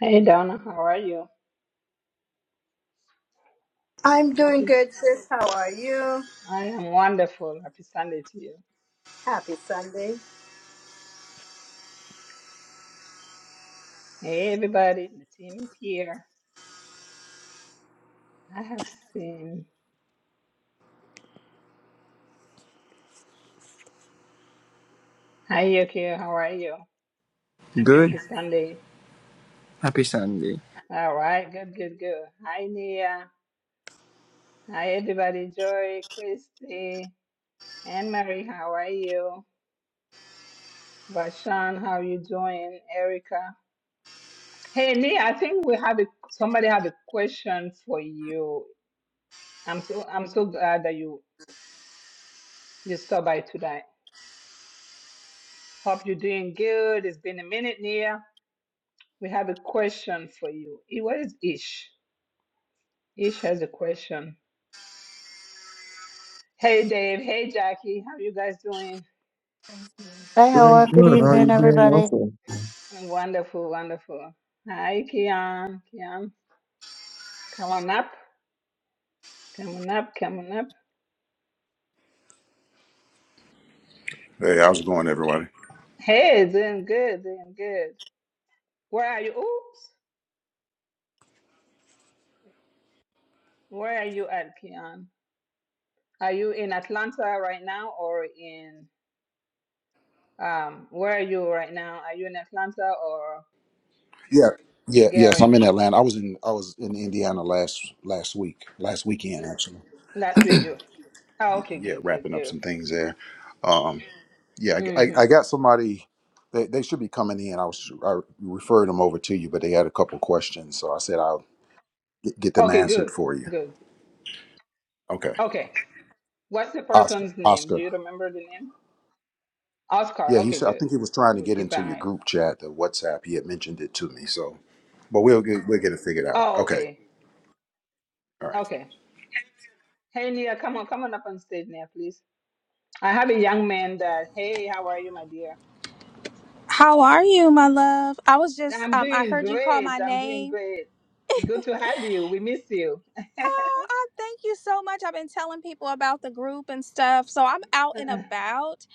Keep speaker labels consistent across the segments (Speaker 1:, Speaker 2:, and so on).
Speaker 1: Hey Donna, how are you?
Speaker 2: I'm doing
Speaker 1: Happy,
Speaker 2: good, sis. How are you?
Speaker 1: I am wonderful. Happy Sunday to you.
Speaker 2: Happy Sunday.
Speaker 1: Hey everybody, the team is here. I have seen. Hi Yukio, how are you?
Speaker 3: Good.
Speaker 1: Happy Sunday.
Speaker 3: Happy Sunday.
Speaker 1: All right, good, good, good. Hi Nia. Hi everybody. Joy, Christy, Anne Marie, how are you? Vashan, how are you doing? Erica. Hey Nia, I think we have a, somebody had a question for you. I'm so I'm so glad that you you stopped by today Hope you're doing good. It's been a minute, Nia. We have a question for you. Eh, Where is Ish? Ish has a question. Hey, Dave. Hey, Jackie. How you guys doing?
Speaker 4: Hey,
Speaker 5: Doing
Speaker 4: Howard. Good
Speaker 5: good. How are
Speaker 4: evening,
Speaker 5: you doing
Speaker 4: everybody.
Speaker 5: also?
Speaker 1: Wonderful, wonderful. Hi, Kian. Kian, come on up. Come on up. Come on up.
Speaker 6: Hey, how's it going, everybody?
Speaker 1: Hey, doing good. Doing good. Where are you? Oops. Where are you at, Kian? Are you in Atlanta right now or in, um, where are you right now? Are you in Atlanta or
Speaker 6: Yeah, yeah, yes.
Speaker 1: Gary?
Speaker 6: I'm in Atlanta. I was in I was in Indiana last last week, last weekend actually.
Speaker 1: Last week you Oh, okay,
Speaker 6: Yeah,
Speaker 1: good, good,
Speaker 6: wrapping up some things there. Um, yeah,
Speaker 1: good.
Speaker 6: I,
Speaker 1: hmm
Speaker 6: I got somebody. They, they should be coming in. I was I referred them over to you, but they had a couple questions, so I said I'll get, get them
Speaker 1: Okay,
Speaker 6: answered
Speaker 1: good,
Speaker 6: for you.
Speaker 1: good.
Speaker 6: Okay,
Speaker 1: Okay, what's the
Speaker 6: Oscar,
Speaker 1: person's name? Do
Speaker 6: Oscar.
Speaker 1: you remember the name? Oscar.
Speaker 6: Yeah, he
Speaker 1: Okay,
Speaker 6: said I
Speaker 1: good.
Speaker 6: think he was trying to
Speaker 1: We'll
Speaker 6: get
Speaker 1: keep
Speaker 6: into
Speaker 1: an
Speaker 6: your
Speaker 1: eye.
Speaker 6: group chat, the WhatsApp. He had mentioned it to me, so but we'll get we'll get it figured out.
Speaker 1: Oh,
Speaker 6: Okay,
Speaker 1: okay,
Speaker 6: all right.
Speaker 1: okay. Hey, Nia, come on, come on up on stage, Nia, please. I have a young man that. Hey, how are you, my dear?
Speaker 7: How are you, my love? I was just
Speaker 1: I'm
Speaker 7: um I
Speaker 1: doing
Speaker 7: heard you call
Speaker 1: great.
Speaker 7: my
Speaker 1: I'm doing
Speaker 7: name.
Speaker 1: great. Good to have you. We miss you.
Speaker 7: Oh, I thank you so much. I've been telling people about the group and stuff. So I'm out and
Speaker 1: Uh-uh.
Speaker 7: about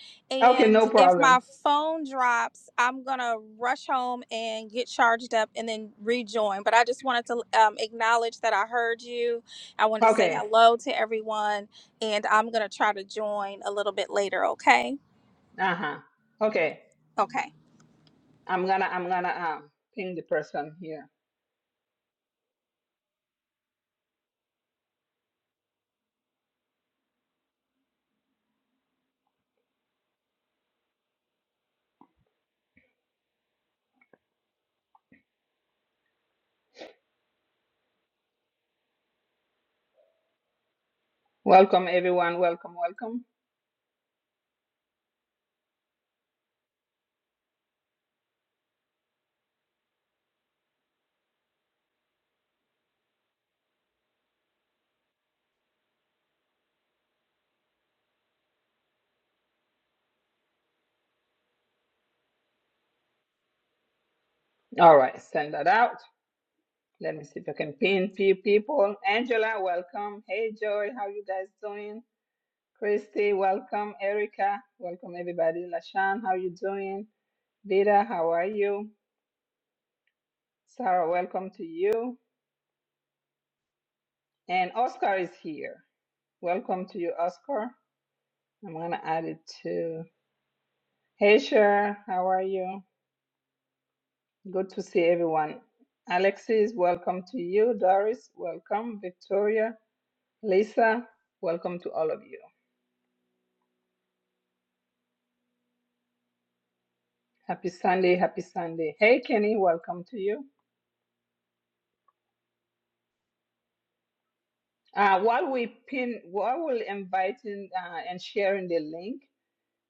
Speaker 1: Okay,
Speaker 7: and
Speaker 1: no
Speaker 7: if my
Speaker 1: problem.
Speaker 7: phone drops, I'm going to rush home and get charged up and then rejoin. But I just wanted to um, acknowledge that I heard you. I wanted to say
Speaker 1: Okay.
Speaker 7: hello to everyone and I'm going to try to join a little bit later, okay?
Speaker 1: Uh-huh. Okay.
Speaker 7: Okay.
Speaker 1: I'm gonna I'm gonna um ping the person here. Welcome everyone. Welcome, welcome. All right, send that out. Let me see if I can pin few people. Angela, welcome. Hey, Joy, how you guys doing? Christy, welcome. Erica, welcome everybody. Lashan, how you doing? Vida, how are you? Sarah, welcome to you. And Oscar is here. Welcome to you, Oscar. I'm gonna add it to. Hey, Cher, how are you? Good to see everyone. Alexis, welcome to you. Doris, welcome. Victoria, Lisa, welcome to all of you. Happy Sunday, happy Sunday. Hey, Kenny, welcome to you. Uh, while we pin, while we're inviting uh, and sharing the link,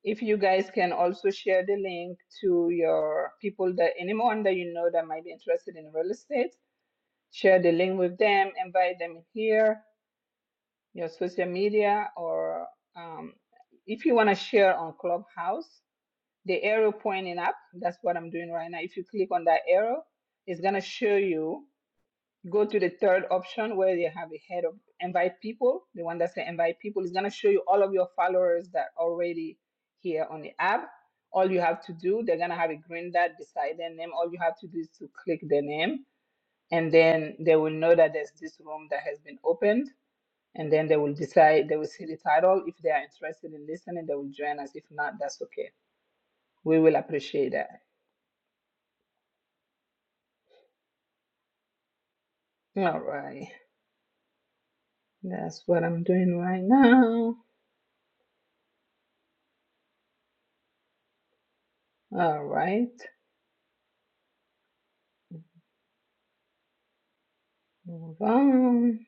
Speaker 1: if you guys can also share the link to your people that anyone that you know that might be interested in real estate, share the link with them, invite them here, your social media, or um, if you want to share on Clubhouse, the arrow pointing up, that's what I'm doing right now. If you click on that arrow, it's going to show you go to the third option where they have a head of invite people. The one that says invite people is going to show you all of your followers that already here on the app. All you have to do, they're going to have a green dot beside their name. All you have to do is to click their name, and then they will know that there's this room that has been opened. And then they will decide, they will see the title. If they are interested in listening, they will join us. If not, that's okay. We will appreciate that. All right. That's what I'm doing right now. All right. Move on.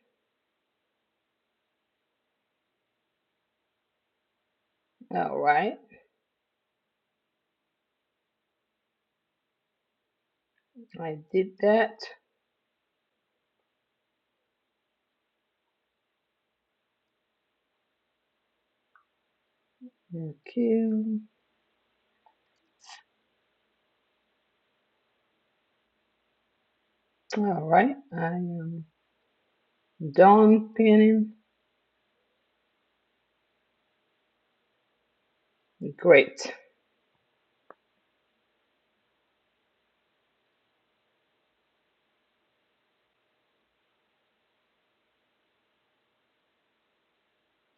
Speaker 1: All right. I did that. Okay. All right. I am done pinning. Great.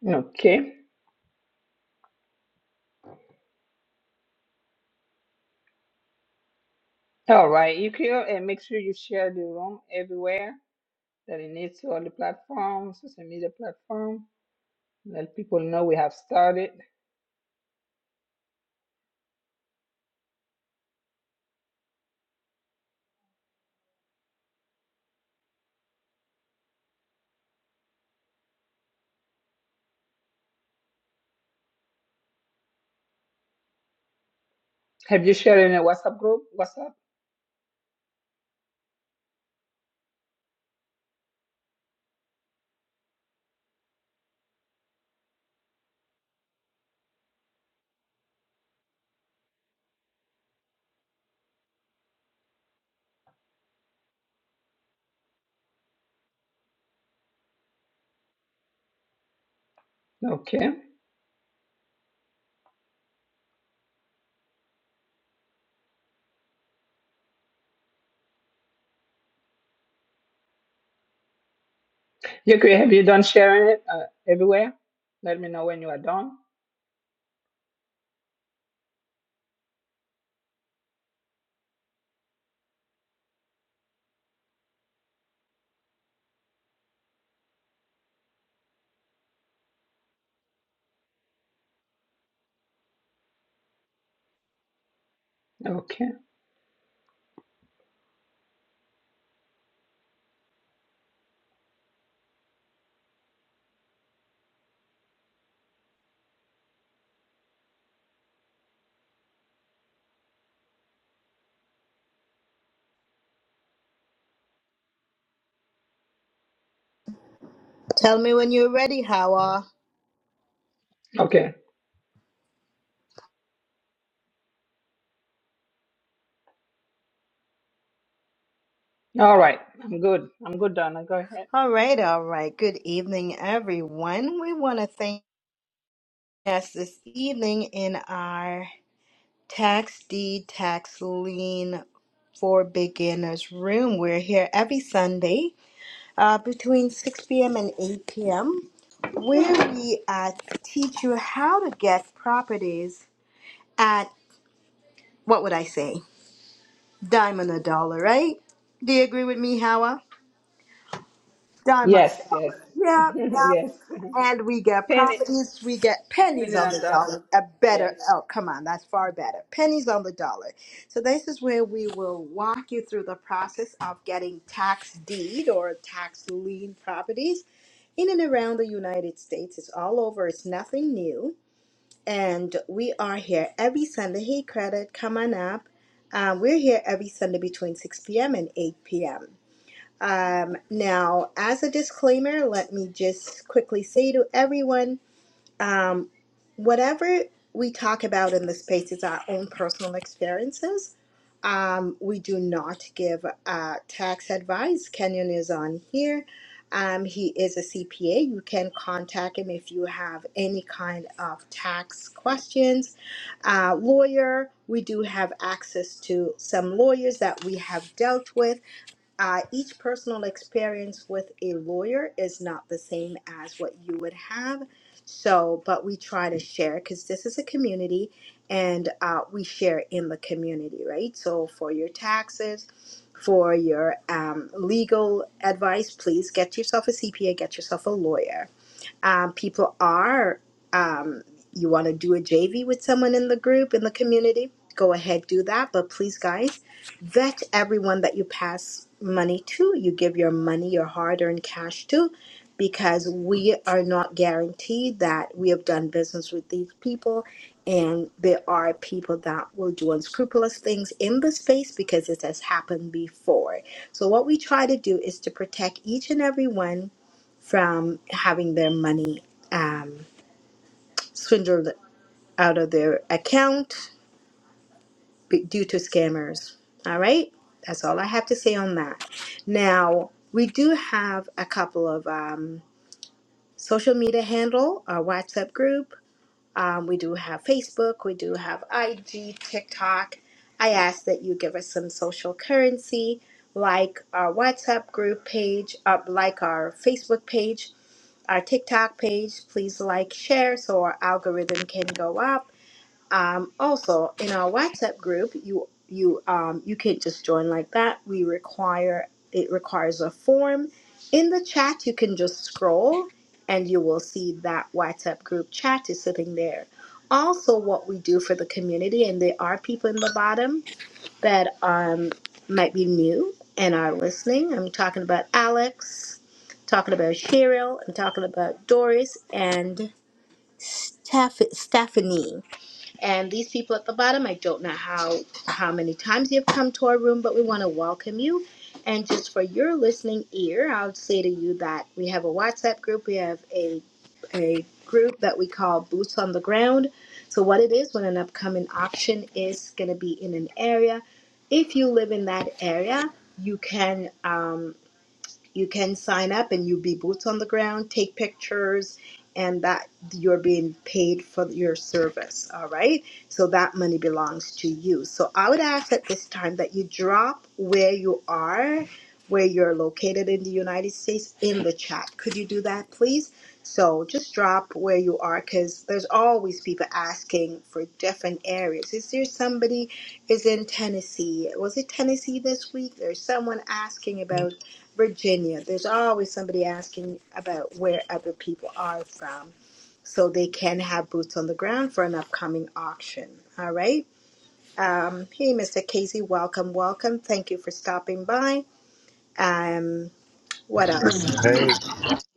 Speaker 1: Okay. All right, Yukio, and make sure you share the room everywhere that it needs to all the platforms, social media platform. Let people know we have started. Have you shared in a WhatsApp group? WhatsApp? Okay. Yukio, have you done sharing it uh, everywhere? Let me know when you are done. Okay.
Speaker 2: Tell me when you're ready, Hawa.
Speaker 1: Okay. All right. I'm good. I'm good, Donna. Go ahead.
Speaker 2: All right, all right. Good evening, everyone. We want to thank us this evening in our tax deed tax lien for beginners room. We're here every Sunday uh, between 6 p.m. and 8 p.m. where we uh, teach you how to get properties at what would I say? Dime on a dollar, right? Do you agree with me, Howard? Dime on the
Speaker 1: Yes, yes.
Speaker 2: dollar. Yep, yep.
Speaker 1: yes.
Speaker 2: And we get
Speaker 1: Pin it.
Speaker 2: properties, we get
Speaker 1: Pin
Speaker 2: pennies
Speaker 1: it
Speaker 2: on
Speaker 1: on
Speaker 2: the
Speaker 1: Donna.
Speaker 2: dollar. A better,
Speaker 1: Yes.
Speaker 2: oh, come on, that's far better. Pennies on the dollar. So, this is where we will walk you through the process of getting tax deed or tax lien properties in and around the United States. It's all over, it's nothing new and we are here every Sunday. Hey, credit, come on up. Um, we're here every Sunday between 6 p.m. and 8 p.m. Um, now, as a disclaimer, let me just quickly say to everyone um, whatever we talk about in this space is our own personal experiences. Um, we do not give uh, tax advice. Kenyon is on here. Um, he is a CPA. You can contact him if you have any kind of tax questions. Uh, lawyer, we do have access to some lawyers that we have dealt with uh, each personal experience with a lawyer is not the same as what you would have. So, but we try to share because this is a community and uh, we share in the community, right? So, for your taxes, for your um, legal advice, please get yourself a CPA, get yourself a lawyer um, people are um, you want to do a jv with someone in the group in the community go ahead do that but please guys vet everyone that you pass money to you give your money your hard-earned cash to because we are not guaranteed that we have done business with these people and there are people that will do unscrupulous things in the space because it has happened before so what we try to do is to protect each and every one from having their money um, swindled out of their account be- due to scammers. All right, that's all I have to say on that. Now we do have a couple of um, social media handle, our WhatsApp group. Um, we do have Facebook. We do have IG, TikTok. I ask that you give us some social currency, like our WhatsApp group page, up like our Facebook page our TikTok page. Please like, share so our algorithm can go up. Um, also, in our WhatsApp group, you you um, you can't just join like that. We require it requires a form. In the chat, you can just scroll, and you will see that WhatsApp group chat is sitting there. Also, what we do for the community, and there are people in the bottom that um, might be new and are listening. I'm talking about Alex, talking about Cheryl, I'm talking about Doris and Steph- Stephanie. And these people at the bottom, I don't know how how many times you've come to our room, but we want to welcome you. And just for your listening ear, I'll say to you that we have a WhatsApp group. We have a a group that we call Boots on the Ground. So what it is when an upcoming auction is going to be in an area, if you live in that area, you can um, you can sign up and you be boots on the ground, take pictures, and that you're being paid for your service. All right. So that money belongs to you. So I would ask at this time that you drop where you are, where you're located in the United States in the chat. Could you do that, please? So just drop where you are because there's always people asking for different areas. Is there somebody is in Tennessee? Was it Tennessee this week? There's someone asking about Virginia. There's always somebody asking about where other people are from so they can have boots on the ground for an upcoming auction. All right. Um, hey, Mr. Casey, welcome, welcome. Thank you for stopping by. Um, what else?
Speaker 8: Hey.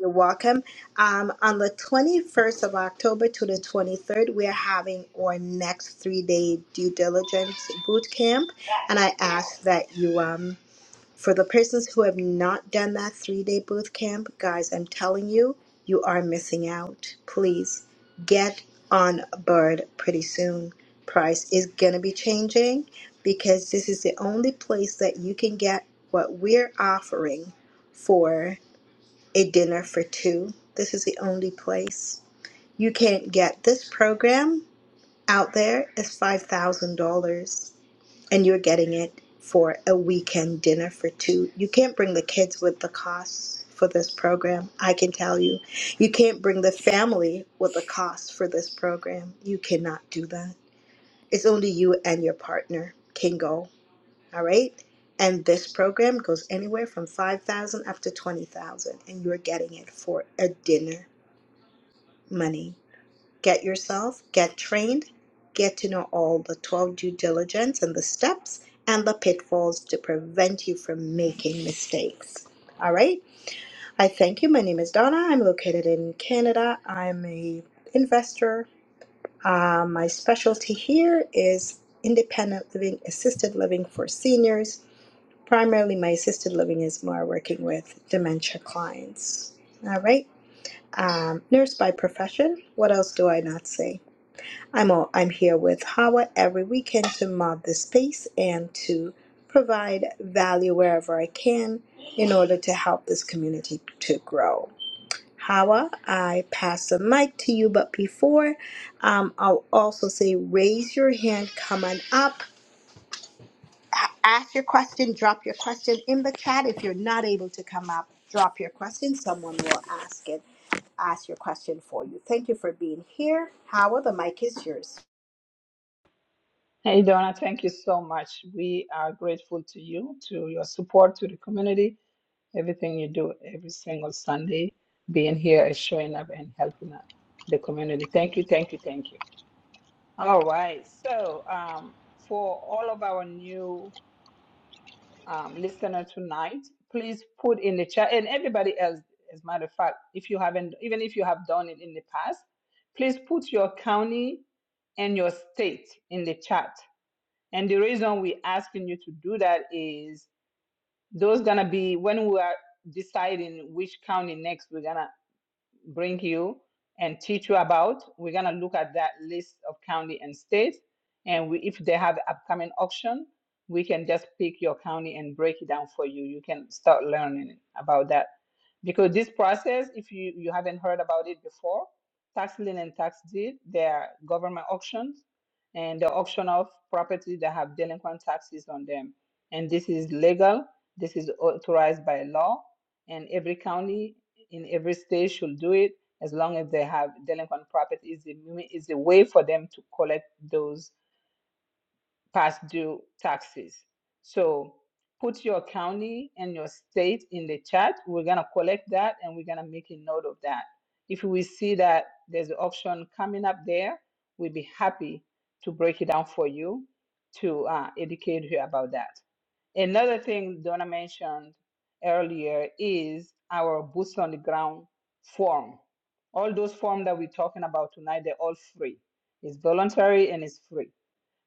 Speaker 2: You're welcome. Um, on the 21st of October to the 23rd, we are having our next three day due diligence boot camp, and I ask that you um, for the persons who have not done that three day boot camp, guys, I'm telling you, you are missing out. Please get on board pretty soon. Price is going to be changing because this is the only place that you can get what we're offering for a dinner for two. This is the only place. You can't get this program out there. It's $5,000 and you're getting it for a weekend dinner for two. You can't bring the kids with the costs for this program, I can tell you. You can't bring the family with the costs for this program. You cannot do that. It's only you and your partner can go, all right? And this program goes anywhere from 5,000 up to 20,000 and you're getting it for a dinner money. Get yourself, get trained, get to know all the 12 due diligence and the steps and the pitfalls to prevent you from making mistakes. All right. I thank you. My name is Donna. I'm located in Canada. I'm a investor. Uh, my specialty here is independent living, assisted living for seniors. Primarily, my assisted living is more working with dementia clients. All right. Um, nurse by profession. What else do I not say? I'm all, I'm here with Hawa every weekend to mod the space and to provide value wherever I can in order to help this community to grow. Hawa, I pass the mic to you, but before um, I'll also say raise your hand, come on up, a- ask your question, drop your question in the chat. If you're not able to come up, drop your question. Someone will ask it, ask your question for you. Thank you for being here. Hawa, the mic is yours.
Speaker 1: Hey, Donna, thank you so much. We are grateful to you, to your support, to the community, everything you do every single Sunday, being here and showing up and helping out the community. Thank you, thank you, thank you. All right. So, um, for all of our new um, listener tonight, please put in the chat and everybody else, as a matter of fact, if you haven't, even if you have done it in the past, please put your county and your state in the chat. And the reason we're asking you to do that is those gonna be when we are deciding which county next we're gonna bring you and teach you about. We're gonna look at that list of county and state, and we, if they have upcoming auction, we can just pick your county and break it down for you. You can start learning about that because this process, if you you haven't heard about it before, tax lien and tax deed, they are government auctions, and the auction of property that have delinquent taxes on them, and this is legal. This is authorized by law, and every county in every state should do it as long as they have delinquent property is the is the way for them to collect those past due taxes. So put your county and your state in the chat. We're gonna collect that and we're gonna make a note of that. If we see that there's an option coming up there, we'll be happy to break it down for you to uh, educate you about that. Another thing Donna mentioned earlier is our boots on the ground form. All those forms that we're talking about tonight, they're all free. It's voluntary and it's free.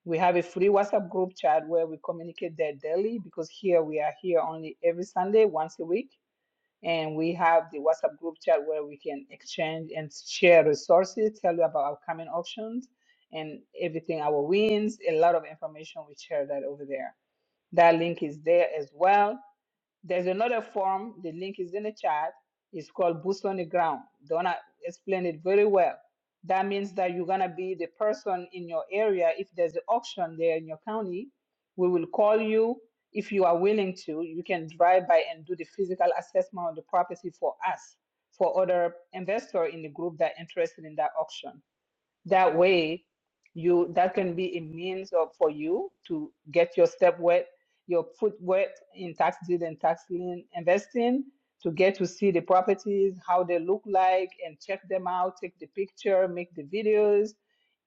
Speaker 1: We have a free WhatsApp group chat where we communicate there daily because here we are here only every Sunday, once a week. And we have the WhatsApp group chat where we can exchange and share resources, tell you about upcoming auctions and everything, our wins, a lot of information we share that over there that link is there as well. There's another form. The link is in the chat. It's called Boots on the Ground. Donna explained it very well. That means that you're gonna be the person in your area. If there's an auction there in your county, we will call you. If you are willing to, you can drive by and do the physical assessment of the property for us, for other investors in the group that are interested in that auction. That way, you that can be a means of for you to get your step wet, your foot wet in tax deed and tax lien investing to get to see the properties, how they look like, and check them out, take the picture, make the videos.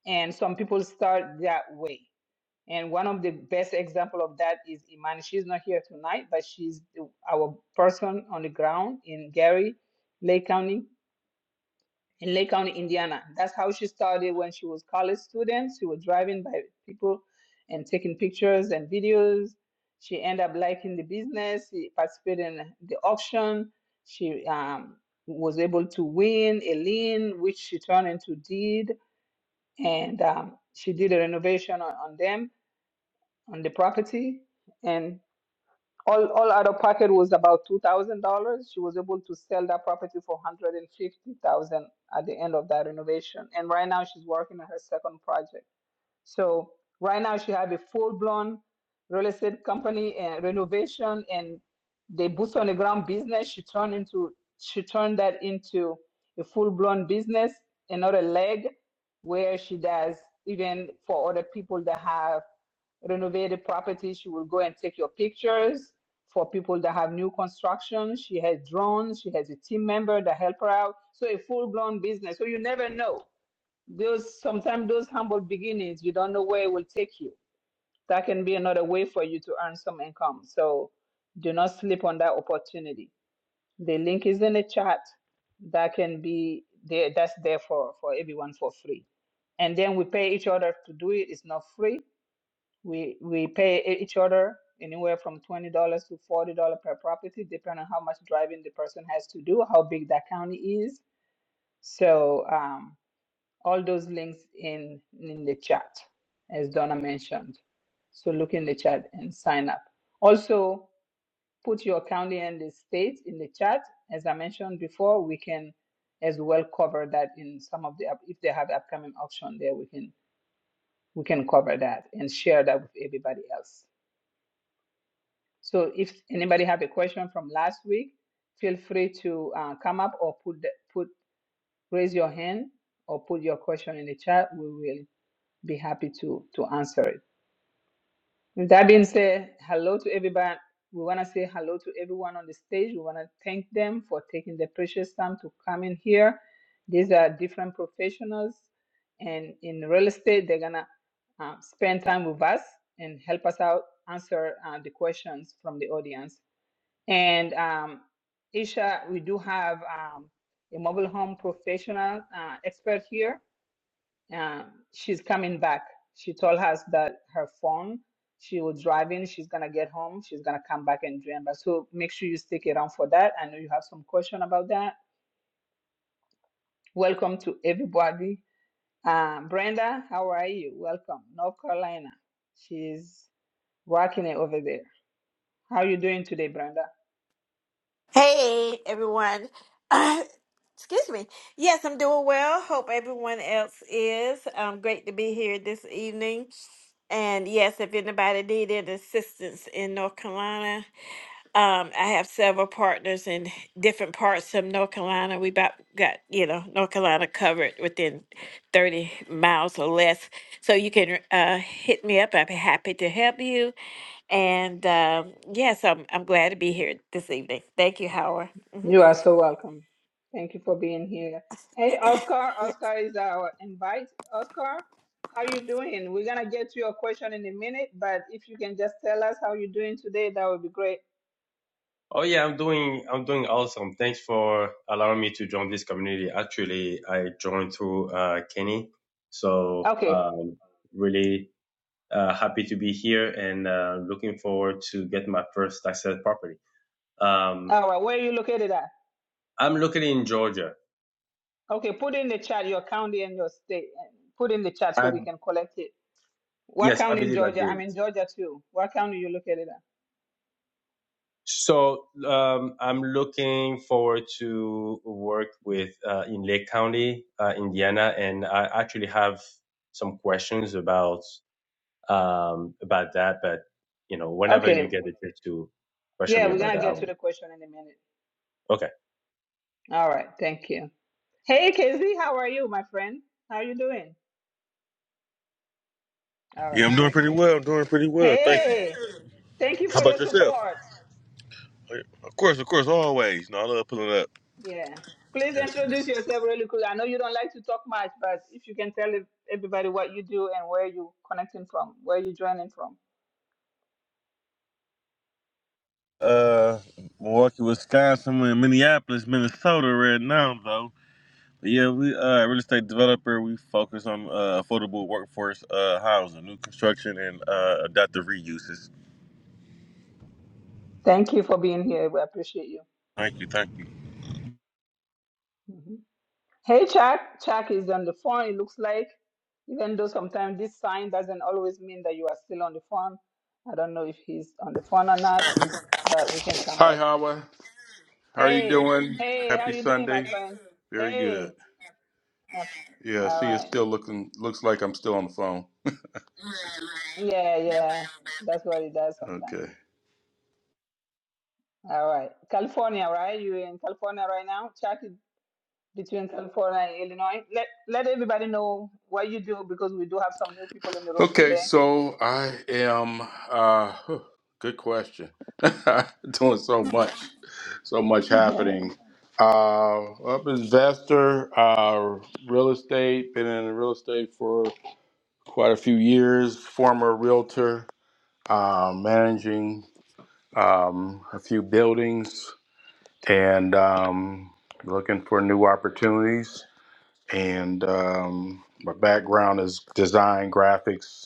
Speaker 1: And some people start that way. And one of the best example of that is Imani. She's not here tonight, but she's the- our person on the ground in Gary, Lake County in Lake County, Indiana. That's how she started when she was college students. She was driving by people and taking pictures and videos. She ended up liking the business. She participated in the auction. She um, was able to win a lien, which she turned into deed, and um, she did a renovation on, on them on the property. and all all out of pocket was about two thousand dollars. She was able to sell that property for one hundred and fifty thousand at the end of that renovation. And right now she's working on her second project. So right now she have a full-blown real estate company and renovation and the boots on the ground business. She turned into she turned that into a full-blown business, another leg where she does even for other people that have renovated properties. She will go and take your pictures. For people that have new construction, she has drones. She has a team member that help her out. So a full-blown business. So you never know those sometimes those humble beginnings you don't know where it will take you that can be another way for you to earn some income so do not sleep on that opportunity the link is in the chat that can be there that's there for for everyone for free and then we pay each other to do it it's not free we we pay e- each other anywhere from $20 to $40 per property depending on how much driving the person has to do how big that county is so um, all those links in in the chat as donna mentioned so look in the chat and sign up also put your county and the state in the chat as i mentioned before we can as well cover that in some of the up- if they have upcoming auction there we can we can cover that and share that with everybody else so if anybody have a question from last week feel free to uh, come up or put the, put raise your hand or put your question in the chat we will be happy to to answer it. With that being said, hello to everybody. We want to say hello to everyone on the stage. We want to thank them for taking the precious time to come in here. These are different professionals, and in real estate, they're gonna uh, spend time with us and help us out answer uh, the questions from the audience. And um, Isha, we do have um, a mobile home professional uh, expert here uh, she's coming back. She told us that her phone, she was driving, she's gonna get home, she's gonna come back and join us. So make sure you stick around for that. I know you have some question about that. Welcome to everybody. Uh, Brenda, how are you? Welcome, North Carolina. She's rocking it over there. How are you doing today, Brenda?
Speaker 9: Hey everyone. Excuse me. Yes, I'm doing well. Hope everyone else is. Um, great to be here this evening. And yes, if anybody need any assistance in North Carolina, um, I have several partners in different parts of North Carolina. We about got, you know, North Carolina covered within 30 miles or less. So you can uh, hit me up. I'd be happy to help you. And um, yes, I'm, I'm glad to be here this evening. Thank you, Howard. hmm
Speaker 1: You are so welcome. Thank you for being here. Hey, Oscar.
Speaker 9: Yes.
Speaker 1: Oscar is our invite. Oscar, how you doing? We're gonna get to your question in a minute, but if you can just tell us how you're doing today, that would be great.
Speaker 10: Oh yeah, I'm doing I'm doing awesome. Thanks for allowing me to join this community. Actually, I joined through uh, Kenny, so
Speaker 1: Okay.
Speaker 10: um, really uh, happy to be here and uh, looking forward to get my first tax sale property. Um,
Speaker 1: All right. Where are you located at?
Speaker 10: I'm looking in Georgia.
Speaker 1: Okay. Put in the chat your county and your state. and Put in the chat so
Speaker 10: I,
Speaker 1: we can collect it. What
Speaker 10: yes, I
Speaker 1: county in
Speaker 10: believe I
Speaker 1: Georgia? I'm
Speaker 10: did.
Speaker 1: in Georgia too. What county you located at?
Speaker 10: So um, I'm looking forward to work with uh, in Lake County, uh, Indiana, and I actually have some questions about. um, about that. But you know, whenever you
Speaker 1: Okay.
Speaker 10: get the chance to question
Speaker 1: Yeah,
Speaker 10: me
Speaker 1: we're
Speaker 10: about
Speaker 1: gonna
Speaker 10: that, I
Speaker 1: get to
Speaker 10: will.
Speaker 1: the question in a minute.
Speaker 10: Okay,
Speaker 1: All right. Thank you. Hey, Casey. How are you, my friend? How you doing? All
Speaker 8: Yeah,
Speaker 1: right,
Speaker 8: I'm doing
Speaker 1: Casey.
Speaker 8: pretty
Speaker 1: Mem-
Speaker 8: well. I'm doing pretty well. Thank you.
Speaker 1: Hey, thank you
Speaker 8: How
Speaker 1: for your
Speaker 8: about yourself?
Speaker 1: support.
Speaker 8: Of course, of course, always. No, I love pulling up.
Speaker 1: Yeah. Please introduce yourself really quick. I know you don't like to talk much, but if you can tell ev- everybody what you do and where you connecting from, where you joining from.
Speaker 8: Uh, Milwaukee, Wisconsin, and Minneapolis, Minnesota right now, though. But yeah, we uh real estate developer. We focus on uh, affordable workforce uh housing, new construction, and uh adaptive reuses.
Speaker 1: Thank you for being here. We appreciate you.
Speaker 8: Thank you, thank you.
Speaker 1: Mhm. Hey, Chuck. Chuck is on the phone, it looks like, even though sometimes this sign doesn't always mean that you are still on the phone. I don't know if he's on the phone or not, but we can come
Speaker 11: Hi,
Speaker 1: back.
Speaker 11: Hawa. How are you
Speaker 1: Hey,
Speaker 11: doing?
Speaker 1: hey, how
Speaker 11: Happy
Speaker 1: you doing, my
Speaker 11: Sunday.
Speaker 1: friend?
Speaker 11: Very
Speaker 1: Hey.
Speaker 11: good.
Speaker 1: Yep.
Speaker 11: Yeah,
Speaker 1: All
Speaker 11: she is
Speaker 1: right.
Speaker 11: still looking. Looks like I'm still on the phone.
Speaker 1: Yeah, yeah. That's what it does sometimes.
Speaker 11: Okay.
Speaker 1: All right. California, right? You're in California right now. Chat it between California and Illinois. Let let everybody know what you do because we do have some new people in the room
Speaker 11: Okay.
Speaker 1: today.
Speaker 11: So I am. Uh, huh, good question. doing so much. So much happening. Uh, up investor, uh, real estate. Been in real estate for quite a few years. Former realtor. Uh, managing. um, a few buildings, and um, looking for new opportunities. And um, my background is design, graphics,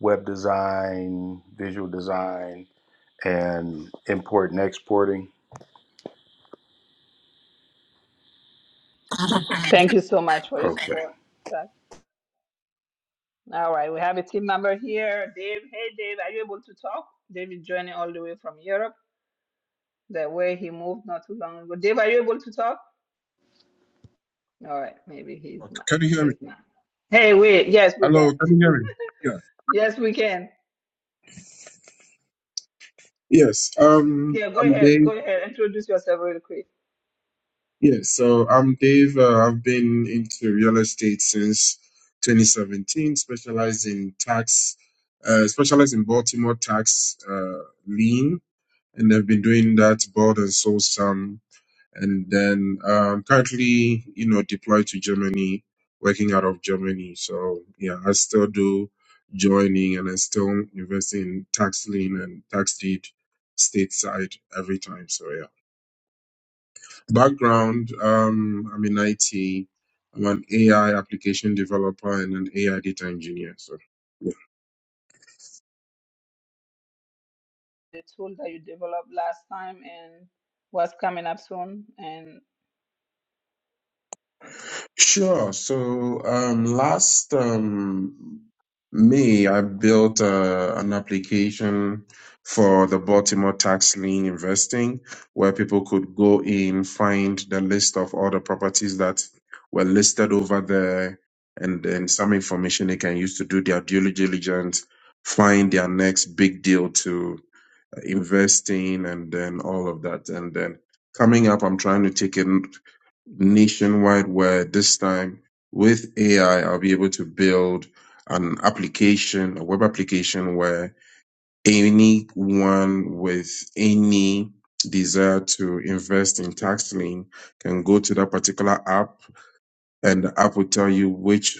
Speaker 11: web design, visual design, and import and exporting.
Speaker 1: Thank you so much for your
Speaker 11: Okay.
Speaker 1: support, Chuck. All right, we have a team member here, Dave. Hey, Dave, are you able to talk? Dave is joining all the way from Europe, the way he moved not too long ago. Dave, are you able to talk? All right, maybe he's
Speaker 5: Okay,
Speaker 1: not.
Speaker 5: Can you hear me?
Speaker 1: He's not. Hey, wait. Yes, we
Speaker 5: Hello,
Speaker 1: can.
Speaker 5: can you hear me? Yeah.
Speaker 1: Yes, we can.
Speaker 5: Yes. Um,
Speaker 1: Yeah, go
Speaker 5: I'm
Speaker 1: ahead.
Speaker 5: Dave.
Speaker 1: Go ahead. Introduce yourself really quick.
Speaker 5: Yes. So I'm Dave. Uh, I've been into real estate since 2017, specialized in tax, uh, specialized in Baltimore tax, uh, lien. And I've been doing that, bought and sold some and then um, currently, you know, deployed to Germany, working out of Germany. So yeah, I still do joining, and I still invest in tax lien and tax deed stateside every time. So yeah, background: um, I'm in IT. I'm an AI application developer and an AI data engineer. So.
Speaker 1: The tool that you developed last time and what's coming up soon. And
Speaker 5: Sure. So um, last um, May, I built uh, an application for the Baltimore tax lien investing, where people could go in, find the list of all the properties that were listed over there, and then some information they can use to do their due diligence, find their next big deal to invest in, and then all of that. And then coming up, I'm trying to take it nationwide where this time with AI, I'll be able to build an application, a web application where anyone with any desire to invest in tax lien can go to that particular app and the app will tell you which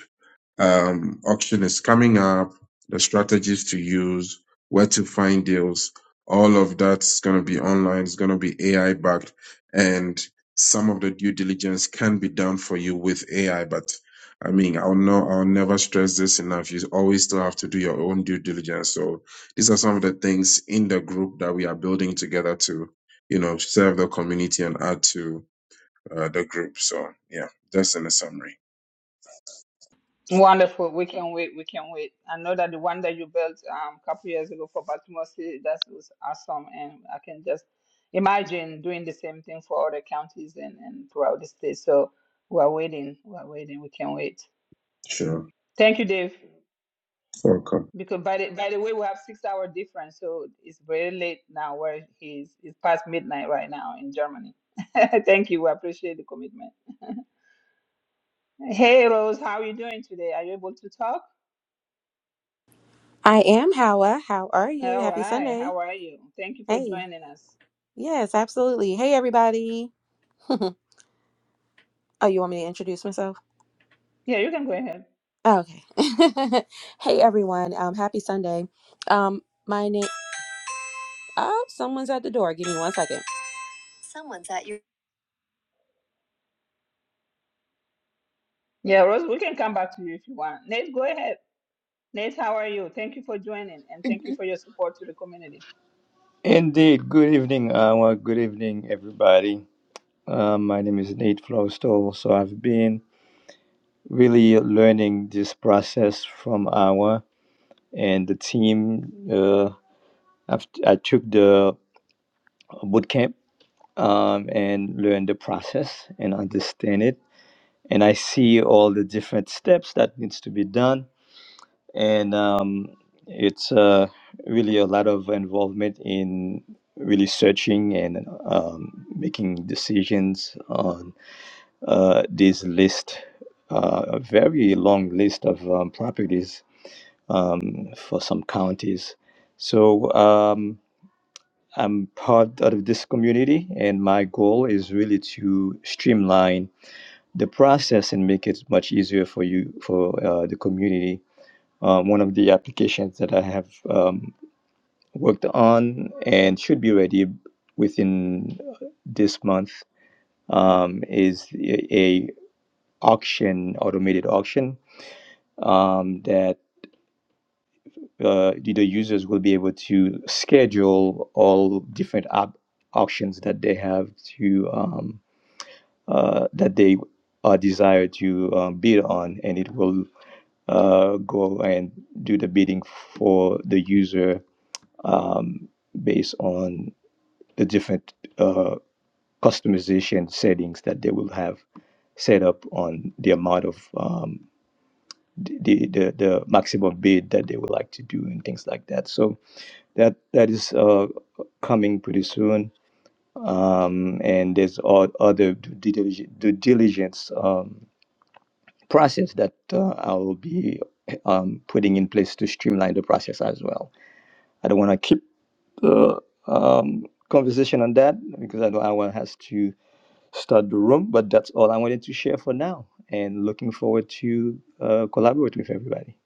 Speaker 5: um, auction is coming up, the strategies to use, where to find deals. All of that's going to be online. It's going to be AI backed and some of the due diligence can be done for you with AI, but I mean, I'll know, I'll never stress this enough. You always still have to do your own due diligence. So these are some of the things in the group that we are building together to, you know, serve the community and add to uh, the group. So yeah, that's in a summary.
Speaker 1: wonderful. We can wait. We can wait. I know that the one that you built um, a couple years ago for Baltimore City, that was awesome. And I can just imagine doing the same thing for other counties and, and throughout the state. So we're waiting. We're waiting. We can wait.
Speaker 5: Sure.
Speaker 1: Thank you, Dave.
Speaker 5: Welcome.
Speaker 1: Because by the by the way, we have six hour difference, so it's very late now where he's it's past midnight right now in Germany. Thank you. We appreciate the commitment. Hey Rose, how are you doing today? Are you able to talk?
Speaker 12: I am Howa. How are you?
Speaker 1: All
Speaker 12: Happy
Speaker 1: right.
Speaker 12: Sunday.
Speaker 1: How are you? Thank you for
Speaker 12: Hey.
Speaker 1: joining us.
Speaker 12: Yes, absolutely. Hey, everybody. oh, you want me to introduce myself?
Speaker 1: Yeah, you can go ahead.
Speaker 12: Oh, Okay. hey, everyone. Um, happy Sunday. Um, my name. Oh, someone's at the door. Give me one second.
Speaker 1: Yeah, Rose, we can come back to you if you want. Nate, go ahead. Nate, how are you? Thank you for joining and thank you for your support to the community.
Speaker 13: Indeed. Good evening, Awa. Good evening, everybody. Uh, my name is Nate Flowstole. So I've been really learning this process from Awa and the team. Uh, I've, I took the boot camp um, and learned the process and understand it. And I see all the different steps that needs to be done and um, it's uh, really a lot of involvement in really searching and um, making decisions on uh, this list, uh, a very long list of um, properties um, for some counties. So um, I'm part of this community, and my goal is really to streamline the process and make it much easier for you for uh, the community um, one of the applications that I have um, worked on and should be ready within this month um, is a a auction, automated auction um, that uh, the the users will be able to schedule all different op- auctions that they have to um, uh, that they uh, desire to uh, bid on, and it will uh, go and do the bidding for the user um, based on the different uh, customization settings that they will have set up on the amount of um, the, the the the maximum bid that they would like to do and things like that. So that that is uh, coming pretty soon. Um, and there's all other due diligence, due diligence um, process that uh, I will be um, putting in place to streamline the process as well. I don't want to keep the um, conversation on that because I know Awa has to start the room, but that's all I wanted to share for now. And looking forward to uh, collaborate with everybody.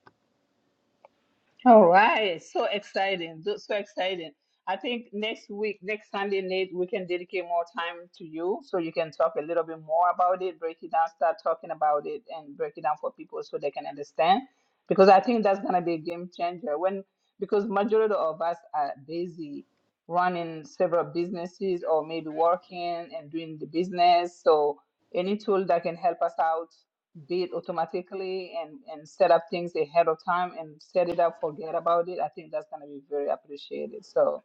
Speaker 1: All right, so exciting, tho- so exciting. I think next week, next Sunday, Nate, we can dedicate more time to you so you can talk a little bit more about it, break it down, start talking about it, and break it down for people so they can understand. Because I think that's gonna be a game changer when because majority of us are busy running several businesses or maybe working and doing the business. So any tool that can help us out did automatically and, and set up things ahead of time and set it up, forget about it, I think that's going to be very appreciated. So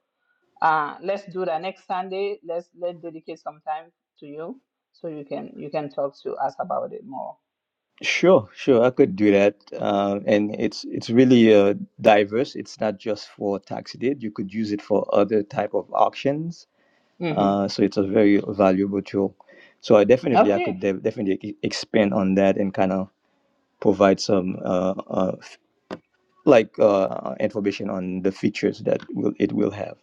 Speaker 1: uh, let's do that next Sunday. Let's let dedicate some time to you so you can you can talk to us about it more.
Speaker 13: Sure, sure, I could do that. Uh, and it's it's really uh, diverse. It's not just for tax deed. You could use it for other type of auctions.
Speaker 1: hmm
Speaker 13: Uh, so it's a very valuable tool. So I definitely, I could de-
Speaker 1: Okay.
Speaker 13: definitely e- expand on that and kind of provide some uh, uh, like uh, information on the features that will it will have.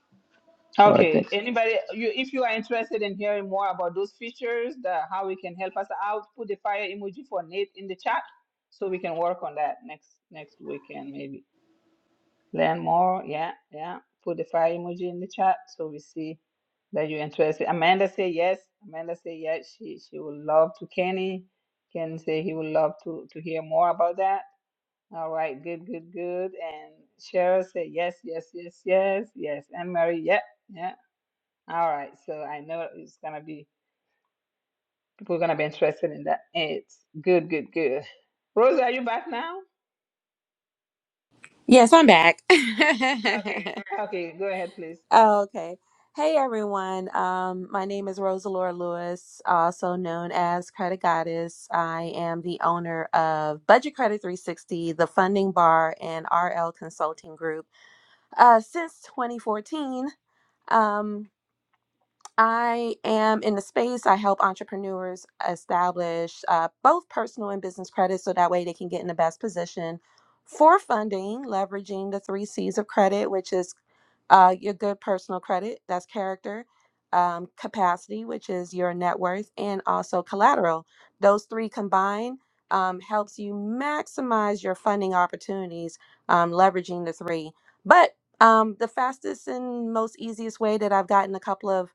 Speaker 13: All right,
Speaker 1: Okay.
Speaker 13: thanks.
Speaker 1: Anybody, you if you are interested in hearing more about those features, the, how we can help us out, put the fire emoji for Nate in the chat so we can work on that next next weekend maybe. Learn more. Yeah, yeah. Put the fire emoji in the chat so we see that you're interested. Amanda say yes. Amanda say yes. She she would love to. Kenny, Kenny say he would love to to hear more about that. All right, good, good, good. And Cheryl say yes, yes, yes, yes, yes. And Mary, yeah, yeah. All right. So I know it's gonna be people are gonna be interested in that. It's good, good, good. Rosa, are you back now?
Speaker 12: Yes, I'm back. Okay.
Speaker 1: Okay, go ahead, please.
Speaker 12: oh, okay. Hey, everyone. Um, my name is Rosalora Lewis, also known as Credit Goddess. I am the owner of Budget Credit 360, the Funding Bar, and RL Consulting Group. uh, since 2014. Um, I am in the space. I help entrepreneurs establish uh, both personal and business credit so that way they can get in the best position for funding, leveraging the three C's of credit, which is uh, your good personal credit, that's character, um, capacity, which is your net worth, and also collateral. Those three combined um, helps you maximize your funding opportunities, um, leveraging the three. But um, the fastest and most easiest way that I've gotten a couple of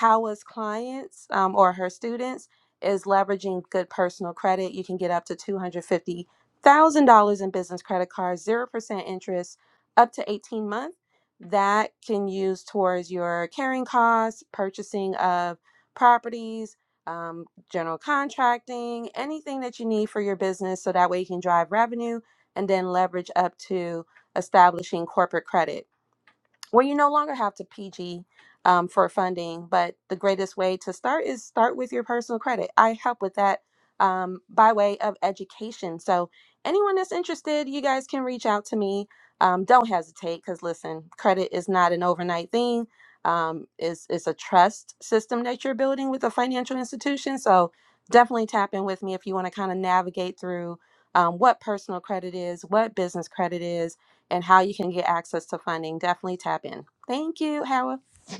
Speaker 12: Howa's clients um, or her students is leveraging good personal credit. You can get up to $250,000 in business credit cards, 0% interest, up to 18 months. That can use towards your carrying costs, purchasing of properties, um, general contracting, anything that you need for your business. So that way you can drive revenue and then leverage up to establishing corporate credit well, you no longer have to PG um, for funding, but the greatest way to start is start with your personal credit. I help with that um, by way of education. So, anyone that's interested, you guys can reach out to me. Um, don't hesitate because, listen, credit is not an overnight thing. Um, it's, it's a trust system that you're building with a financial institution. So, definitely tap in with me if you want to kind of navigate through um, what personal credit is, what business credit is and how you can get access to funding, definitely tap in. Thank you, Howard.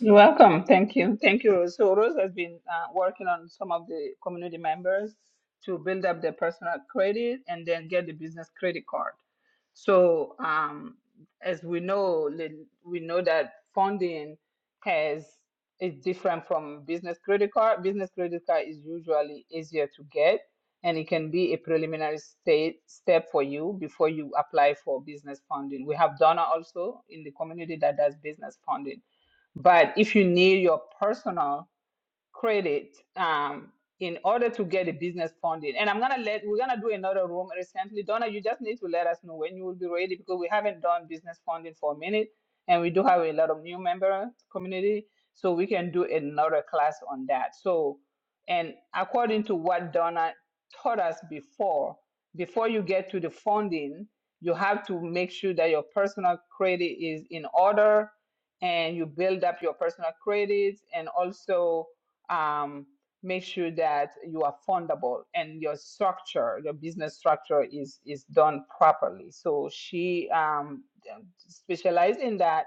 Speaker 1: You're welcome. Thank you. Thank you. Rose. So Rose has been uh, working on some of the community members to build up their personal credit and then get the business credit card. So um, as we know, the- we know that funding has is different from business credit card. Business credit card is usually easier to get, and it can be a preliminary state step for you before you apply for business funding. We have donor also in the community that does business funding. But if you need your personal credit um, in order to get a business funding. And I'm gonna let we're gonna do another room recently. Donna, you just need to let us know when you will be ready because we haven't done business funding for a minute, and we do have a lot of new member community, so we can do another class on that. So, and according to what Donna taught us before, before you get to the funding, you have to make sure that your personal credit is in order and you build up your personal credits and also um, make sure that you are fundable and your structure, your business structure is is done properly. So she um, specialized in that,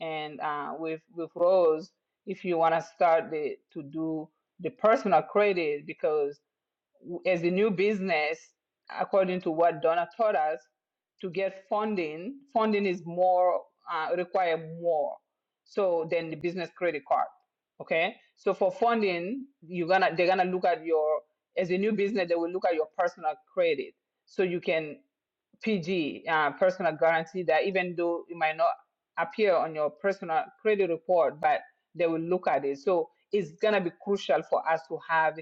Speaker 1: and uh, with with Rose, if you want to start the, to do the personal credit, because as a new business, according to what Donna taught us, to get funding, funding is more uh, require more so than the business credit card. Okay, so for funding, you're gonna they're gonna look at your as a new business, they will look at your personal credit so you can PG, uh, personal guarantee, that even though it might not appear on your personal credit report, but they will look at it. So it's going to be crucial for us to have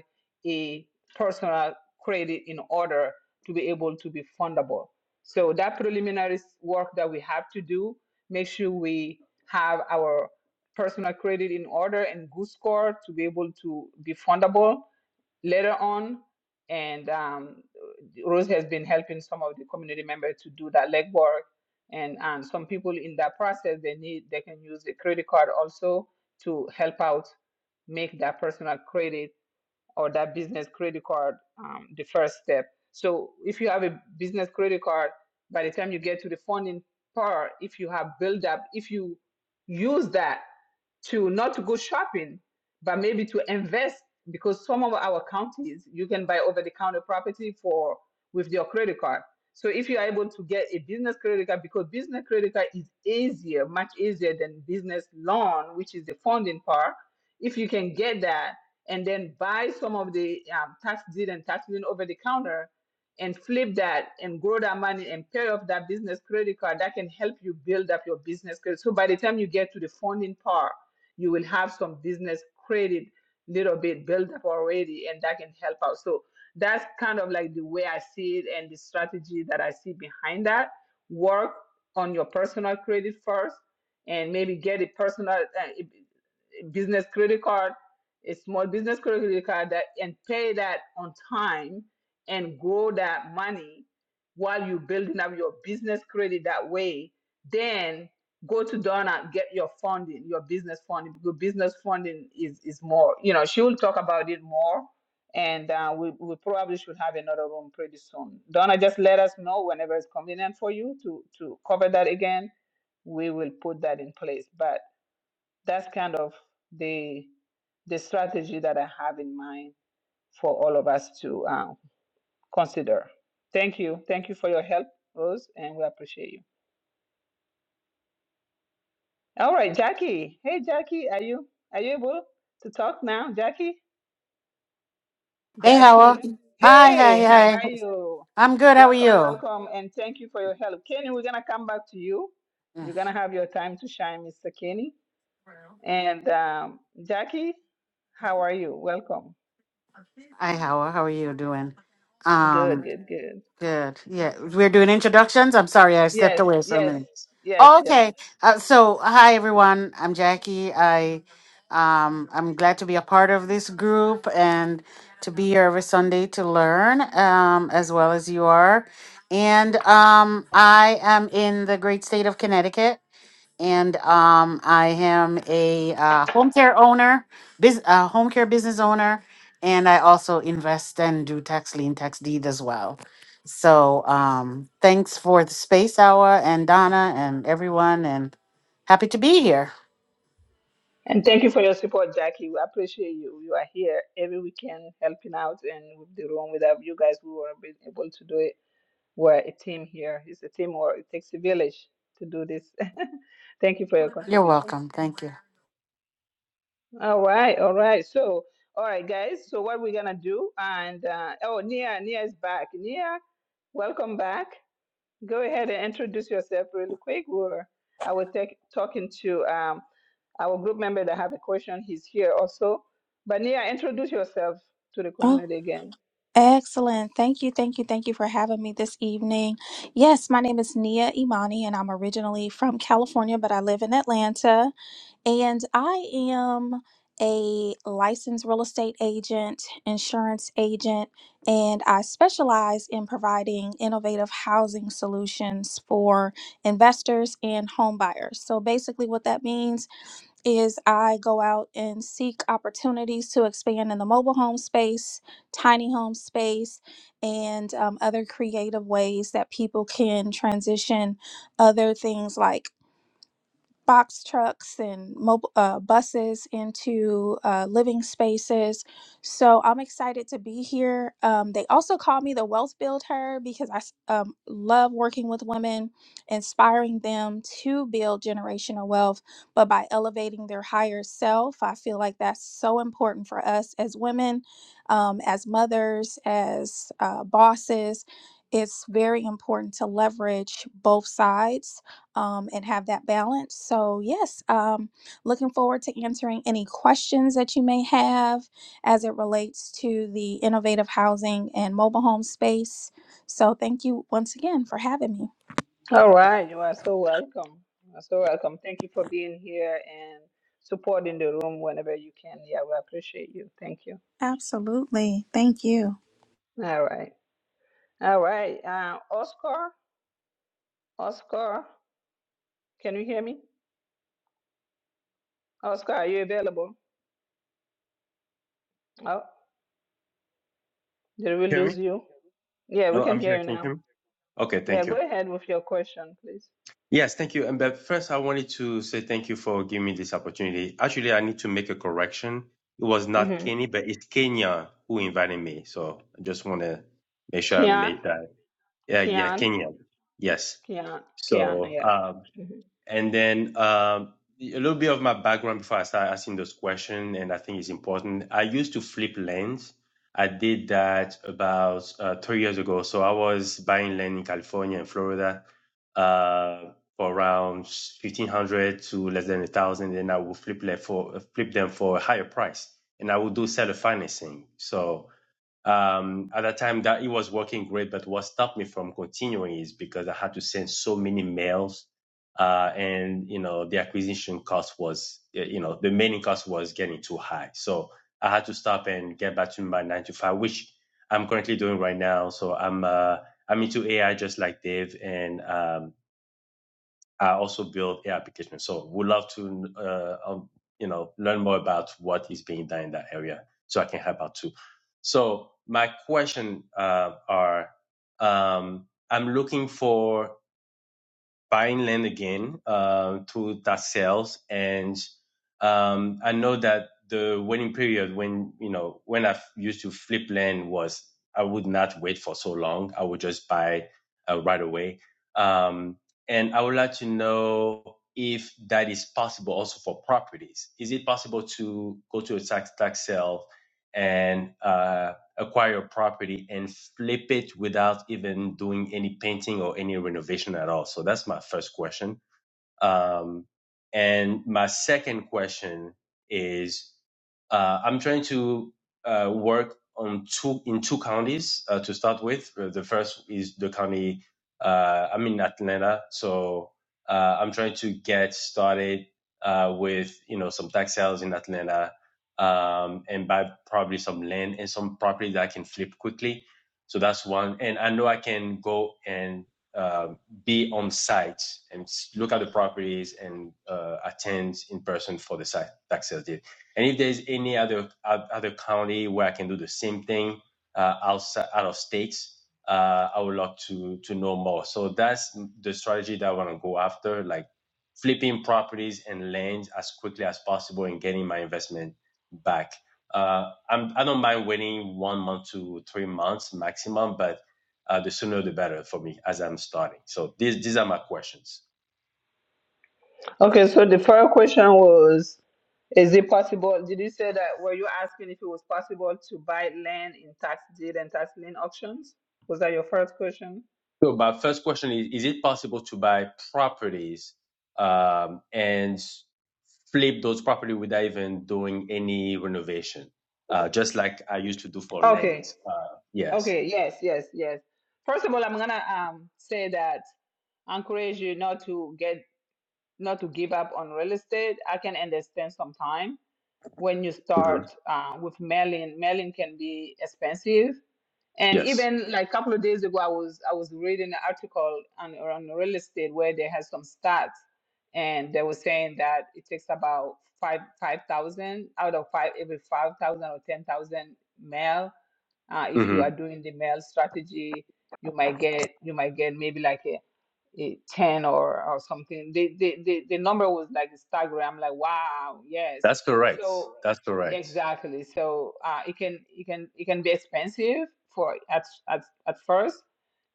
Speaker 1: a personal credit in order to be able to be fundable. So that preliminary s- work that we have to do, make sure we have our personal credit in order and good score to be able to be fundable later on. And um, Rose has been helping some of the community members to do that legwork. And um, some people in that process, they need they can use the credit card also to help out make that personal credit or that business credit card, um, the first step. So if you have a business credit card, by the time you get to the funding part, if you have build up, if you use that to not to go shopping, but maybe to invest, because some of our counties you can buy over the counter property for with your credit card. So if you are able to get a business credit card, because business credit card is easier, much easier than business loan, which is the funding part. If you can get that and then buy some of the um, tax deed and tax lien over the counter and flip that and grow that money and pay off that business credit card that can help you build up your business credit. So by the time you get to the funding part, you will have some business credit little bit built up already and that can help out. So that's kind of like the way I see it and the strategy that I see behind that. Work on your personal credit first and maybe get a personal uh, business credit card a small business credit card that and pay that on time and grow that money while you're building up your business credit that way then go to donna get your funding your business funding Your business funding is is more you know she will talk about it more and uh, we, we probably should have another room pretty soon donna just let us know whenever it's convenient for you to to cover that again we will put that in place. But that's kind of the the strategy that I have in mind for all of us to um, consider. Thank you. Thank you for your help, Rose, and we appreciate you. All right, Jackie. Hey, Jackie, are you are you able to talk now, Jackie?
Speaker 4: Hey, Howard.
Speaker 1: Jackie.
Speaker 4: Hi, hi,
Speaker 1: Hey, how
Speaker 4: hi.
Speaker 1: are you?
Speaker 4: I'm good. How are
Speaker 1: Welcome,
Speaker 4: you?
Speaker 1: welcome, and thank you for your help, Kenny. We're gonna come back to you.
Speaker 4: Yeah.
Speaker 1: You're gonna have your time to shine, Mr. Kenny. And um, Jackie, how are you? Welcome.
Speaker 4: Hi, Howard. How are you doing?
Speaker 1: Good,
Speaker 4: Um,
Speaker 1: good, good.
Speaker 4: good. Yeah, we're doing introductions. I'm sorry, I stepped
Speaker 1: Yes,
Speaker 4: away for a
Speaker 1: yes,
Speaker 4: minute.
Speaker 1: yes,
Speaker 4: Oh,
Speaker 1: yes.
Speaker 4: Okay. Uh, so, hi, everyone. I'm Jackie. I, um, I'm glad to be a part of this group and to be here every Sunday to learn, um, as well as you are. And um, I am in the great state of Connecticut and um, I am a uh, home care owner, bus- uh, home care business owner, and I also invest and do tax lien, tax deed as well. So um, thanks for the space hour and Donna and everyone, and happy to be here.
Speaker 1: And thank you for your support, Jackie. We appreciate you. You are here every weekend helping out and with the room. Without you guys, we would have been able to do it. We're a team here. It's a teamwork. It takes a village to do this. thank you for your
Speaker 4: You're
Speaker 1: contribution.
Speaker 4: welcome. Thank you.
Speaker 1: All right, all right. So, all right, guys. So what we're gonna do? And uh, oh, Nia, Nia is back. Nia, welcome back. Go ahead and introduce yourself really quick. We're, I will take talking to um, our group member that have a question. He's here also. but Bania, introduce yourself to the community again.
Speaker 7: Excellent. Thank you, thank you, thank you for having me this evening. Yes, my name is Nia Imani, and I'm originally from California, but I live in Atlanta. And I am a licensed real estate agent, insurance agent, and I specialize in providing innovative housing solutions for investors and home buyers. So basically, what that means is I go out and seek opportunities to expand in the mobile home space, tiny home space, and um, other creative ways that people can transition other things like box trucks and mobile uh, buses into uh, living spaces. So I'm excited to be here. Um, they also call me the wealth builder because I s- um, love working with women, inspiring them to build generational wealth, but by elevating their higher self, I feel like that's so important for us as women, um, as mothers, as uh, bosses. It's very important to leverage both sides um, and have that balance. So, yes, um, looking forward to answering any questions that you may have as it relates to the innovative housing and mobile home space. So, thank you once again for having me.
Speaker 1: All right, you are so welcome. You are so welcome. Thank you for being here and supporting the room whenever you can. Yeah, we appreciate you. Thank you.
Speaker 7: Absolutely. Thank you.
Speaker 1: All right. All right. Uh, Oscar, Oscar, can you hear me? Oscar, are you available? Oh, did we
Speaker 10: hear me?
Speaker 1: lose you? Yeah, we
Speaker 10: No,
Speaker 1: can
Speaker 10: I'm
Speaker 1: hear
Speaker 10: here.
Speaker 1: you
Speaker 10: Can you
Speaker 1: now.
Speaker 10: hear me? Okay,
Speaker 1: Yeah,
Speaker 10: thank
Speaker 1: go
Speaker 10: you.
Speaker 1: ahead with your question, please.
Speaker 10: Yes, thank you. And but first, I wanted to say thank you for giving me this opportunity. Actually, I need to make a correction. It was not
Speaker 1: Mm-hmm.
Speaker 10: Kenny, but it's Kenya who invited me. So I just want to make sure I
Speaker 1: Kian,
Speaker 10: made that. Yeah, yeah,
Speaker 1: Kian,
Speaker 10: Kenya. Yes.
Speaker 1: Kian, Kian,
Speaker 10: So,
Speaker 1: yeah.
Speaker 10: uh,
Speaker 1: Mhm.
Speaker 10: And then um, a little bit of my background before I start asking those questions, and I think it's important. I used to flip lands. I did that about uh, three years ago. So I was buying land in California and Florida uh, for around fifteen hundred to less than a thousand. Then I would flip land for flip them for a higher price, and I would do seller financing. So um at that time that it was working great but what stopped me from continuing is because i had to send so many mails uh and you know the acquisition cost was eh, you know the mailing cost was getting too high so i had to stop and get back to my nine to five which i'm currently doing right now so i'm uh i'm into ai just like dave and um I also build a application. So would love to, uh, um, you know, learn more about what is being done in that area so I can help out too. So my question, uh, are, um, I'm looking for buying land again uh, through tax sales, and um, I know that the waiting period when you know when I used to flip land was I would not wait for so long. I would just buy uh, right away, um, and I would like to know if that is possible also for properties. Is it possible to go to a tax tax sale and uh, acquire a property and flip it without even doing any painting or any renovation at all? So that's my first question. Um, and my second question is, uh, I'm trying to uh, work on two in two counties uh, to start with. Uh, The first is the county uh, I'm in Atlanta, so uh, I'm trying to get started uh, with you know some tax sales in Atlanta um, and buy probably some land and some property that I can flip quickly. So that's one, and I know I can go and uh, be on site and look at the properties and uh, attend in person for the site tax sales deed. And if there's any other other county where I can do the same thing uh, outside out of states, uh, I would love to to know more. So that's the strategy that I want to go after, like flipping properties and lands as quickly as possible and getting my investment back. Uh, I'm, I don't mind waiting one month to three months maximum, but uh, the sooner the better for me as I'm starting. So these these are my questions.
Speaker 1: Okay, so the first question was Is it possible? Did you say that? Were you asking if it was possible to buy land in tax deed and tax lien auctions? Was that your first question?
Speaker 10: So my first question is: Is it possible to buy properties um, and flip those property without even doing any renovation, uh, just like I used to do for land?
Speaker 1: Okay.
Speaker 10: Uh, yes.
Speaker 1: Okay. Yes. Yes. Yes. First of all, I'm gonna um say that I encourage you not to get not to give up on real estate. I can understand sometimes when you
Speaker 10: hmm
Speaker 1: start uh, with mailing. Mailing can be expensive. And
Speaker 10: Yes.
Speaker 1: even like a couple of days ago, I was I was reading an article on on real estate where they had some stats, and they were saying that it takes about five five thousand out of five every five thousand or ten thousand mail uh, if you
Speaker 10: hmm
Speaker 1: are doing the mail strategy you might get you might get maybe like a, a 10 or or something the, the the the number was like staggering i'm like wow yes
Speaker 10: That's correct.
Speaker 1: so
Speaker 10: That's
Speaker 1: yeah,
Speaker 10: correct.
Speaker 1: exactly so uh it can it can it can be expensive for at at, at first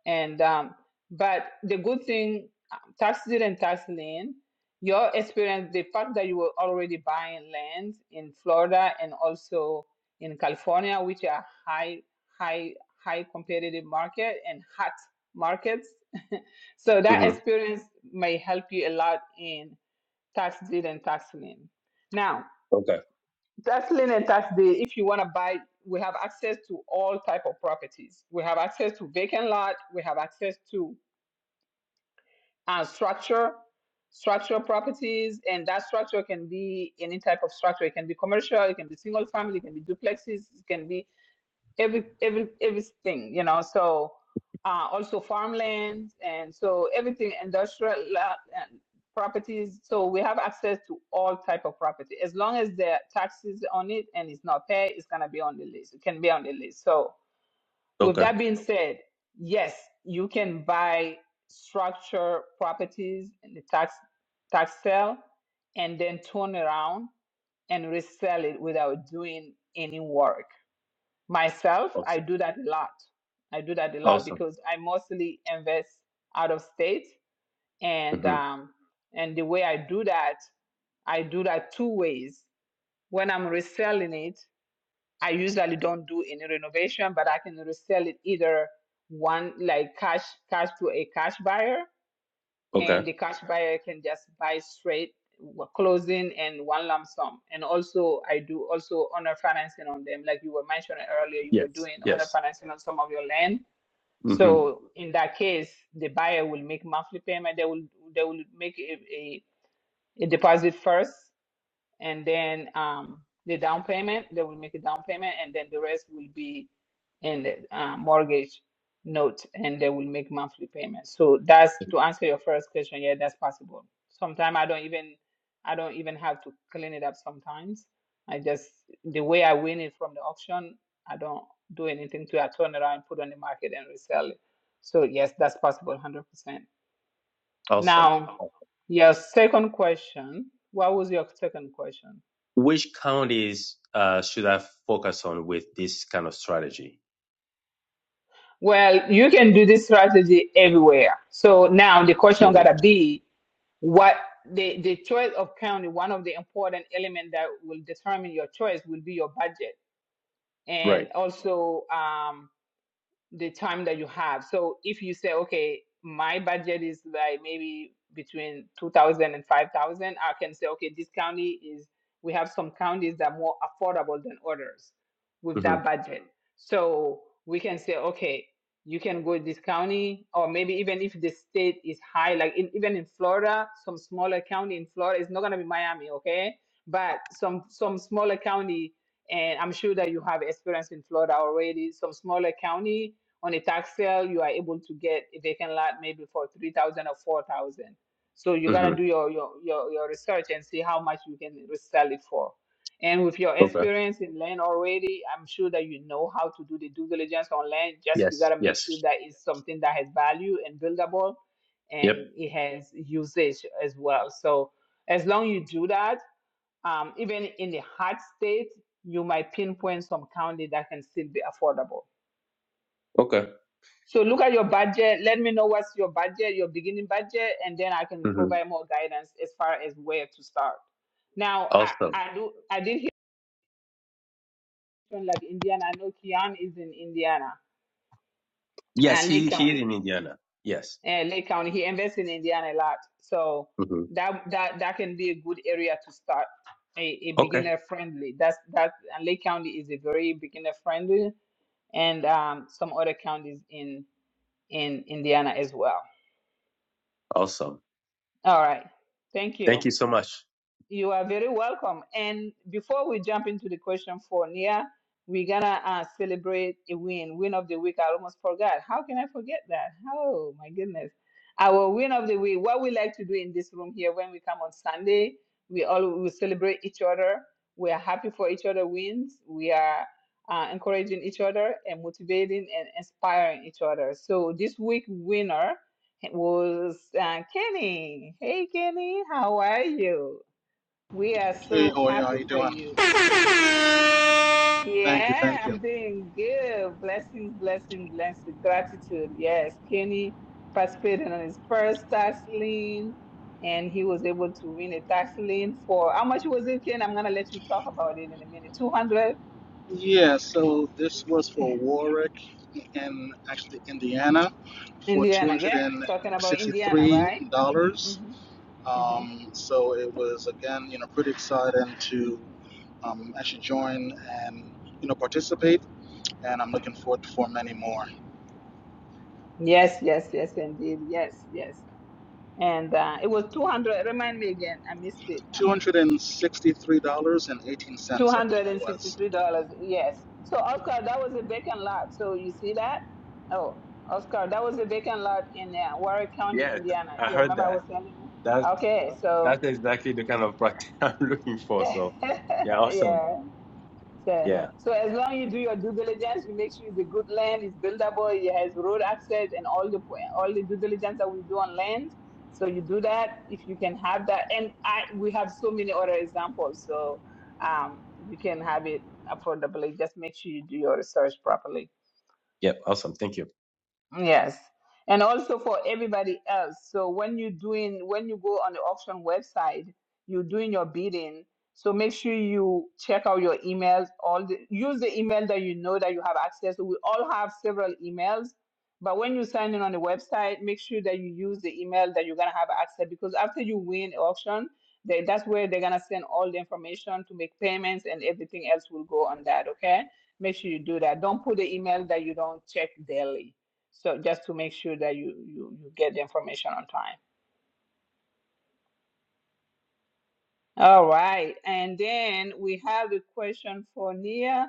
Speaker 1: and um, but the good thing, um, tax deed and tax lien, your experience, the fact that you were already buying land in Florida and also in California, which are high, high, high competitive market and hot markets. so that
Speaker 10: hmm
Speaker 1: experience may help you a lot in tax deed and tax lien. Now,
Speaker 10: Okay.
Speaker 1: tax lien and tax deed, if you want to buy, we have access to all type of properties. We have access to vacant lot. We have access to and structure, structural properties, and that structure can be any type of structure. It can be commercial, it can be single family, it can be duplexes, it can be every every everything, you know. So uh, also farmland, and so everything industrial uh, and properties. So we have access to all type of property as long as the taxes on it and it's not paid, it's gonna be on the list. It can be on the list. So with
Speaker 10: Okay.
Speaker 1: that being said, yes, you can buy structure properties in the tax tax sale and then turn around and resell it without doing any work. Myself, I
Speaker 10: Awesome.
Speaker 1: do that a lot. I do that a lot
Speaker 10: Awesome.
Speaker 1: because I mostly invest out of state and
Speaker 10: hmm
Speaker 1: um, and the way I do that, I do that two ways. When I'm reselling it, I usually don't do any renovation, but I can resell it either one like cash cash to a cash buyer,
Speaker 10: Okay.
Speaker 1: and the cash buyer can just buy straight w- closing and one lump sum. And also, I do also owner financing on them, like you were mentioning earlier. You were
Speaker 10: Yes.
Speaker 1: doing owner
Speaker 10: Yes.
Speaker 1: financing on some of your land.
Speaker 10: hmm
Speaker 1: So in that case, the buyer will make monthly payment. They will they will make a, a, a deposit first, and then um, the down payment they will make a down payment and then the rest will be in the uh, mortgage note and they will make monthly payments so that's to answer your first question yeah that's possible sometimes i don't even i don't even have to clean it up sometimes i just the way i win it from the auction i don't do anything to it. i turn it around put on the market and resell it so yes that's possible 100%
Speaker 10: Awesome.
Speaker 1: now your second question what was your second question
Speaker 10: Which counties uh, should I focus on with this kind of strategy?
Speaker 1: Well, you can do this strategy everywhere. So now the question
Speaker 10: Mhm.
Speaker 1: gotta be what the, the choice of county, one of the important elements that will determine your choice will be your budget.
Speaker 10: Right.
Speaker 1: And also um, the time that you have. So if you say, okay, my budget is like maybe between 2000 and 5000, I can say, okay, this county is, we have some counties that are more affordable than others with
Speaker 10: hmm
Speaker 1: that budget. So we can say, okay, you can go to this county, or maybe even if the state is high, like in, even in Florida, some smaller county in Florida, it's not going to be Miami, okay? But some some smaller county and I'm sure that you have experience in Florida already. Some smaller county on a tax sale, you are able to get a vacant lot maybe for three thousand or four thousand. So you
Speaker 10: hmm
Speaker 1: gotta do your, your your your research and see how much you can resell it for. And with your
Speaker 10: Okay.
Speaker 1: experience in land already, I'm sure that you know how to do the due diligence on land. Just you
Speaker 10: Yes.
Speaker 1: gotta make sure
Speaker 10: Yes.
Speaker 1: that it's something that has value and buildable,
Speaker 10: Yep.
Speaker 1: and it has usage as well. So as long you do that, um, even in the hard state, you might pinpoint some county that can still be affordable
Speaker 10: Okay.
Speaker 1: so look at your budget. Let me know what's your budget, your beginning budget, and then I can
Speaker 10: hmm
Speaker 1: provide more guidance as far as where to start. Now, I,
Speaker 10: Awesome.
Speaker 1: I do I did hear from like Indiana. I know Kian is in Indiana,
Speaker 10: Yes,
Speaker 1: and Lake
Speaker 10: he he is
Speaker 1: County,
Speaker 10: in Indiana. Yes.
Speaker 1: uh, Lake County. He invests in Indiana a lot, so
Speaker 10: hmm
Speaker 1: that that that can be a good area to start. A, a
Speaker 10: Okay.
Speaker 1: beginner friendly. That's that. And Lake County is a very beginner friendly, and um, some other counties in in Indiana as well.
Speaker 10: Awesome.
Speaker 1: All right, thank
Speaker 10: Thank
Speaker 1: you.
Speaker 10: you so much.
Speaker 1: You are very welcome. And before we jump into the question for Nia, we're gonna uh, celebrate a win, win of the week. I almost forgot. How can I forget that? Oh my goodness! Our win of the week. What we like to do in this room here when we come on Sunday, we all we celebrate each other. We are happy for each other wins. We are uh, encouraging each other and motivating and inspiring each other. So this week winner was uh, Kenny. Hey Kenny, how are you? We are
Speaker 14: Hey,
Speaker 1: so
Speaker 14: Hoya, how
Speaker 1: happy
Speaker 14: you
Speaker 1: for
Speaker 14: doing?
Speaker 1: you.
Speaker 14: Thank you,
Speaker 1: Yeah,
Speaker 14: thank you.
Speaker 1: I'm doing good. Blessings, blessings, blessings. Gratitude. Yes, Kenny participated in his first tax lien and he was able to win a tax lien for how much was it, Ken? I'm going to let you talk about it in a minute. 200
Speaker 14: Yeah, so this was for Warwick in actually Indiana for
Speaker 1: Indiana. Yeah, talking about Indiana, right? hmm
Speaker 14: $263.
Speaker 1: hmm
Speaker 14: Um, so it was, again, you know, pretty exciting to um, actually join and, you know, participate. And I'm looking forward for many more.
Speaker 1: Yes, yes, yes, indeed. Yes, yes. And uh, it was 200. Remind me again. I missed it.
Speaker 14: $263.18, I
Speaker 1: Two
Speaker 14: believe
Speaker 1: hundred
Speaker 14: it
Speaker 1: and
Speaker 14: was.
Speaker 1: sixty-three dollars. Yes. So Oscar, that was a vacant lot. So you see that? Oh, Oscar, that was a vacant lot in uh, Warwick County,
Speaker 10: Yes,
Speaker 1: Indiana.
Speaker 10: I
Speaker 1: You
Speaker 10: heard
Speaker 1: remember I
Speaker 10: that.
Speaker 1: was telling you?
Speaker 10: That's
Speaker 1: Okay. So
Speaker 10: that's exactly the kind of practice I'm looking for. So, yeah, awesome.
Speaker 1: yeah. So,
Speaker 10: Yeah.
Speaker 1: so as long as you do your due diligence, you make sure it's a good land, it's buildable, it has road access, and all the po- all the due diligence that we do on land. So you do that if you can have that, and I we have so many other examples. So um, you can have it affordably. Just make sure you do your research properly.
Speaker 10: Yep. Awesome. Thank you.
Speaker 1: Yes. And also for everybody else. So when you're doing, when you go on the auction website, you're doing your bidding. So make sure you check out your emails. All the, use the email that you know that you have access to. We all have several emails, but when you sign in on the website, make sure that you use the email that you're gonna have access because after you win auction, they, that's where they're gonna send all the information to make payments and everything else will go on that. Okay? Make sure you do that. Don't put the email that you don't check daily so just to make sure that you, you, you get the information on time. All right. And then we have the question for Nia.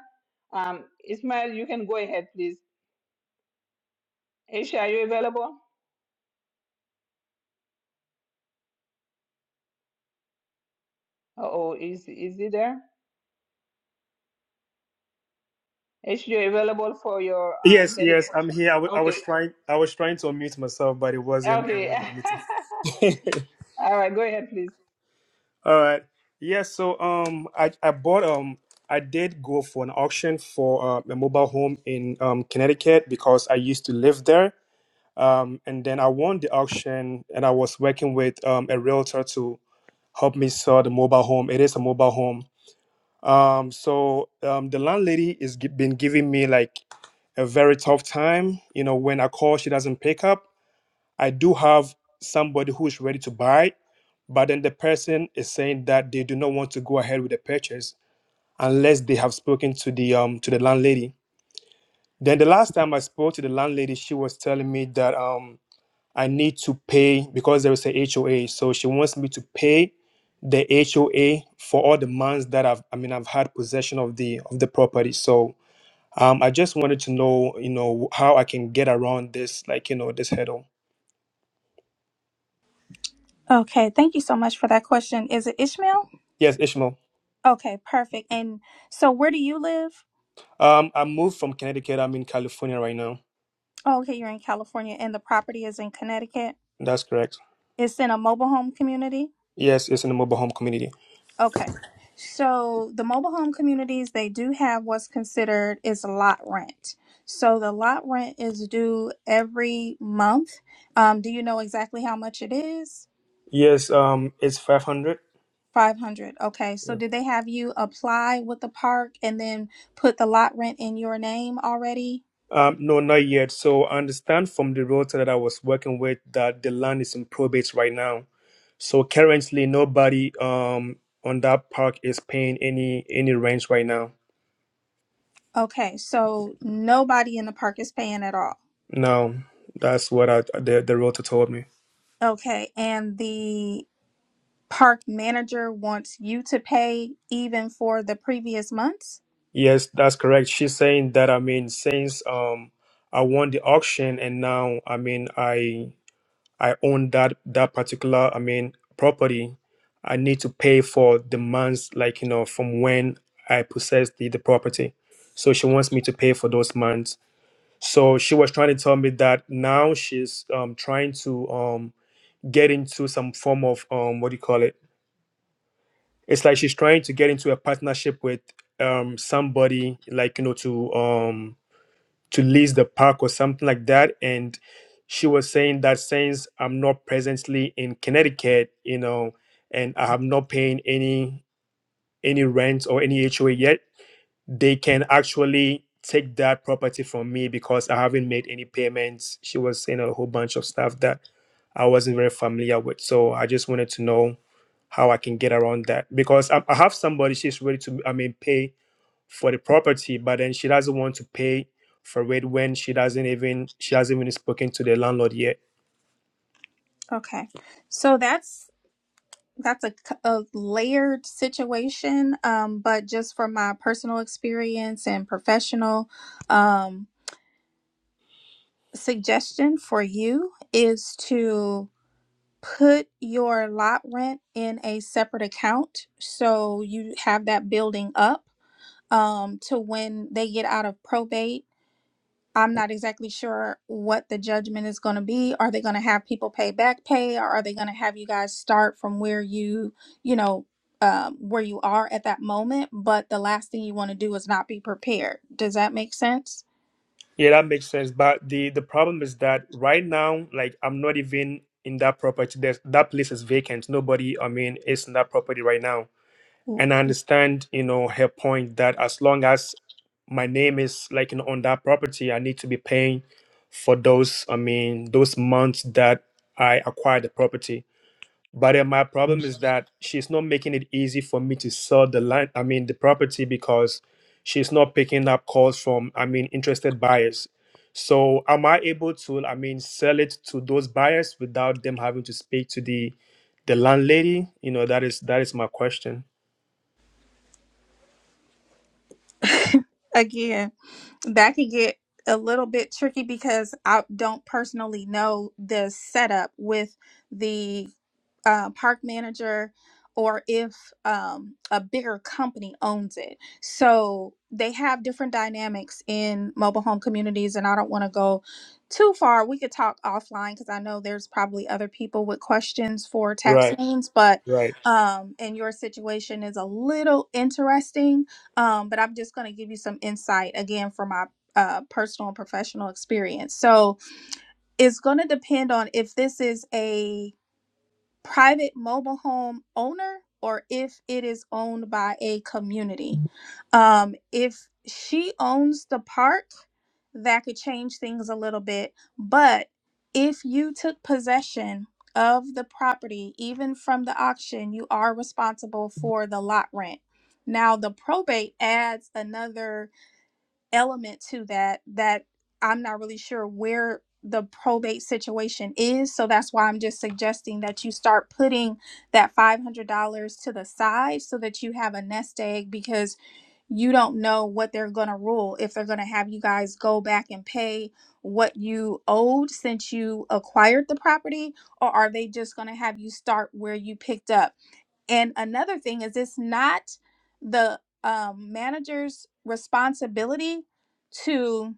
Speaker 1: Um, Ismail, you can go ahead, please. Aisha, are you available? Uh-oh, is, is he there? Aisha, you available for your, uh,
Speaker 15: Yes,
Speaker 1: he had a
Speaker 15: yes, I'm
Speaker 1: question.
Speaker 15: here. I, w- I was
Speaker 1: Okay,
Speaker 15: trying, I was trying to unmute myself, but it wasn't um,
Speaker 1: okay.
Speaker 15: allowing me to.
Speaker 1: All right, go ahead, please.
Speaker 15: All right. Yes. So, um, I, I bought um, I did go for an auction for uh, a mobile home in um Connecticut because I used to live there. Um, and then I won the auction, and I was working with um a realtor to help me sell the mobile home. It is a mobile home. Um, so um, the landlady is gi- been giving me like a very tough time. You know, when I call, she doesn't pick up I do have somebody who is ready to buy, but then the person is saying that they do not want to go ahead with the purchase unless they have spoken to the um to the landlady. Then the last time I spoke to the landlady, she was telling me that um I need to pay because there is a HOA, so she wants me to pay the HOA for all the months that I've I mean I've had possession of the of the property. So um I just wanted to know you know how I can get around this like you know this hurdle.
Speaker 7: Okay. Thank you so much for that question. Is it Ishmael?
Speaker 15: Yes, Ishmael.
Speaker 7: Okay. Perfect. And so, where do you live?
Speaker 15: Um, I moved from Connecticut. I'm in California right now.
Speaker 7: Oh, okay. You're in California and the property is in Connecticut.
Speaker 15: That's correct.
Speaker 7: It's in a mobile home community.
Speaker 15: Yes, it's in the mobile home community.
Speaker 7: Okay. So the mobile home communities, they do have what's considered is lot rent. So the lot rent is due every month. Um, do you know exactly how much it is?
Speaker 15: Yes, um, it's 500.
Speaker 7: 500. Okay. So
Speaker 15: Yeah.
Speaker 7: did they have you apply with the park and then put the lot rent in your name already?
Speaker 15: Um, no, not yet. So I understand from the realtor that I was working with that the land is in probate right now. So currently, nobody um on that park is paying any any rent right now.
Speaker 7: Okay. So nobody in the park is paying at all.
Speaker 15: No, that's what I, the the realtor told me.
Speaker 7: Okay. And the park manager wants you to pay even for the previous months?
Speaker 15: Yes, that's correct. She's saying that. I mean, since um I won the auction and now I mean I I own that that particular I mean property, I need to pay for the months like you know from when I possessed the, the property. So she wants me to pay for those months. So she was trying to tell me that now she's um, trying to um, get into some form of um, what do you call it? It's like she's trying to get into a partnership with um, somebody, like you know, to um, to lease the park or something like that. And she was saying that since I'm not presently in Connecticut, you know, and I have not paying any any rent or any HOA yet, they can actually take that property from me because I haven't made any payments. She was saying a whole bunch of stuff that I wasn't very familiar with. So I just wanted to know how I can get around that because I, I have somebody, she's ready to, I mean, pay for the property, but then she doesn't want to pay for it when she doesn't even, she hasn't even spoken to the landlord yet.
Speaker 7: Okay. So that's that's a, c- a layered situation um but just from my personal experience and professional um suggestion for you is to put your lot rent in a separate account so you have that building up um to when they get out of probate I'm not exactly sure what the judgment is going to be. Are they going to have people pay back pay, or are they going to have you guys start from where you, you know, um, where you are at that moment? But the last thing you want to do is not be prepared. Does that make sense?
Speaker 15: Yeah, that makes sense. But the the problem is that right now, like I'm not even in that property. There's, that place is vacant. Nobody, I mean, is in that property right now.
Speaker 7: W-
Speaker 15: And I understand, you know, her point that as long as my name is like you know, on that property, I need to be paying for those. I mean, those months that I acquired the property. But then my problem is that she's not making it easy for me to sell the land, I mean, the property because she's not picking up calls from, I mean, interested buyers. So am I able to, I mean, sell it to those buyers without them having to speak to the the landlady? You know, that is that is my question.
Speaker 7: Again. that could get a little bit tricky because I don't personally know the setup with the uh, park manager or if um, a bigger company owns it. So they have different dynamics in mobile home communities, and I don't want to go too far. We could talk offline because I know there's probably other people with questions for tax
Speaker 15: Right,
Speaker 7: liens, but
Speaker 15: right.
Speaker 7: um, and your situation is a little interesting um, but I'm just going to give you some insight again from my uh, personal and professional experience. So it's going to depend on if this is a private mobile home owner or if it is owned by a community. Um, if she owns the park, that could change things a little bit. But if you took possession of the property, even from the auction, you are responsible for the lot rent. Now, the probate adds another element to that that I'm not really sure where the probate situation is. So that's why I'm just suggesting that you start putting that $500 to the side so that you have a nest egg because you don't know what they're going to rule if they're going to have you guys go back and pay what you owed since you acquired the property or are they just going to have you start where you picked up and another thing is it's not the um, manager's responsibility to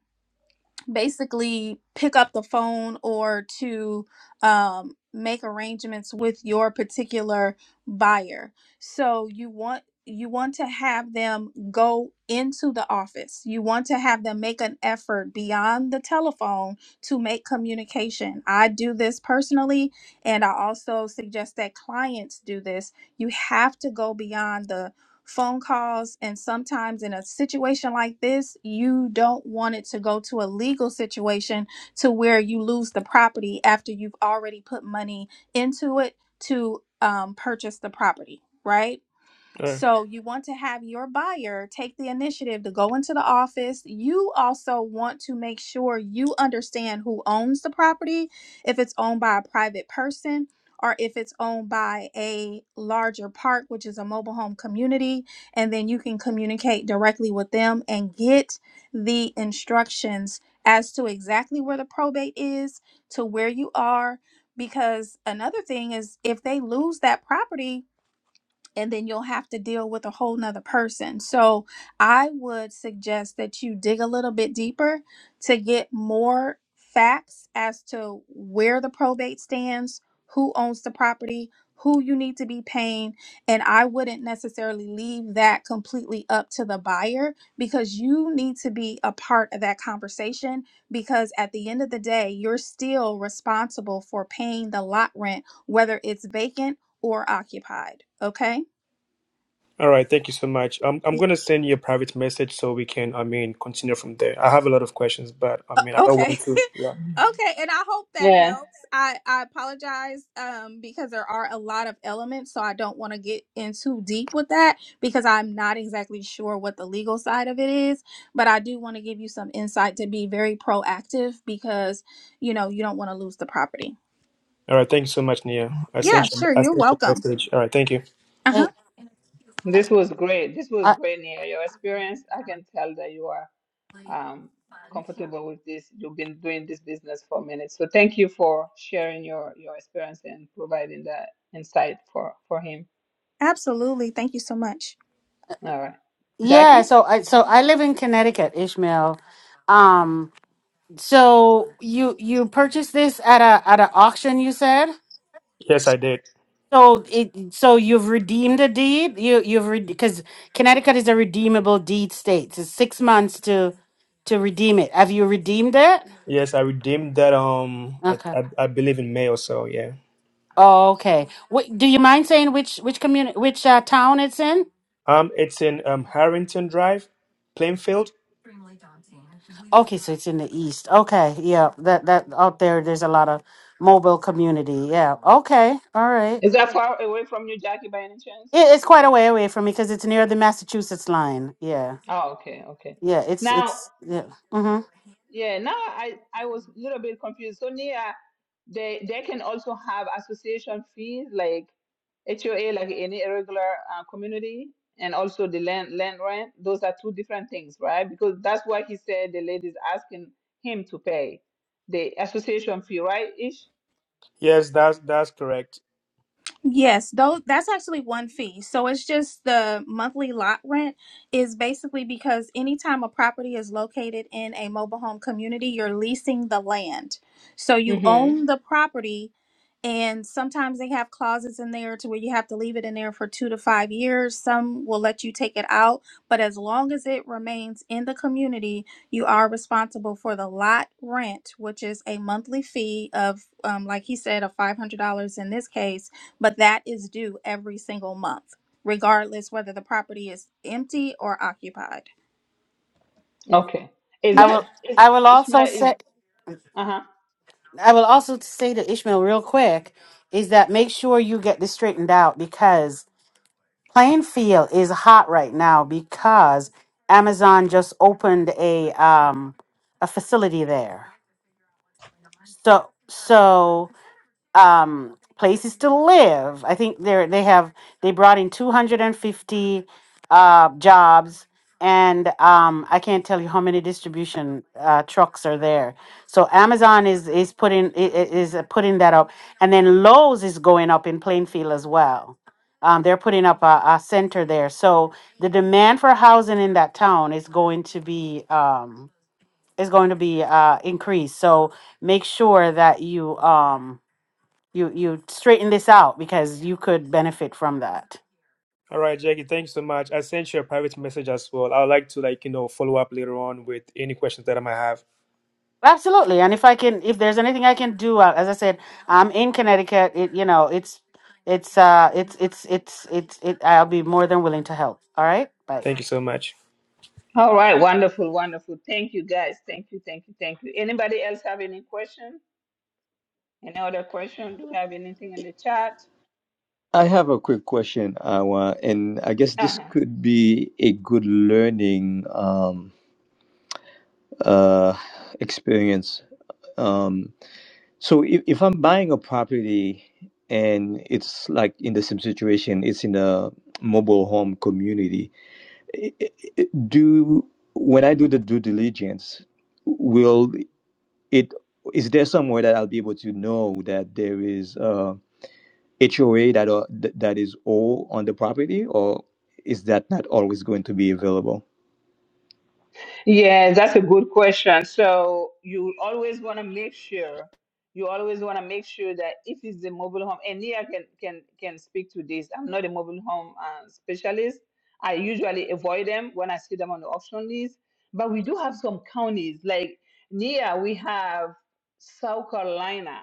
Speaker 7: basically pick up the phone or to um, make arrangements with your particular buyer. So you want you want to have them go into the office. You want to have them make an effort beyond the telephone to make communication. I do this personally and I also suggest that clients do this. You have to go beyond the phone calls. And sometimes in a situation like this, you don't want it to go to a legal situation to where you lose the property after you've already put money into it to um, purchase the property, right?
Speaker 15: All right.
Speaker 7: So you want to have your buyer take the initiative to go into the office. You also want to make sure you understand who owns the property, if it's owned by a private person or if it's owned by a larger park, which is a mobile home community, and then you can communicate directly with them and get the instructions as to exactly where the probate is, to where you are because another thing is if they lose that property and then you'll have to deal with a whole nother person. So I would suggest that you dig a little bit deeper to get more facts as to where the probate stands, who owns the property, who you need to be paying. And I wouldn't necessarily leave that completely up to the buyer because you need to be a part of that conversation because at the end of the day, you're still responsible for paying the lot rent, whether it's vacant or occupied. Okay.
Speaker 15: All right, thank you so much. I'm I'm gonna send you a private message so we can, I mean, continue from there. I have a lot of questions, but I mean, I don't
Speaker 7: Okay.
Speaker 15: want to. Yeah.
Speaker 7: Okay, and I hope that
Speaker 1: Yeah.
Speaker 7: helps. I I apologize um because there are a lot of elements, so I don't want to get in too deep with that because I'm not exactly sure what the legal side of it is, but I do want to give you some insight to be very proactive because, you know, you don't want to lose the property.
Speaker 15: All right, thank you so much, Nia. I
Speaker 7: Yeah,
Speaker 15: sent you
Speaker 7: sure.
Speaker 15: I
Speaker 7: You're
Speaker 15: sent you a
Speaker 7: welcome.
Speaker 15: message. All right, thank you.
Speaker 7: Uh-huh.
Speaker 4: Hey, uh,
Speaker 1: This was great. This was
Speaker 4: uh,
Speaker 1: great, Nia. Your experience, I can tell that you are um, comfortable with this. You've been doing this business for a minute. So thank you for sharing your, your experience and providing that insight for, for him.
Speaker 7: Absolutely. Thank you so much.
Speaker 1: All right.
Speaker 4: yeah.
Speaker 1: Jackie?
Speaker 4: So I so I live in Connecticut, Ishmael. Um, so you you purchased this at a at an auction, you said?
Speaker 15: Yes, I did.
Speaker 4: So it so you've redeemed a deed. You you've because Connecticut is a redeemable deed state. It's six months to to redeem it. Have you redeemed it?
Speaker 15: Yes, I redeemed that. Um, I
Speaker 4: Okay.
Speaker 15: I, I believe in May or so. Yeah.
Speaker 4: Oh, okay. Wh- do you mind saying which which community which uh, town it's in?
Speaker 15: Um, it's in um Harrington Drive, Plainfield.
Speaker 4: Okay, so it's in the east. Okay, yeah. That that out there, there's a lot of mobile community. Yeah. Okay. All right.
Speaker 1: Is that far away from you, Jackie, by any chance?
Speaker 4: It, it's quite a way away from me because it's near the Massachusetts line. Yeah.
Speaker 1: Oh, okay, okay.
Speaker 4: Yeah. It's
Speaker 1: Now,
Speaker 4: it's yeah. mm-hmm.
Speaker 1: yeah, now I, I was a little bit confused. So Nia, They they can also have association fees like HOA, like any irregular uh, community, and also the land land rent. Those are two different things, right? Because that's why he said the lady's asking him to pay the association fee, right? Ish.
Speaker 15: Yes, that's that's correct.
Speaker 7: Yes, though that's actually one fee. So it's just the monthly lot rent is basically because anytime a property is located in a mobile home community, you're leasing the land. So you own
Speaker 1: Mm-hmm.
Speaker 7: the property and sometimes they have clauses in there to where you have to leave it in there for 2 to 5 years. Some will let you take it out, but as long as it remains in the community, you are responsible for the lot rent, which is a monthly fee of um, like he said of $500 in this case but that is due every single month, regardless whether the property is empty or occupied.
Speaker 1: Okay. Is
Speaker 4: I
Speaker 7: Mhm.
Speaker 1: that
Speaker 4: will
Speaker 1: is
Speaker 4: I will also
Speaker 1: Ishmael is
Speaker 4: say
Speaker 1: uh huh.
Speaker 4: I will also say to Ishmael real quick is that make sure you get this straightened out because Plainfield is hot right now because Amazon just opened a um a facility there. So so um places to live. I think they're they have they brought in 250 uh jobs and um I can't tell you how many distribution uh trucks are there. So Amazon is is putting i- i- is uh, putting that up and then Lowe's is going up in Plainfield as well. Um, they're putting up a, a center there. So the demand for housing in that town is going to be um is going to be uh increased. So make sure that you um you you straighten this out because you could benefit from that
Speaker 15: All right, Jackie, thanks so much. I sent you a private message as well. I would like to like you know follow up later on with any questions that I might have.
Speaker 4: absolutely and if i can if there's anything i can do uh, as i said i'm in connecticut it you know it's it's uh it's it's it's it's it i'll be more than willing to help all right bye
Speaker 15: Thank you so much.
Speaker 1: All right, wonderful, wonderful. Thank you guys. Thank you, thank you, thank you. Anybody else have any question? Any other question? Do we have anything in the chat?
Speaker 13: I have a quick question, Awa, and I guess
Speaker 1: uh
Speaker 13: this
Speaker 1: huh.
Speaker 13: could be a good learning um, uh, experience. Um, so if, if I'm buying a property and it's like in the same situation, it's in a mobile home community. i- i- i- Do when I do the due diligence, will it is there somewhere that I'll be able to know that there is uh, HOA that uh, th- that is all on the property, or is that not always going to be available?
Speaker 1: Yes, that's a good question. So you always want to make sure you always want to make sure that if it's a mobile home, and Nia can can can speak to this. I'm not a mobile home uh, specialist. I usually avoid them when I see them on the auction list. But we do have some counties like Nia. We have South Carolina.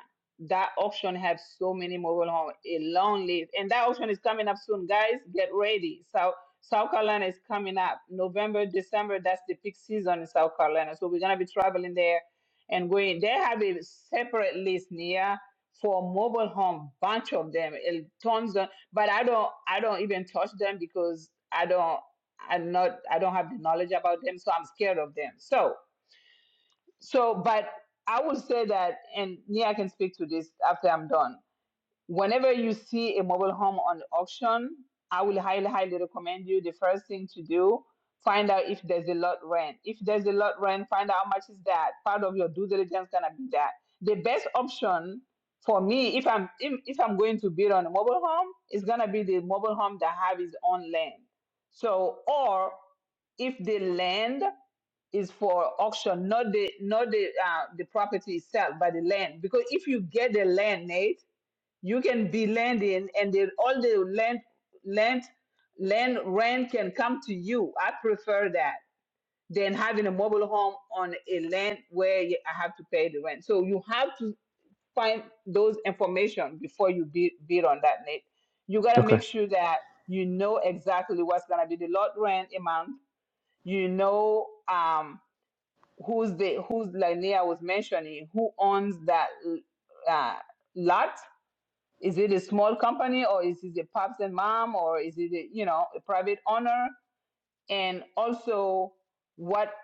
Speaker 1: That auction has so many mobile home, a long list, and that auction is coming up soon, guys. Get ready. South Carolina is coming up November, December. That's the peak season in South Carolina. So we're gonna be traveling there and going. They have a separate list, Nia, for mobile home, bunch of them, eh, tons of. But I don't, I don't even touch them because I don't, I'm not, I don't have the knowledge about them, so I'm scared of them. So, so, but I would say that, and Nia can speak to this after I'm done. Whenever you see a mobile home on the auction, I will highly, highly recommend you the first thing to do find out if there's a lot rent. If there's a lot rent, find out how much is that. Part of your due diligence gonna be that. The best option for me, if I'm if, if I'm going to build on a mobile home, is gonna be the mobile home that have its own land. So, or if the land is for auction, not the not the uh, the property itself, but the land. Because if you get the land, Nate you can be landing and then all the land land land rent can come to you i prefer that than having a mobile home on a land where you- i have to pay the rent so you have to find those information before you bid, bid on that net you got to
Speaker 13: Okay.
Speaker 1: make sure that you know exactly what's going to be the lot rent amount you know um who's the who's like Nia was mentioning who owns that uh, lot is it a small company or is it a pops and mom or is it a, you know a private owner? And also, what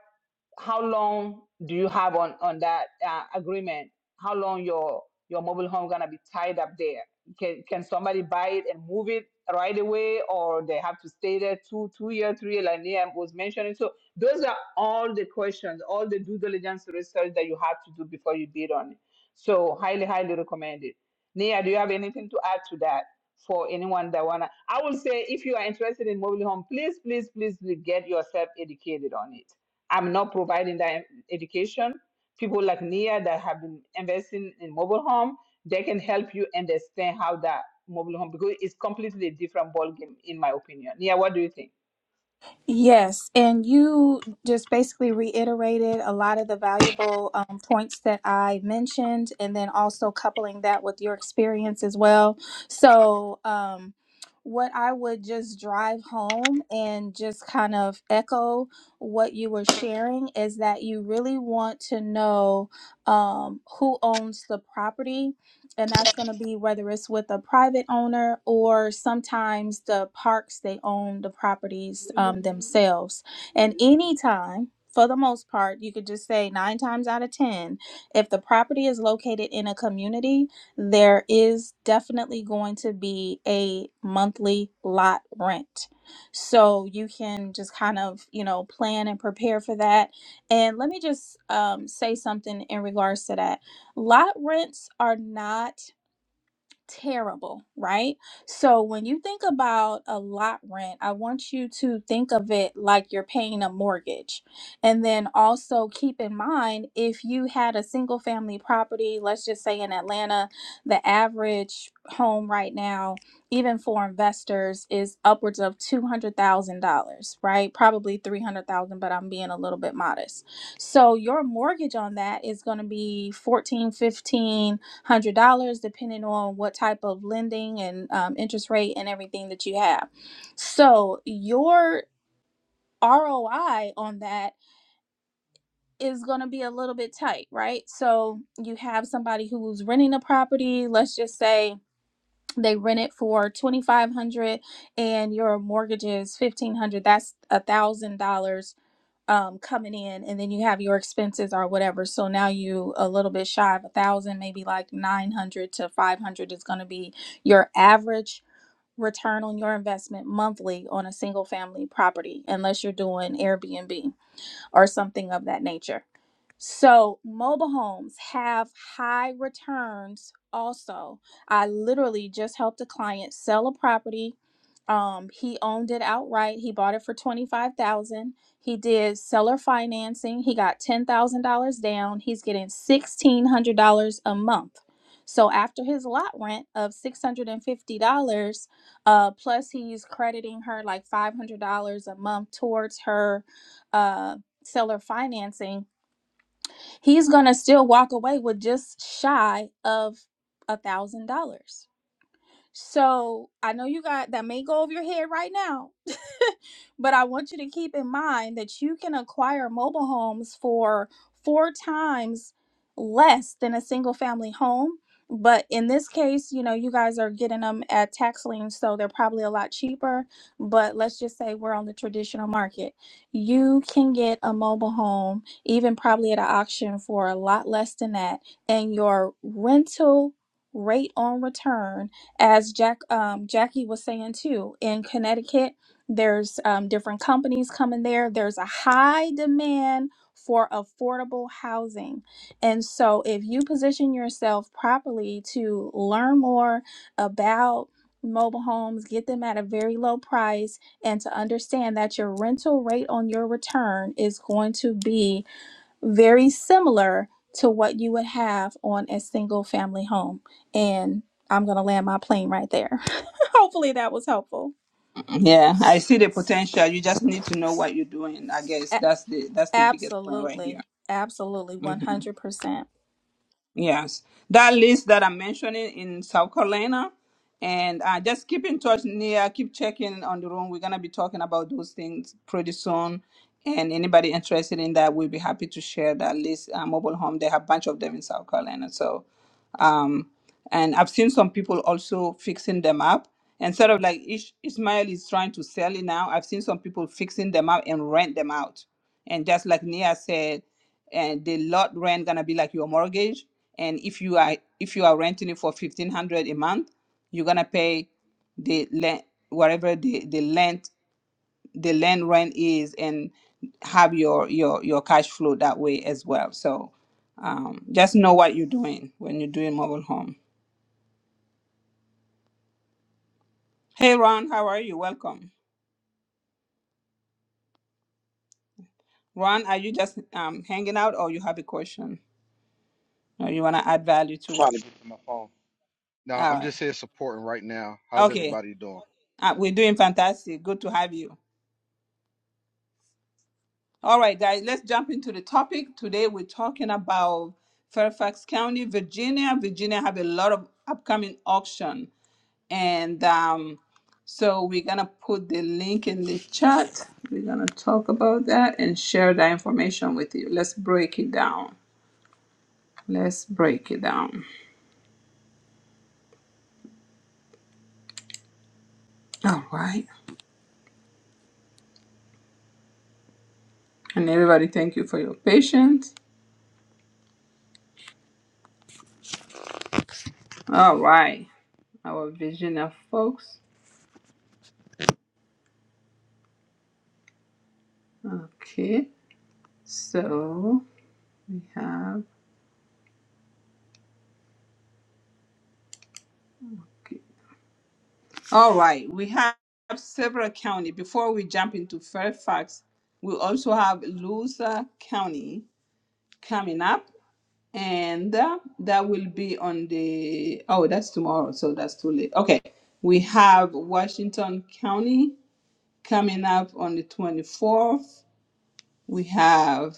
Speaker 1: how long do you have on on that uh, agreement? How long your your mobile home gonna be tied up there? Can can somebody buy it and move it right away, or they have to stay there two two year, three year, like Liam was mentioning? So those are all the questions, all the due diligence research that you have to do before you bid on it. So highly, highly recommended. Nia, do you have anything to add to that for anyone that wanna? I will say if you are interested in mobile home, please, please, please get yourself educated on it I'm not providing that education. People like Nia that have been investing in mobile home, they can help you understand how that mobile home because it's completely different ball game in my opinion. Nia, what do you think?
Speaker 7: Yes, and you just basically reiterated a lot of the valuable um, points that I mentioned, and then also coupling that with your experience as well. So, um, what I would just drive home and just kind of echo what you were sharing is that you really want to know um, who owns the property and that's going to be whether it's with a private owner or sometimes the parks they own the properties um, themselves and anytime for the most part you could just say nine times out of ten if the property is located in a community there is definitely going to be a monthly lot rent so you can just kind of you know plan and prepare for that and let me just um, say something in regards to that Lot rents are not terrible, right? So when you think about a lot rent, I want you to think of it like you're paying a mortgage. And then also keep in mind if you had a single family property, let's just say in Atlanta, the average home right now, even for investors, is upwards of $200,000, right? Probably 300,000, but I'm being a little bit modest. So your mortgage on that is going to be 14, 15 one hundred dollars, depending on what type of lending and um, interest rate and everything that you have. So your ROI on that is going to be a little bit tight, right? So you have somebody who's renting a property. Let's just say they rent it for twenty five hundred, dollars and your mortgage is fifteen hundred. dollars. That's a thousand dollars um coming in and then you have your expenses or whatever so now you a little bit shy of a thousand maybe like 900 to 500 is going to be your average return on your investment monthly on a single family property unless you're doing airbnb or something of that nature so, mobile homes have high returns also. I literally just helped a client sell a property. Um, he owned it outright. He bought it for 25,000. He did seller financing. He got $10,000 down. He's getting $1,600 a month. So after his lot rent of $650, uh, plus he's crediting her like $500 a month towards her uh, seller financing, he's going to still walk away with just shy of a thousand dollars so I know you got that may go over your head right now, but I want you to keep in mind that you can acquire mobile homes for four times less than a single family home. But in this case, you know, you guys are getting them at tax lien, so they're probably a lot cheaper. But let's just say we're on the traditional market. You can get a mobile home, even probably at an auction, for a lot less than that. And your rental rate on return as Jack um, Jackie was saying too, in Connecticut, there's um, different companies coming there. There's a high demand for affordable housing, and so if you position yourself properly to learn more about mobile homes, get them at a very low price, and to understand that your rental rate on your return is going to be very similar to what you would have on a single family home. And I'm going to land my plane right there. Hopefully that was helpful.
Speaker 1: Yeah, I see the potential. You just need to know what you're doing. I guess
Speaker 7: A-
Speaker 1: that's the that's the biggest point right
Speaker 7: absolutely. Absolutely.
Speaker 1: here.
Speaker 7: 100%.
Speaker 1: Yes, that list that I'm mentioning in South Carolina, and uh, just keep in touch, Nia. Keep checking on the room. We're gonna be talking about those things pretty soon, and anybody interested in that, we'll be happy to share that list. Uh, mobile home, they have a bunch of them in South Carolina, so um, and I've seen some people also fixing them up. And sort of like Ish- Ismail is trying to sell it now. I've seen some people fixing them up and rent them out. And just like Nia said, and the lot rent gonna be like your mortgage. And if you are if you are renting it for fifteen hundred a month, you're gonna pay the land whatever the the land the land rent is and have your your your cash flow that way as well so um, just know what you're doing when you're doing mobile home hey ron how are you welcome ron are you just um, hanging out or you have a question or you want to add value to what
Speaker 16: trying to get to my phone. No,
Speaker 1: all
Speaker 16: I'm just
Speaker 1: right
Speaker 16: here supporting right now. How's
Speaker 1: okay
Speaker 16: everybody doing?
Speaker 1: uh, we're doing fantastic good to have you all right guys let's jump into the topic today we're talking about fairfax county virginia virginia have a lot of upcoming auction And um, so we're gonna put the link in the chat. We're gonna talk about that and share that information with you. Let's break it down. Let's break it down. All right. And everybody, thank you for your patience. All right. Our vision of folks. Okay. So we have. Okay. All right. We have several county. Before we jump into Fairfax, we also have Loosa County coming up. And uh, that will be on the, oh, that's tomorrow, so that's too late. Okay. We have Washington County coming up on the 24th. We have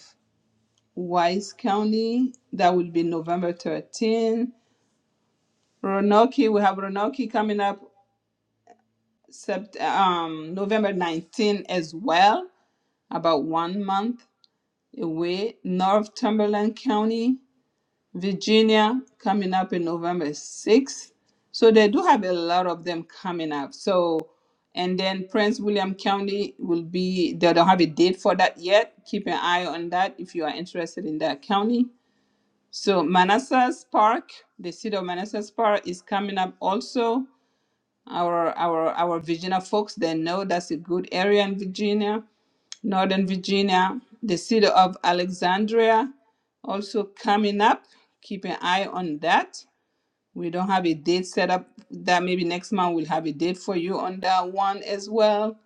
Speaker 1: Wise County, that will be November 13th. Roanoke, we have Roanoke coming up sept- um, November 19th as well, about one month away. Northumberland County, Virginia coming up in November 6th. So they do have a lot of them coming up. So, and then Prince William County will be, they don't have a date for that yet. Keep an eye on that if you are interested in that county. So, Manassas Park, the city of Manassas Park is coming up also. Our, our, our Virginia folks, they know that's a good area in Virginia. Northern Virginia, the city of Alexandria also coming up. Keep an eye on that. We don't have a date set up that maybe next month we'll have a date for you on that one as well.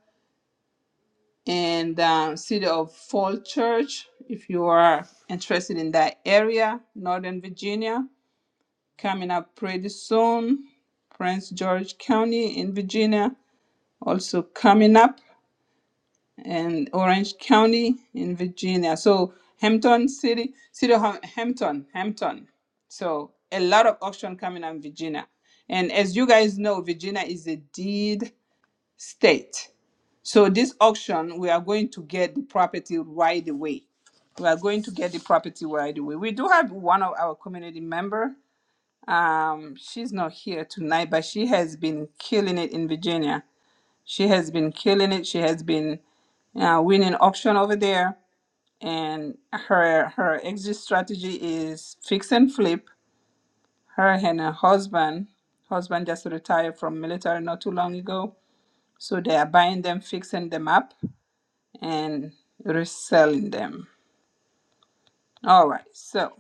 Speaker 1: And uh, city of Fall Church, if you are interested in that area, Northern Virginia, coming up pretty soon. Prince George County in Virginia also coming up. and Orange County in Virginia. So Hampton City, City of Ham- Hampton, Hampton. So a lot of auction coming on Virginia. And as you guys know, Virginia is a deed state. So this auction, we are going to get the property right away. We are going to get the property right away. We do have one of our community member. Um, she's not here tonight, but she has been killing it in Virginia. She has been killing it. She has been uh, winning auction over there. And her her exit strategy is fix and flip. Her and her husband, husband just retired from military not too long ago, so they are buying them, fixing them up, and reselling them. All right, so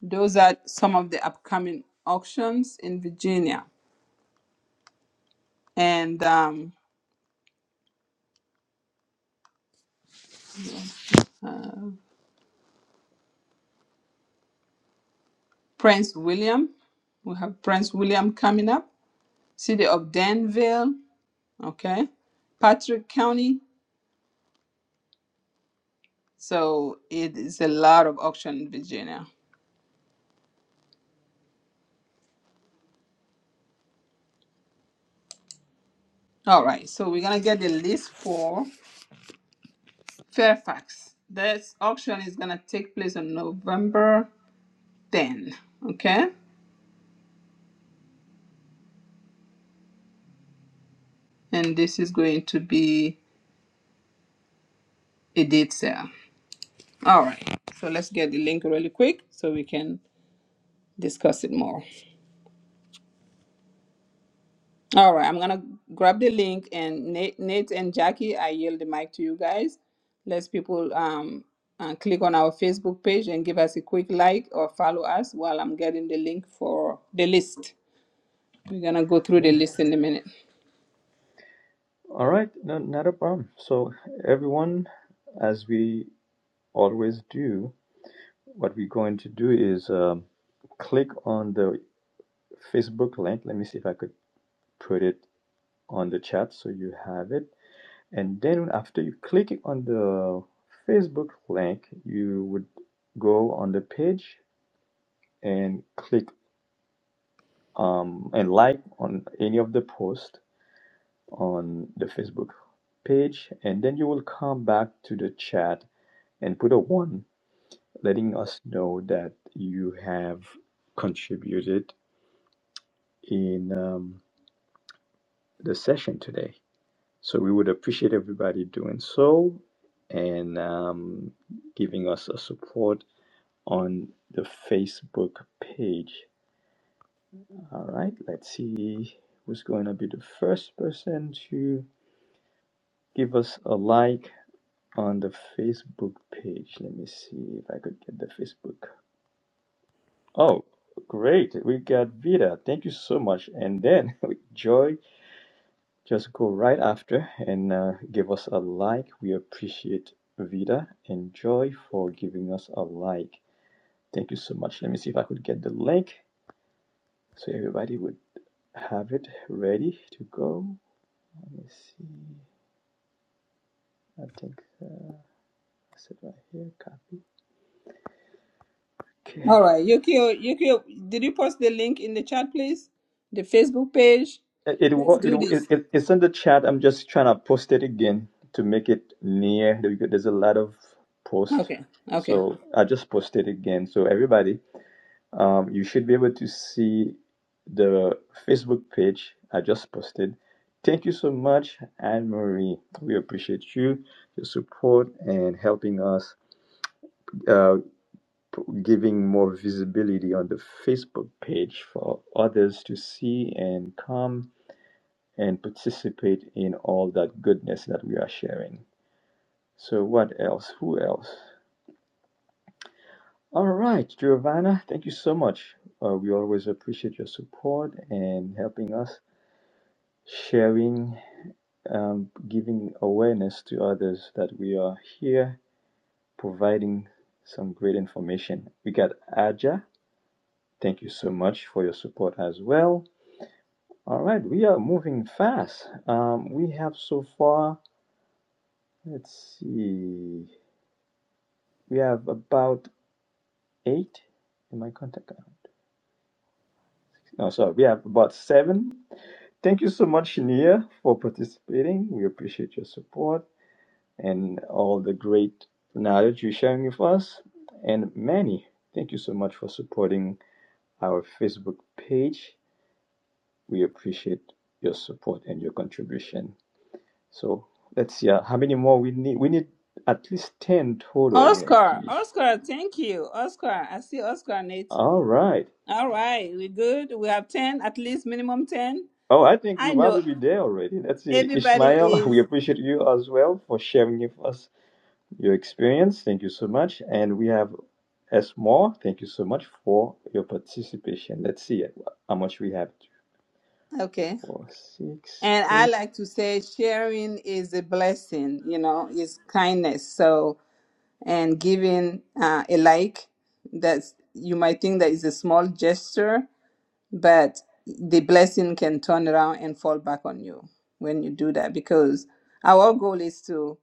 Speaker 1: those are some of the upcoming auctions in Virginia. And um, Prince William, we have Prince William coming up. City of Danville, okay. Patrick County, So it is a lot of auction in Virginia. All right, so we're gonna get the list for Fairfax. This auction is gonna take place on November 10. Okay, and this is going to be a date sale. All right, so let's get the link really quick so we can discuss it more. All right, I'm gonna grab the link and Nate, Nate and Jackie, I yield the mic to you guys. Let's people um uh, click on our Facebook page and give us a quick like or follow us while I'm getting the link for the list. We're gonna go through the
Speaker 13: Yeah.
Speaker 1: list in a minute.
Speaker 13: All right. No, not a problem. So, everyone, as we always do, what we're going to do is um, click on the Facebook link. Let me see if I could put it on the chat so you have it. and then after you click on the Facebook link, you would go on the page and click um, and like on any of the posts on the Facebook page, and then you will come back to the chat and put a one, letting us know that you have contributed in um, the session today. So we would appreciate everybody doing so and um, giving us a support on the Facebook page. All right, let's see who's going to be the first person to give us a like on the Facebook page. Let me see if I could get the Facebook. Oh, great. We got Vida. Thank you so much. And then Joy just go right after and uh, give us a like. We appreciate Vida and Joy for giving us a like. Thank you so much. Let me see if I could get the link so everybody would have it ready to go. Let me see. I think uh, I said right here. Copy. Okay.
Speaker 1: All right, Yukio, Yukio, did you post the link in the chat, please? The Facebook page.
Speaker 13: It, it
Speaker 1: Let's
Speaker 13: it
Speaker 1: do
Speaker 13: it
Speaker 1: this.
Speaker 13: it's in the chat. I'm just trying to post it again to make it near. There's a lot of post,
Speaker 1: Okay, okay.
Speaker 13: so I just posted again. So everybody, um, you should be able to see the Facebook page I just posted. Thank you so much, Anne Marie. We appreciate you, your support, and helping us. Uh. giving more visibility on the Facebook page for others to see and come and participate in all that goodness that we are sharing. So, what else? Who else? All right, Giovanna, thank you so much. Uh, we always appreciate your support and helping us, sharing, um, giving awareness to others that we are here, providing some great information. We got Aja. Thank you so much for your support as well. All right, we are moving fast. Um, we have so far, let's see, we have about eight in my contact. account. No, sorry, we have about seven. Thank you so much, Shania, for participating. We appreciate your support and all the great knowledge you're sharing with us. And Manny, thank you so much for supporting our Facebook page. We appreciate your support and your contribution. So let's see uh, how many more we need. We need at least 10 total. Let's
Speaker 1: Oscar,
Speaker 13: see.
Speaker 1: Oscar, thank you, Oscar. I see Oscar, Nate.
Speaker 13: All right.
Speaker 1: All right, we're good. We have 10, at least minimum 10.
Speaker 13: Oh, I think
Speaker 1: I
Speaker 13: we'll
Speaker 1: know
Speaker 13: probably be there already. Let's see.
Speaker 1: everybody
Speaker 13: Ishmael, we
Speaker 1: is
Speaker 13: appreciate you as well for sharing with us your experience. Thank you so much. And we have S. Moore. Thank you so much for your participation. Let's see how much we have.
Speaker 1: okay.
Speaker 13: Four, six,
Speaker 1: And I
Speaker 13: eight.
Speaker 1: like to say sharing is a blessing, you know, is kindness. So, and giving uh, a like that you might think that is a small gesture, but the blessing can turn around and fall back on you when you do that because our goal is to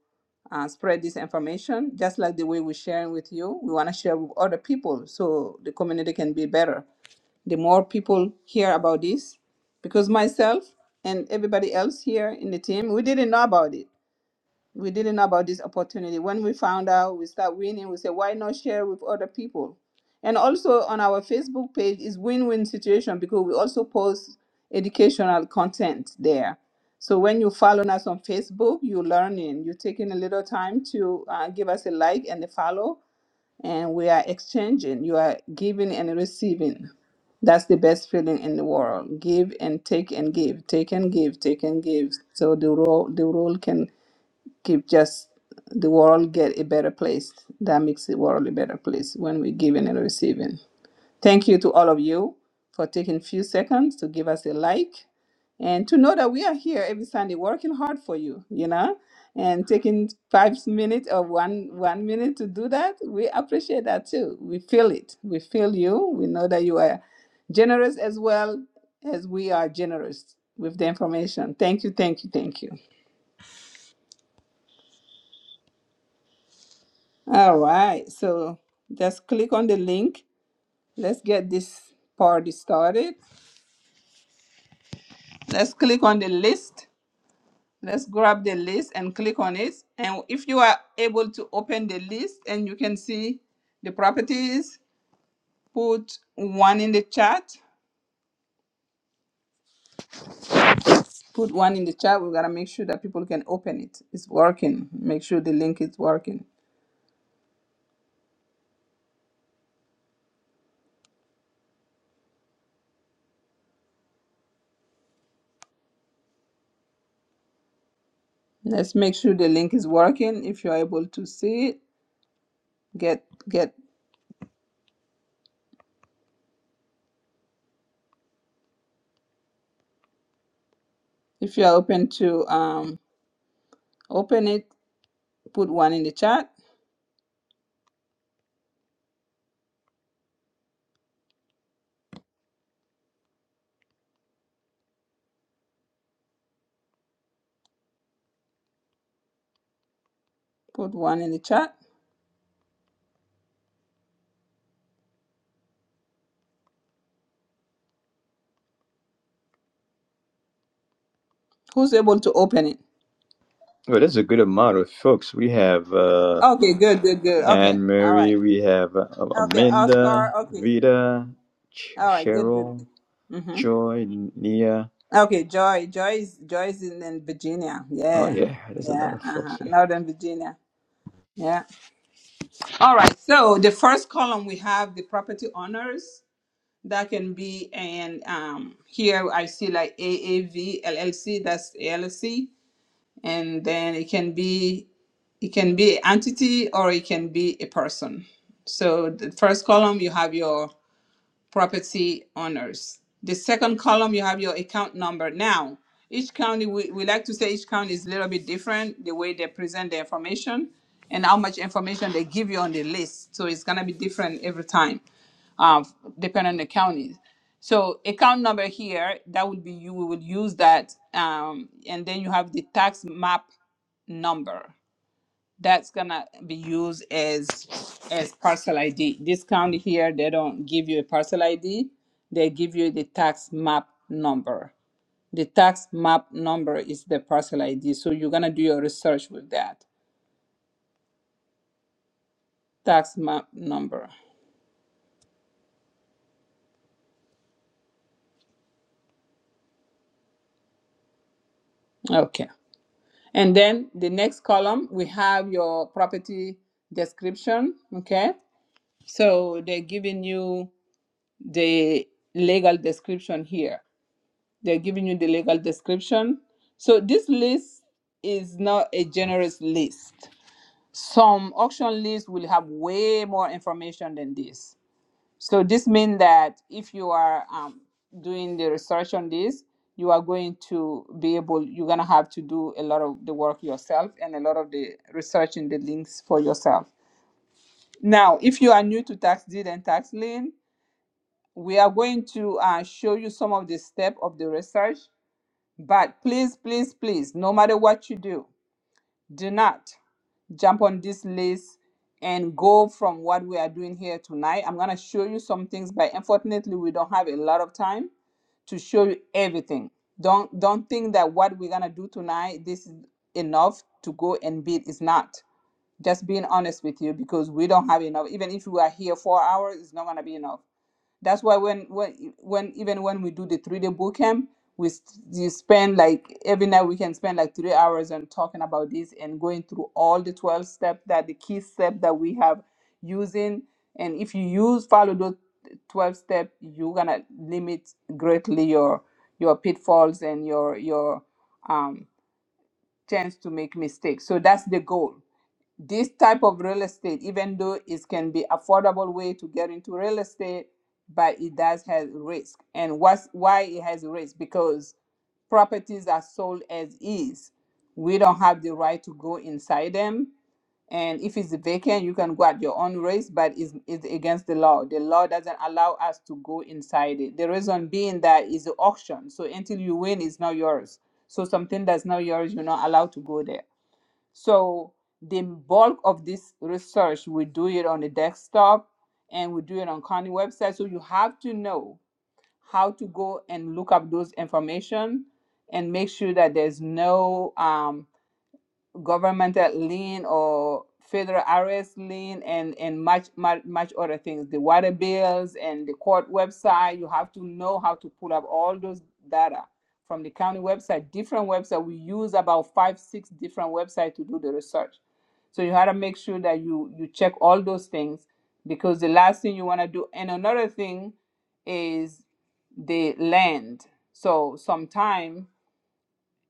Speaker 1: uh, spread this information just like the way we're sharing with you we want to share with other people so the community can be better the more people hear about this because myself and everybody else here in the team we didn't know about it we didn't know about this opportunity. When we found out, we start winning. We say, why not share with other people? And also on our Facebook page is win-win situation because we also post educational content there. So when you follow us on Facebook, you're learning. You're taking a little time to uh, give us a like and a follow, and we are exchanging. You are giving and receiving. That's the best feeling in the world. Give and take and give, take and give, take and give. So the role the role can keep just the world get a better place. That makes the world a better place when we're giving and receiving. Thank you to all of you for taking a few seconds to give us a like and to know that we are here every Sunday working hard for you, you know, and taking five minutes or one one minute to do that. We appreciate that too. We feel it. We feel you. We know that you are generous as well as we are generous with the information. Thank you, thank you, thank you. All right, so just click on the link. Let's get this party started. Let's click on the list. Let's grab the list and click on it. And if you are able to open the list and you can see the properties, put one in the chat. Put one in the chat. We gotta make sure that people can open it. It's working. Make sure the link is working. Let's make sure the link is working. If you're able to see it, get get if you're open to um open it Put one in the chat. Put one in the chat. Who's able to open it?
Speaker 13: Well, that's a good amount of folks. We have. Uh,
Speaker 1: Okay, good, good, good. Okay,
Speaker 13: And
Speaker 1: all right.
Speaker 13: Mary, we have uh,
Speaker 1: Okay, Oscar.
Speaker 13: Amanda,
Speaker 1: Okay,
Speaker 13: Vida, Ch-
Speaker 1: all right. Good, good. good.
Speaker 13: Cheryl,
Speaker 1: Mhm.
Speaker 13: Joy, Nia.
Speaker 1: Okay, Joy. Joy is Joy is in, in Virginia.
Speaker 13: Oh
Speaker 1: Yeah,
Speaker 13: yeah, there's a lot
Speaker 1: yeah.
Speaker 13: of folks
Speaker 1: Uh-huh.
Speaker 13: here.
Speaker 1: Northern Virginia. Yeah. All right. So the first column we have the property owners that can be and um here I see like A A V L L C. That's LLC and then it can be it can be an entity or it can be a person so the first column you have your property owners. The second column, you have your account number. Now, each county, we, we like to say each county is a little bit different, the way they present the information and how much information they give you on the list. So it's gonna be different every time, uh, depending on the county. So account number here, that would be you, we would use that. Um, and then you have the tax map number that's gonna be used as as parcel ID. This county here, they don't give you a parcel ID. They give you the tax map number. The tax map number is the parcel ID. So you're gonna do your research with that tax map number. Okay. And then the next column, we have your property description. Okay. So they're giving you the legal description here. They're giving you the legal description. So this list is not a generous list. Some auction lists will have way more information than this. So this means that if you are um, doing the research on this, you are going to be able, you're going to have to do a lot of the work yourself and a lot of the research in the links for yourself. Now, if you are new to tax deed and tax lien, we are going to uh, show you some of the steps of the research but please, please, please, no matter what you do, do not jump on this list and go from what we are doing here tonight. I'm going to show you some things, but unfortunately, we don't have a lot of time to show you everything. Don't don't think that what we're going to do tonight this is enough to go and beat. It's not. Just being honest with you because we don't have enough. Even if we are here 4 hours, it's not going to be enough. That's why when when when even when we do the three day boot camp, we s- you spend like every night we can spend like three hours on talking about this and going through all the twelve steps that the key step that we have using. And if you use follow those twelve steps, you're gonna limit greatly your your pitfalls and your your um chance to make mistakes. So that's the goal this type of real estate, even though it can be affordable way to get into real estate, but it does have risk. And what's why it has risk? Because properties are sold as is. We don't have the right to go inside them. And if it's vacant, you can go at your own risk, but it's, it's against the law. The law doesn't allow us to go inside it. The reason being that is the auction. So until you win, it's not yours. So something that's not yours, you're not allowed to go there. So the bulk of this research, we do it on the desktop and we do it on county website. So you have to know how to go and look up those information and make sure that there's no um, governmental lien or federal arrest lien and and much much much other things the water bills and the court website you have to know how to pull up all those data from the county website different website we use about five six different websites to do the research so you have to make sure that you you check all those things because the last thing you want to do and another thing is the land so sometimes.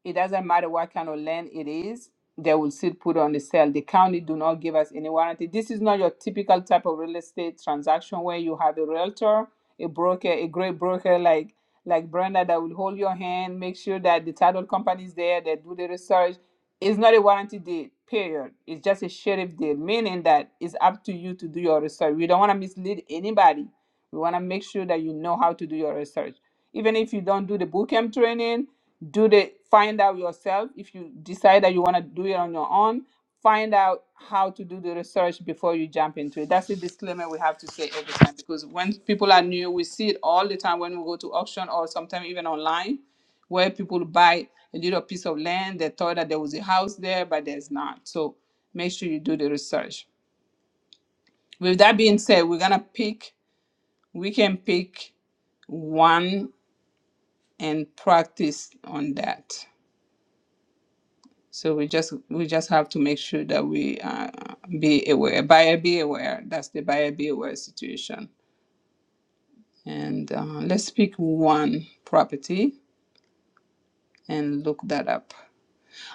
Speaker 1: It doesn't matter what kind of land it is, they will still put on the sale. The county do not give us any warranty. This is not your typical type of real estate transaction where you have a realtor, a broker, a great broker like like Brenda that will hold your hand, make sure that the title company is there, they do the research. It's not a warranty deed, period. It's just a sheriff deed, meaning that it's up to you to do your research. We don't want to mislead anybody we want to make sure that you know how to do your research. Even if you don't do the bootcamp training, do the find out yourself. If you decide that you want to do it on your own, find out how to do the research before you jump into it. That's the disclaimer we have to say every time because when people are new, we see it all the time when we go to auction or sometimes even online where people buy a little piece of land. They thought that there was a house there, but there's not. So make sure you do the research. With that being said, we're gonna pick we can pick one and practice on that so we just we just have to make sure that we uh, be aware buyer be aware that's the buyer be aware situation and uh, let's pick one property and look that up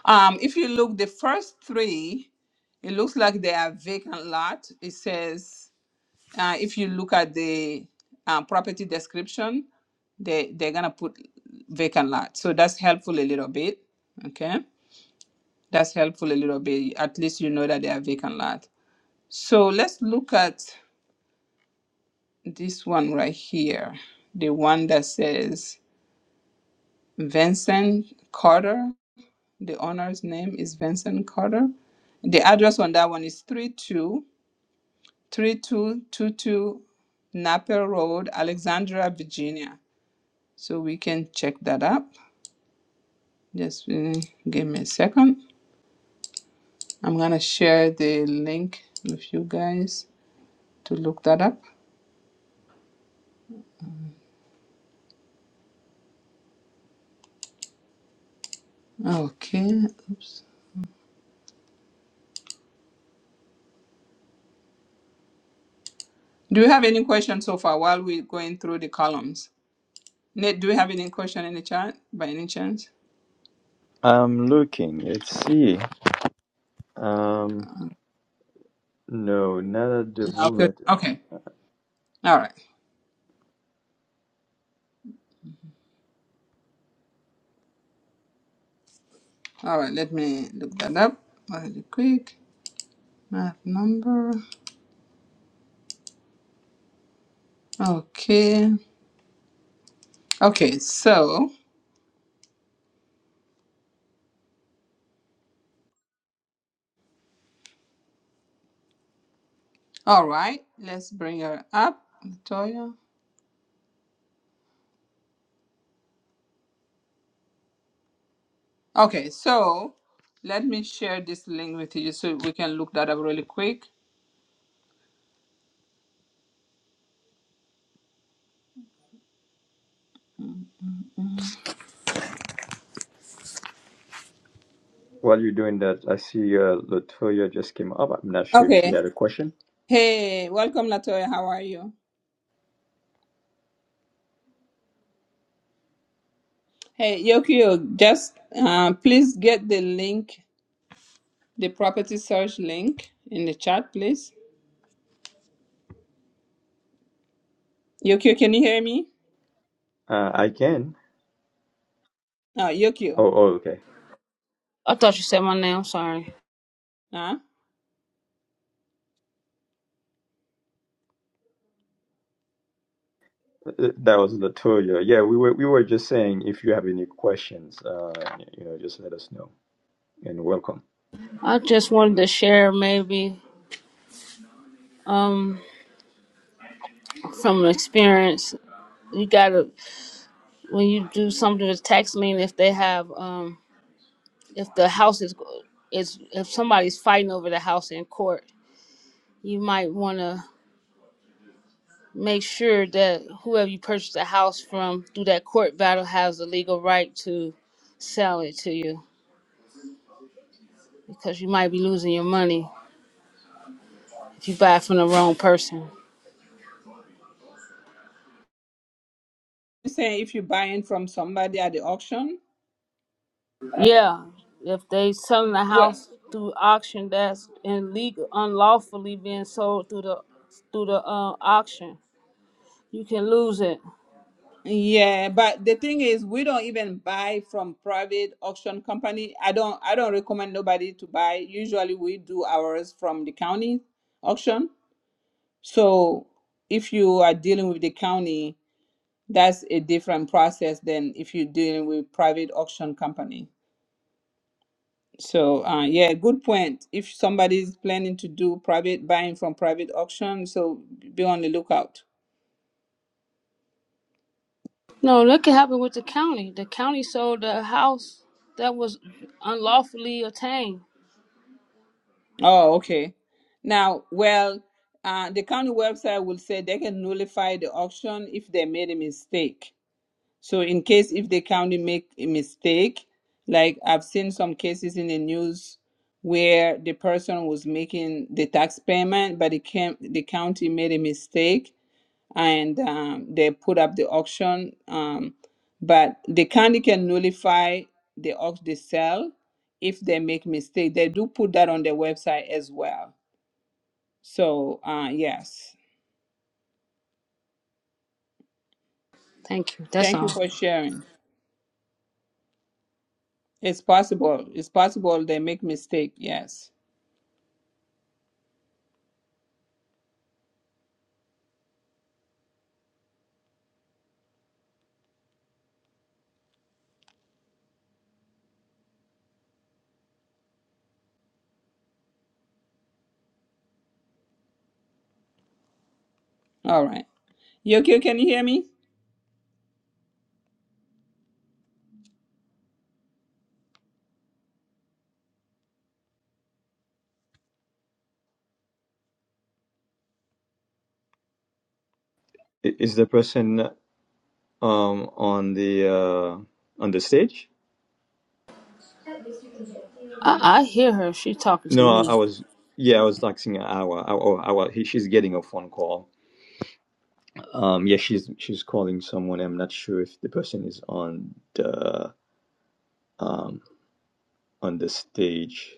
Speaker 1: um, if you look the first three it looks like they are vacant lot it says Uh, if you look at the uh, property description, they they're gonna put vacant lot. So that's helpful a little bit. Okay, that's helpful a little bit. At least you know that they are vacant lot. So let's look at this one right here, the one that says Vincent Carter. The owner's name is Vincent Carter. The address on that one is three two three two two two 3222 Napier Road, Alexandria, Virginia. so we can check that up just uh, give me a second i'm gonna share the link with you guys to look that up okay oops do you have any questions so far while we're going through the columns nate do you have any question in the chat by any chance
Speaker 13: I'm looking. Let's see. Um, no, not at the
Speaker 1: no good
Speaker 13: moment.
Speaker 1: okay all right all right let me look that up really quick math number okay okay so all right let's bring her up latoya Okay, so let me share this link with you so we can look that up really quick.
Speaker 13: While you're doing that, I see uh, Latoya just came up. I'm not sure if she
Speaker 1: Okay.
Speaker 13: had a question.
Speaker 1: Hey, welcome, Latoya. How are you? Hey, Yokio, just uh, please get the link, the property search link in the chat, please. Yokio, can you hear me?
Speaker 13: Uh, I can.
Speaker 1: Uh, Yokio,
Speaker 13: Oh, oh, okay.
Speaker 17: I thought you said my name. Sorry.
Speaker 1: huh?
Speaker 13: Uh, uh, That was Latoya. Yeah, we were we were just saying if you have any questions, uh, you know, just let us know and welcome.
Speaker 17: I just wanted to share maybe um from an experience. You gotta when you do something with tax lien, if they have um if the house is is if somebody's fighting over the house in court, you might want to make sure that whoever you purchased the house from through that court battle has the legal right to sell it to you because you might be losing your money if you buy it from the wrong person.
Speaker 1: You say if you're buying from somebody at the auction,
Speaker 17: Yeah, if they selling the
Speaker 1: what?
Speaker 17: house through auction, that's illegal, unlawfully being sold through the through the uh, auction. You can lose it.
Speaker 1: Yeah, but the thing is, we don't even buy from private auction company. I don't. I don't recommend nobody to buy. Usually, we do ours from the county auction. So, if you are dealing with the county, that's a different process than if you're dealing with private auction company. So, uh, yeah, good point. If somebody is planning to do private buying from private auction, so be on the lookout.
Speaker 17: No, look what happened with the county. The county sold the house that was unlawfully obtained.
Speaker 1: Oh, okay. Now, well, uh, the county website will say they can nullify the auction if they made a mistake. So, in case if the county make a mistake, like I've seen some cases in the news where the person was making the tax payment, but it came, the county made a mistake and um, they put up the auction. Um, but the county can nullify the auction they sell if they make mistake. They do put that on their website as well. So uh, yes,
Speaker 17: Thank you. That's
Speaker 1: thank you
Speaker 17: all.
Speaker 1: for sharing. It's possible. It's possible they make mistake. Yes. All right. You okay? can you hear me?
Speaker 13: I- Is the person? um on the uh on the stage
Speaker 17: I, I hear her. She talking to
Speaker 13: no i, I
Speaker 17: me.
Speaker 13: was yeah i was like seeing an hour oh Awa, he, she's getting a phone call um yeah she's she's calling someone i'm not sure if the person is on the um on the stage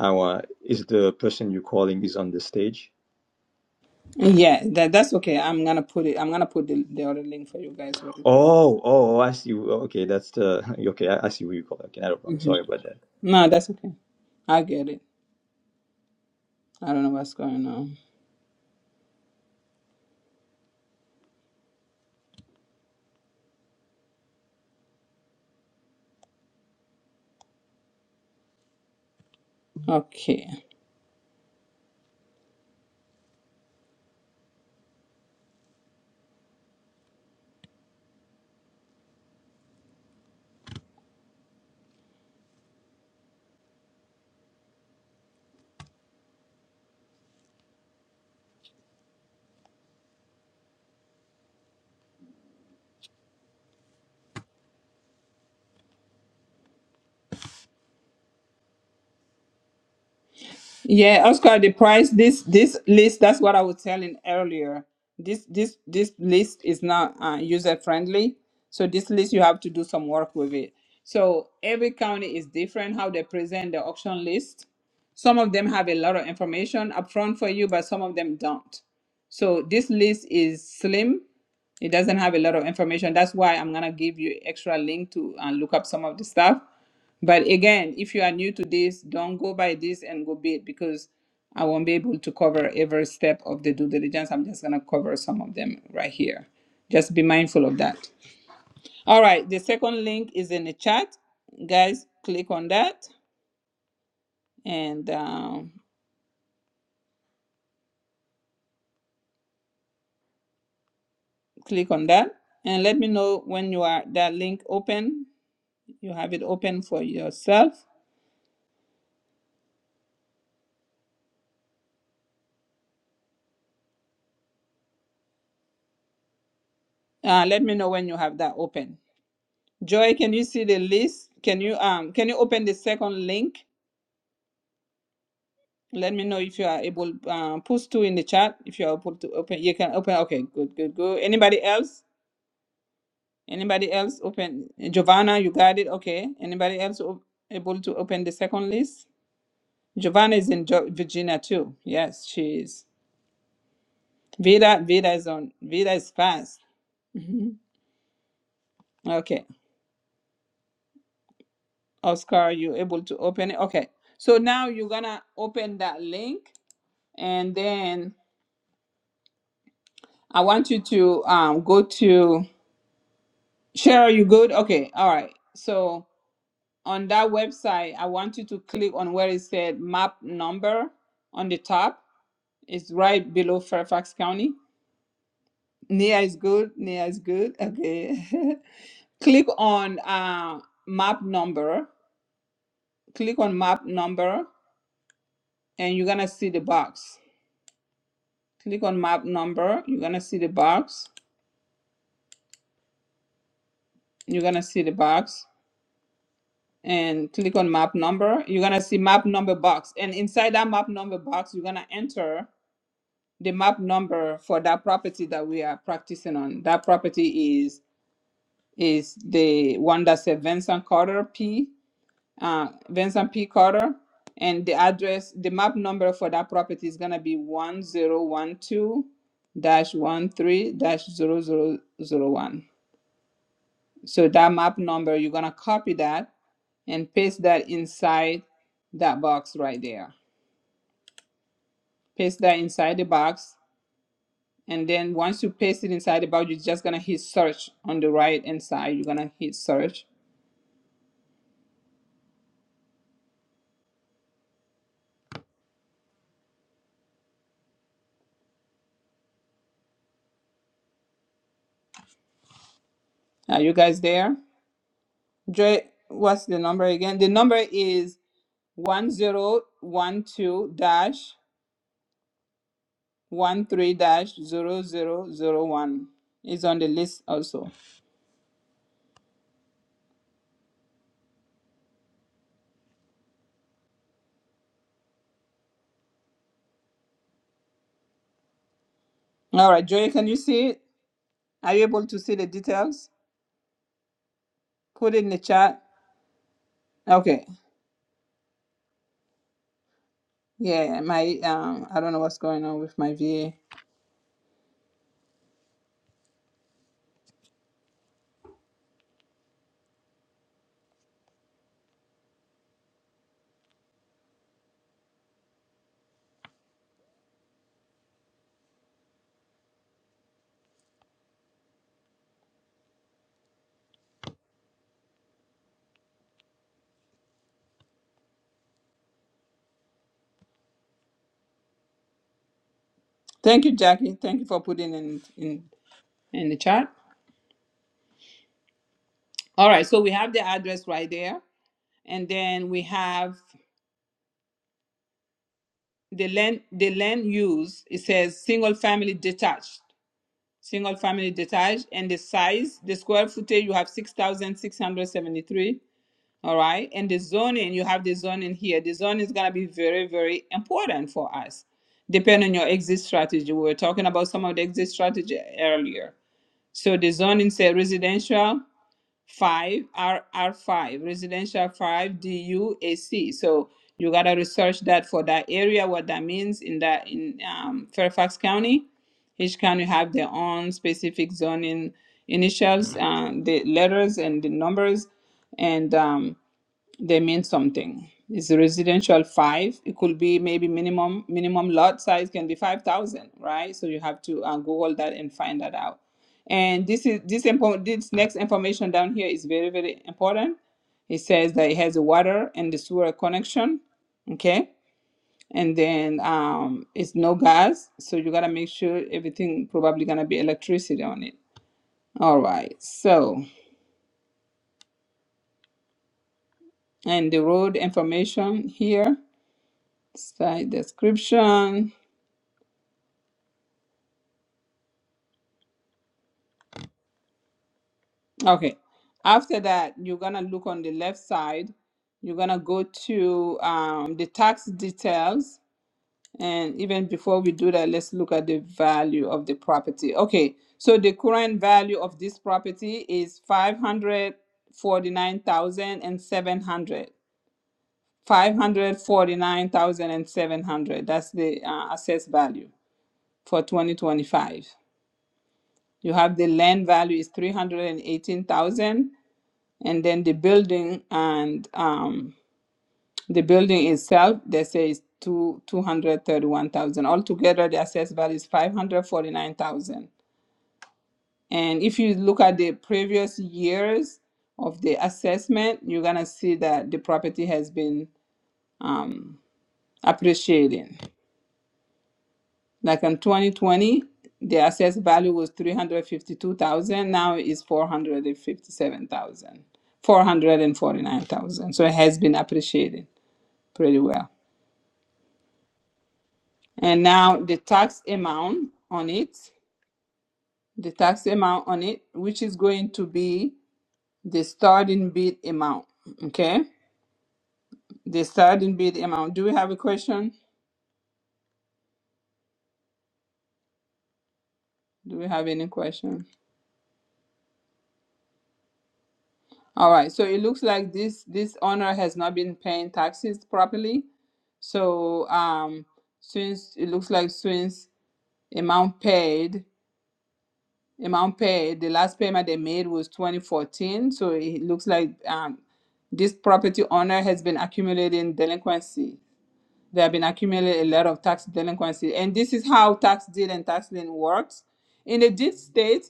Speaker 13: Awa, is the person you're calling is on the stage
Speaker 1: Yeah, that, that's okay. I'm gonna put it. I'm gonna put the, the other link for you guys really quick.
Speaker 13: oh oh i see okay that's the okay i, I see who you call it. okay not a problem
Speaker 1: hmm
Speaker 13: sorry about that
Speaker 1: No, that's okay. I get it. I don't know what's going on. Okay. Yeah, Oscar, the price this this list that's what I was telling earlier. This this this list is not uh, user friendly. So this list you have to do some work with it. So every county is different how they present the auction list. Some of them have a lot of information upfront for you, but some of them don't. So this list is slim it doesn't have a lot of information. That's why I'm gonna give you extra link to and look up some of the stuff. But again, if you are new to this, don't go by this and go big because I won't be able to cover every step of the due diligence. I'm just gonna cover some of them right here. Just be mindful of that. All right, the second link is in the chat. Guys, click on that and um, click on that. And let me know when you are that link open. You have it open for yourself Uh, let me know when you have that open. Joy, can you see the list? Can you um can you open the second link? Let me know if you are able. Um, post two in the chat if you are able to open. You can open. Okay, good, good, good. Anybody else? Anybody else open? Giovanna, you got it. Okay. Anybody else o- able to open the second list? Giovanna is in jo- Virginia too. Yes, she is. Vida, Vida is on. Vida is fast. Mhm. Okay. Oscar, you able to open it? Okay. So now you're gonna open that link and then I want you to um go to Cheryl, you good? Okay, all right. So on that website, I want you to click on where it said map number on the top. It's right below Fairfax County. Nia is good. Nia is good. Okay. click on uh map number. Click on map number and you're gonna see the box click on map number you're gonna see the box you're gonna see the box and click on map number you're gonna see map number box and inside that map number box you're gonna enter the map number for that property that we are practicing on that property is is the one that said vincent carter p uh, vincent p carter and the address the map number for that property is gonna be 1012 dash one three dash zero zero zero one. So that map number, you're gonna copy that and paste that inside that box right there. Paste that inside the box. And then once you paste it inside the box, you're just gonna hit search on the right hand side. You're gonna hit search. Are you guys there? Joy, what's the number again? The number is one zero one two dash one three dash zero zero zero one. It's on the list also. All right, Joy, can you see it? Are you able to see the details? Put it in the chat. Okay. Yeah, my um I don't know what's going on with my VA. Thank you, Jackie. Thank you for putting in in in the chat. All right, so we have the address right there. And then we have the land the land use. It says single family detached. Single family detached and the size, the square footage you have 6673 All right. And the zoning, you have the zoning here. The zoning is going to be very, very important for us, depending on your exit strategy. We were talking about some of the exit strategy earlier. So the zoning say residential five R R five, residential five D U A C. So you got to research that for that area, what that means in that in um, Fairfax County. Each county have their own specific zoning initials, uh, the letters and the numbers, and um, they mean something. It's residential five. It could be maybe minimum minimum lot size can be five thousand, right? So you have to uh, Google that and find that out. And this is this info, this next information down here is very very important. It says that it has a water and the sewer connection, okay, and then um, it's no gas, so you gotta make sure everything probably gonna be electricity on it. All right, so and the road information here Site description. Okay. After that, you're gonna look on the left side. You're gonna go to um, the tax details. And even before we do that, let's look at the value of the property. Okay, so the current value of this property is five hundred forty-nine thousand and seven hundred. Five hundred forty-nine thousand and seven hundred. That's the uh, assessed value for twenty twenty-five. You have the land value is 318,000 and then the building and um, the building itself they say is two, 231,000. Altogether the assessed value is 549,000. And if you look at the previous years of the assessment, you're going to see that the property has been appreciating. Like in 2020, the assessed value was 352,000. Now it's 457,000, 449,000. So it has been appreciated pretty well. And now the tax amount on it, the tax amount on it, which is going to be the starting bid amount. Okay. The starting bid amount. Do we have a question? Do we have any question? All right. So it looks like this this owner has not been paying taxes properly So um, since it looks like since amount paid, amount paid, the last payment they made was 2014. So it looks like um, this property owner has been accumulating delinquency. They have been accumulating a lot of tax delinquency, and this is how tax deed and tax lien works. In the deed state,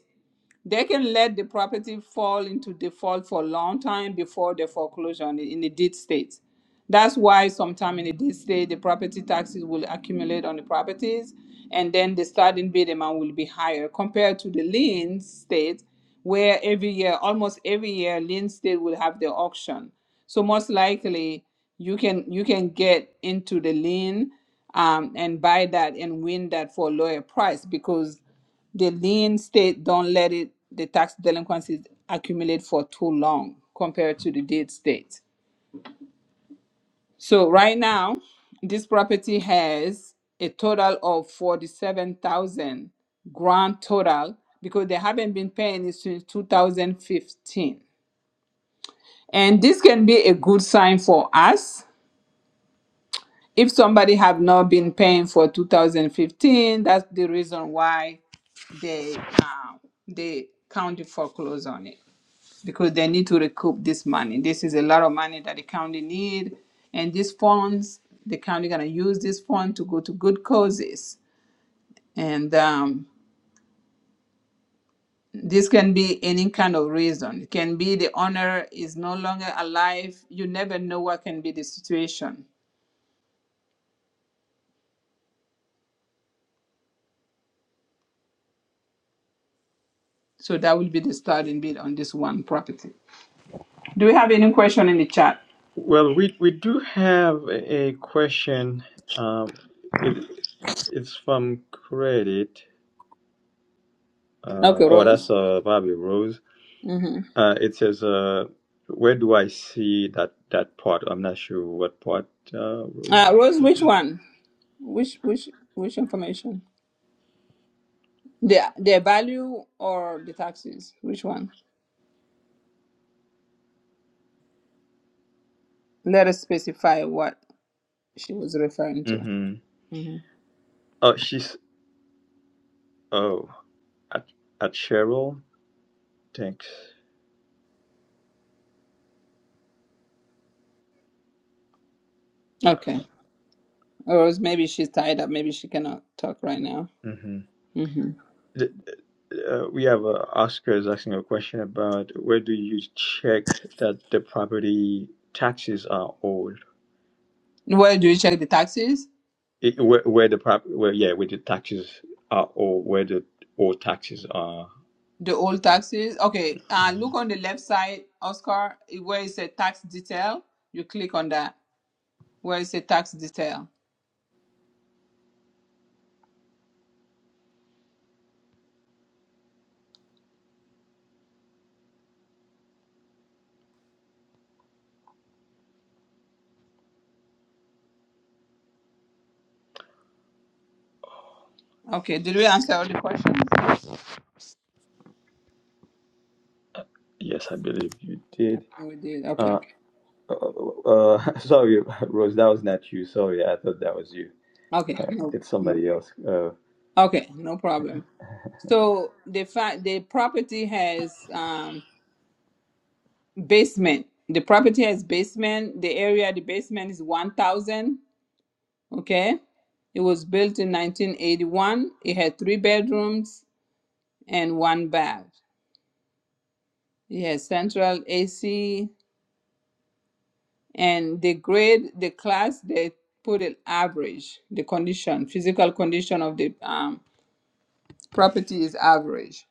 Speaker 1: they can let the property fall into default for a long time before the foreclosure in in the deed state. That's why sometime in the deed state, the property taxes will accumulate on the properties, and then the starting bid amount will be higher compared to the lien state, where every year, almost every year, lien state will have the auction. So most likely, you can you can get into the lien um, and buy that and win that for a lower price because the lien state don't let it the tax delinquencies accumulate for too long compared to the deed state. So right now, this property has a total of forty-seven thousand grand total because they haven't been paying it since two thousand fifteen. And this can be a good sign for us. If somebody have not been paying for two thousand fifteen, that's the reason why they, um, they county foreclose on it. because they need to recoup this money. This is a lot of money that the county need, and these funds, the county gonna use this fund to go to good causes. And um, this can be any kind of reason. It can be the owner is no longer alive. You never know what can be the situation. So that will be the starting bid on this one property. Do we have any question in the chat?
Speaker 13: Well, we we do have a a question. Um, it it's from credit. Uh,
Speaker 1: Okay,
Speaker 13: oh, that's
Speaker 1: Rose.
Speaker 13: uh, Bobby Rose.
Speaker 1: Mm-hmm.
Speaker 13: Uh, it says, uh, "Where do I see that that part?" I'm not sure what part. Uh, Rose.
Speaker 1: Uh, Rose, which one? Which which which information? The the value or the taxes? Which one? Let us specify what she was referring to.
Speaker 13: Mm-hmm.
Speaker 1: hmm
Speaker 13: Oh, she's oh at at Cheryl. Thanks.
Speaker 1: Okay. Or else maybe she's tied up. Maybe she cannot talk right now.
Speaker 13: Mm-hmm.
Speaker 1: hmm
Speaker 13: th- uh, we have uh, Oscar is asking a question about where do you check that the property taxes are owed?
Speaker 1: Where do you check the taxes?
Speaker 13: It, where, where the prop, where yeah, where the taxes are owed, where the old taxes are.
Speaker 1: The old taxes. Okay. Uh, look
Speaker 13: Mhm.
Speaker 1: on the left side, Oscar, where it says tax detail. You click on that. Where it says tax detail. Okay. Did we answer all the questions? I
Speaker 13: Yes, I believe you did.
Speaker 1: think we did. Okay.
Speaker 13: Uh, uh, uh, sorry, Rose, that was not you. Sorry, I thought that was you.
Speaker 1: Okay. No.
Speaker 13: It's
Speaker 1: No.
Speaker 13: somebody else. Uh,
Speaker 1: Okay. No problem. So the fact the property has um basement. The property has basement. The area the basement is one thousand. Okay. It was built in 1981. It had three bedrooms and one bath. It has central AC and the grade, the class they put it average. The condition, physical condition of the um, property is average.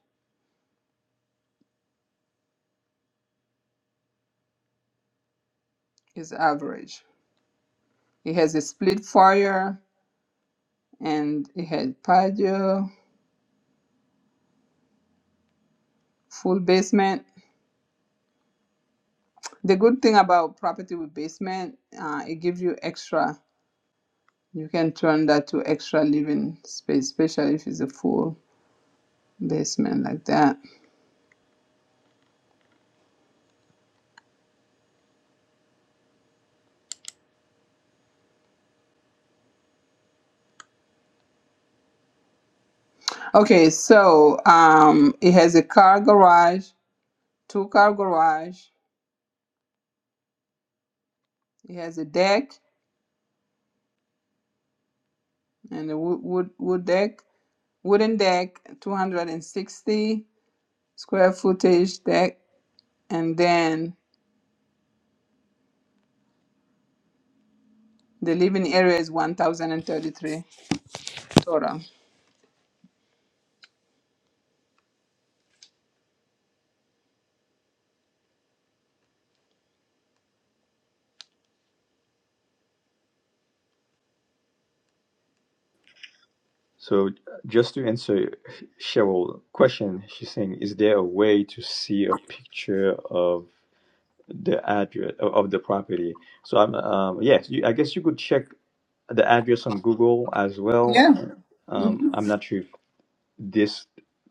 Speaker 1: Is average. It has a split foyer and it had patio, full basement. The good thing about property with basement, uh, it gives you extra. You can turn that to extra living space, especially if it's a full basement like that. Okay, so um, it has a car garage, two car garage. It has a deck and a wood wood, wood deck, wooden deck, 260 square footage deck, and then the living area is 1,033 total.
Speaker 13: so just to answer Cheryl's question, she's saying, is there a way to see a picture of? the address of of the property. So I'm um, yes, you, I guess you could check the address on Google as well.
Speaker 1: Yeah.
Speaker 13: Um, I'm not sure if this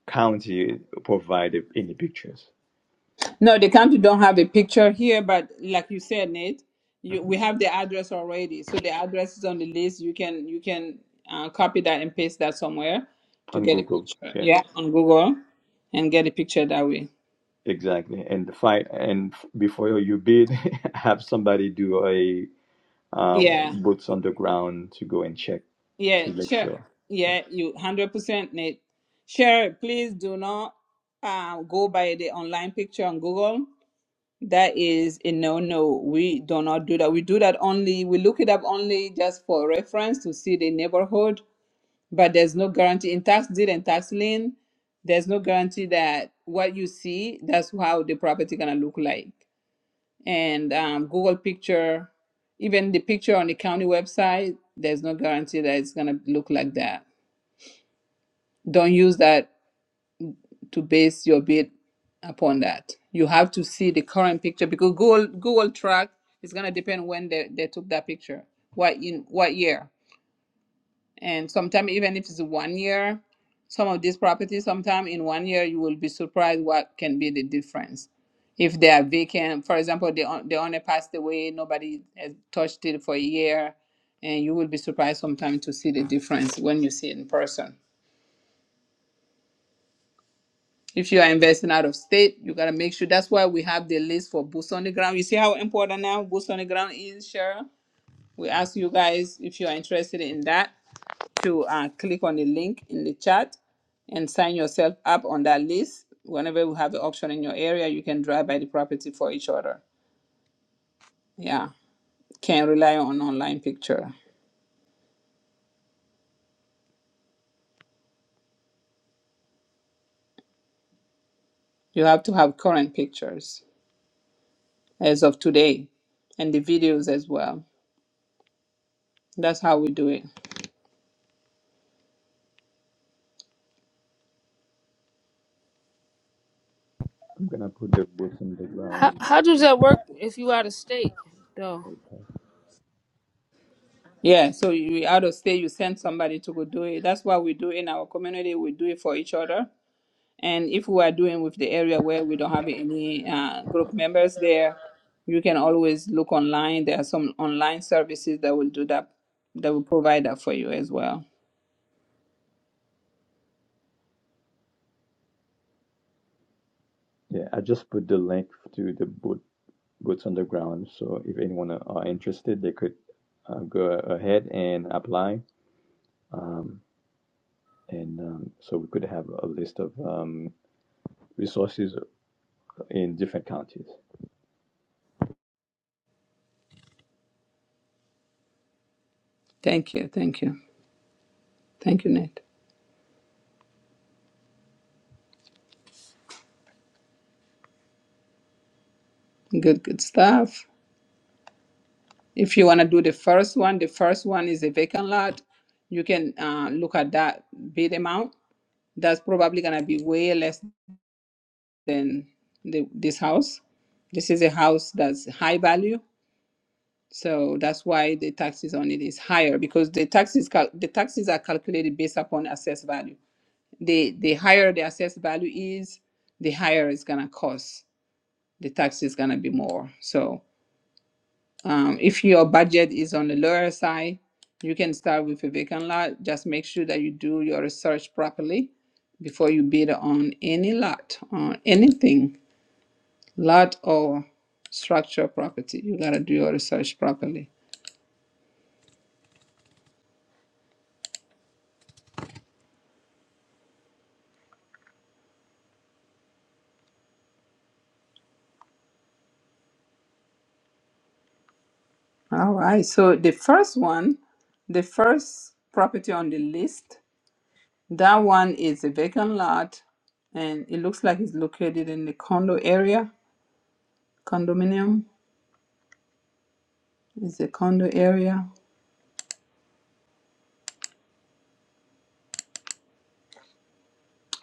Speaker 13: county provided any pictures
Speaker 1: No, the county don't have a picture here, but like you said, Nate, you,
Speaker 13: hmm
Speaker 1: we have the address already. So the address is on the list. You can you can uh, copy that and paste that somewhere to
Speaker 13: on
Speaker 1: get a
Speaker 13: Google.
Speaker 1: picture.
Speaker 13: Yeah,
Speaker 1: Yeah, on Google and get a picture that way.
Speaker 13: exactly. And the fight and f- before you bid, have somebody do a um,
Speaker 1: Yeah,
Speaker 13: boots on the ground to go and check
Speaker 1: yeah,
Speaker 13: to make
Speaker 1: sure.
Speaker 13: sure. Yeah,
Speaker 1: Yeah, you hundred percent, Nate. Sure, please do not uh, go by the online picture on Google. That is a no no. We do not do that. We do that only, we look it up only just for reference to see the neighborhood, but there's no guarantee in tax deed and tax lien. There's no guarantee that what you see, that's how the property gonna look like. And um, Google picture, even the picture on the county website, there's no guarantee that it's gonna look like that. Don't use that to base your bid upon that. You have to see the current picture because Google Google track is gonna depend when they, they took that picture, what in what year, and sometimes even if it's one year, some of these properties, sometimes in one year you will be surprised what can be the difference. If they are vacant, for example, the the owner passed away, nobody has touched it for a year, and you will be surprised sometimes to see the difference when you see it in person. If you are investing out of state, you gotta make sure. That's why we have the list for boots on the ground. You see how important now boots on the ground is, Cheryl. We ask you guys if you are interested in that to uh, click on the link in the chat and sign yourself up on that list. Whenever we have the auction in your area, you can drive by the property for each other. Yeah, can't rely on online picture. You have to have current pictures as of today and the videos as well. That's how we do it.
Speaker 13: I'm gonna put the boots on the
Speaker 17: How
Speaker 13: ground.
Speaker 17: how does that work if you out of state though?
Speaker 1: Yeah, so you out of state, you send somebody to go do it. That's what we do in our community. We do it for each other. And if we are doing with the area where we don't have any uh, group members there, you can always look online. There are some online services that will do that, that will provide that for you as well.
Speaker 13: Yeah, I just put the link to the boot Goats Underground. So if anyone are interested, they could uh, go ahead and apply. Um, and um, so we could have a list of um, resources in different counties.
Speaker 1: Thank you, thank you, thank you, Nate. Good, good stuff. If you want to do the first one, the first one is a vacant lot. You can uh, look at that bid amount. That's probably gonna be way less than the, this house. This is a house that's high value, so that's why the taxes on it is higher because the taxes cal- the taxes are calculated based upon assessed value. The the higher the assessed value is, the higher it's gonna cost. The tax is gonna be more. So um, if your budget is on the lower side, you can start with a vacant lot. Just make sure that you do your research properly before you bid on any lot on anything lot or structure property. You gotta do your research properly. All right. So the first one, the first property on the list, that one is a vacant lot, and it looks like it's located in the condo area. Condominium is a condo area,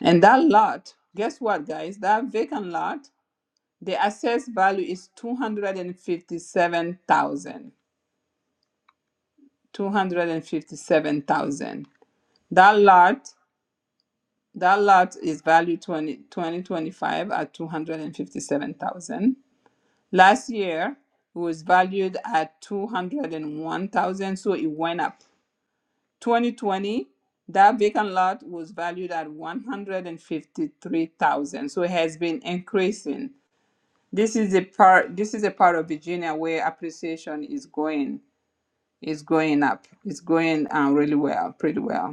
Speaker 1: and that lot. Guess what, guys? That vacant lot, the assessed value is two hundred and fifty-seven thousand. 257,000. That lot That lot is valued 20, 2025 at 257,000. Last year, it was valued at 201,000, so it went up. 2020, that vacant lot was valued at 153,000, so it has been increasing. This is a part this is a part of Virginia where appreciation is going is going up. It's going um, really well, pretty well.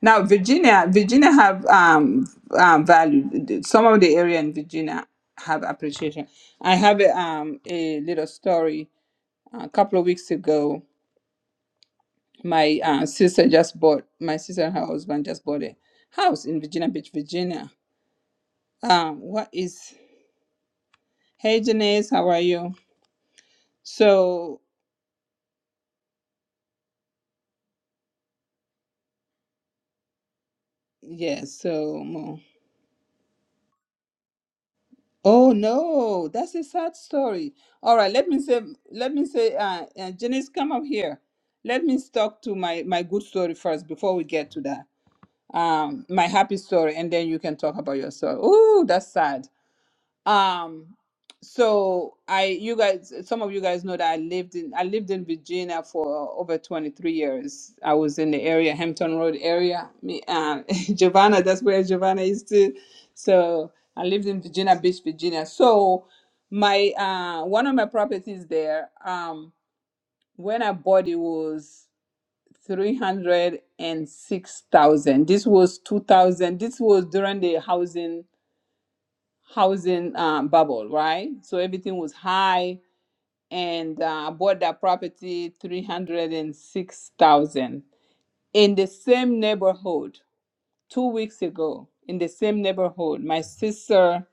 Speaker 1: Now, Virginia, Virginia have um, um, value. Some of the area in Virginia have appreciation. I have a, um, a little story. A couple of weeks ago, my uh, sister just bought. My sister and her husband just bought a house in Virginia Beach, Virginia. Um, what is? Hey, Janice, how are you? So yes, so Oh no, that's a sad story. All right, let me say, let me say, uh, uh Janice, come up here. Let me talk to my my good story first before we get to that. Um, my happy story, and then you can talk about your story. Oh, that's sad. Um, so I, you guys, uh, some of you guys know that I lived in, I lived in Virginia for over 23 years. I was in the area, Hampton Road area. Me, uh, Giovanna, that's where Giovanna is too. So I lived in Virginia Beach, Virginia. So my, uh, one of my properties there, um, when I bought it was 306,000. This was 2000. This was during the housing housing um, bubble, right? So everything was high, and uh, I bought that property three hundred and six thousand in the same neighborhood two weeks ago. In the same neighborhood, my sister,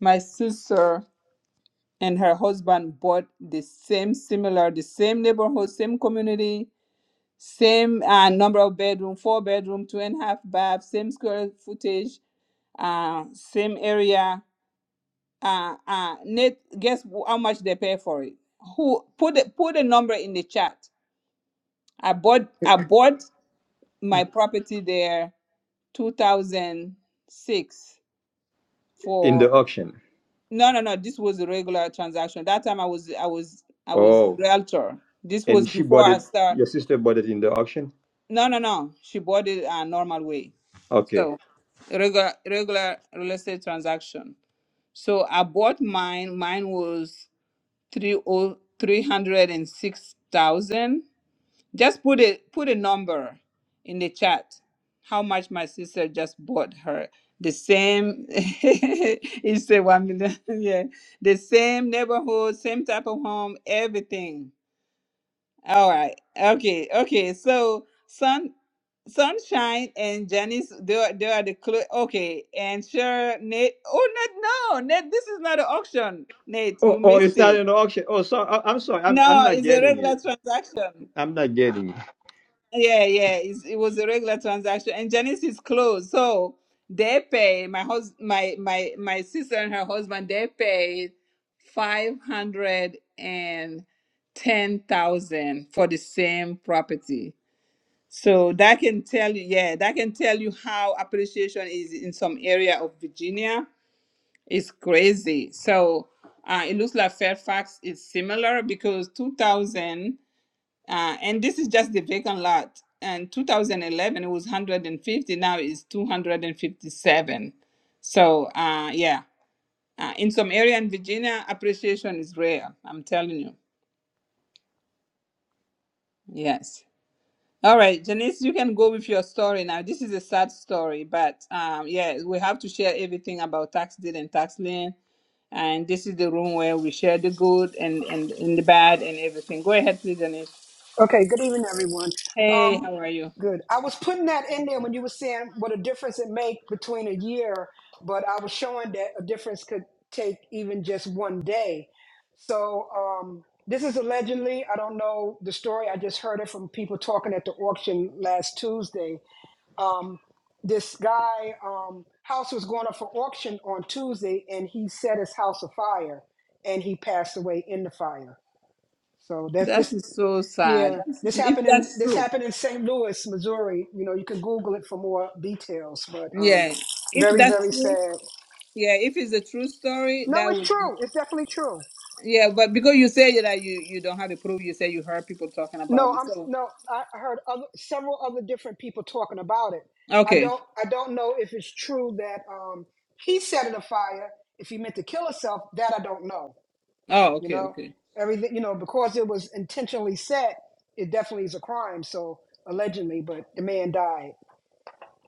Speaker 1: my sister and her husband bought the same similar, the same neighborhood, same community, same uh, number of bedroom, four bedroom, two and a half bath, same square footage, uh, same area uh uh Nate, guess how much they pay for it? Who put the put a number in the chat? I bought I bought my property there 2006
Speaker 13: In
Speaker 1: for
Speaker 13: the auction.
Speaker 1: no no no this was a regular transaction that time i was i was i was
Speaker 13: Oh,
Speaker 1: realtor this was
Speaker 13: and she
Speaker 1: before
Speaker 13: bought
Speaker 1: i
Speaker 13: it.
Speaker 1: start
Speaker 13: Your sister bought it in the auction.
Speaker 1: no no no she bought it a normal way
Speaker 13: Okay.
Speaker 1: so regular regular real estate transaction so i bought mine mine was three oh three hundred and six thousand. Just put a put a number in the chat. How much my sister just bought her the same? it's a one million. Yeah, the same neighborhood, same type of home, everything. All right. Okay. Okay. So sun, sunshine and Janice, they are, they are the clue. Okay. And sure, Nate. Oh, Nate. No, Nate. This is not an auction. Nate, you
Speaker 13: Oh, oh,
Speaker 1: missed
Speaker 13: it's not
Speaker 1: it.
Speaker 13: in the auction. Oh, sorry. I, I'm sorry. I'm I'm
Speaker 1: No,
Speaker 13: not
Speaker 1: it's a
Speaker 13: getting
Speaker 1: regular
Speaker 13: it.
Speaker 1: transaction.
Speaker 13: I'm not getting.
Speaker 1: Yeah, yeah, it's, it was a regular transaction, and Janice is closed, so they pay my hus my my my sister and her husband. They paid five hundred and ten thousand for the same property. So that can tell you, yeah, that can tell you how appreciation is in some area of Virginia. It's crazy. So uh, it looks like Fairfax is similar because two thousand. Uh, and this is just the vacant lot. And 2011, it was 150. Now it's 257. So uh, yeah, uh, in some area in Virginia, appreciation is rare. I'm telling you. Yes. All right, Janice, you can go with your story now. This is a sad story, but um, yeah, we have to share everything about tax deed and tax lien. And this is the room where we share the good and, and, and the bad and everything. Go ahead, please, Janice.
Speaker 18: Okay, good evening, everyone.
Speaker 1: Hey,
Speaker 18: Um,
Speaker 1: how are you?
Speaker 18: good. I was putting that in there when you were saying what a difference it make between a year, but I was showing that a difference could take even just one day. So um, this is allegedly, I don't know the story. I just heard it from people talking at the auction last Tuesday. Um, this guy um, house was going up for auction on Tuesday, and he set his house afire, and he passed away in the fire. So that
Speaker 1: That
Speaker 18: this.
Speaker 1: is so sad.
Speaker 18: Yeah,
Speaker 1: That's,
Speaker 18: this
Speaker 1: if
Speaker 18: happened in
Speaker 1: that's
Speaker 18: this
Speaker 1: true,
Speaker 18: happened in St. Louis, Missouri. You know, you can Google it for more details, but um,
Speaker 1: yeah. If
Speaker 18: very
Speaker 1: that's
Speaker 18: very
Speaker 1: true,
Speaker 18: sad.
Speaker 1: yeah. If it's a true story,
Speaker 18: No,
Speaker 1: that
Speaker 18: it's
Speaker 1: would be
Speaker 18: true. It's definitely true.
Speaker 1: yeah. But because you say that you you don't have the proof, you say you heard people talking about
Speaker 18: No,
Speaker 1: it.
Speaker 18: I'm
Speaker 1: So
Speaker 18: no. I I heard other, several other different people talking about it. I
Speaker 1: okay,
Speaker 18: don't I don't know if it's true that um, he set it afire. If he meant to kill himself, that I don't know.
Speaker 1: oh
Speaker 18: You
Speaker 1: okay,
Speaker 18: know,
Speaker 1: okay.
Speaker 18: everything. You know, because it was intentionally set, it definitely is a crime. So allegedly, but the man died.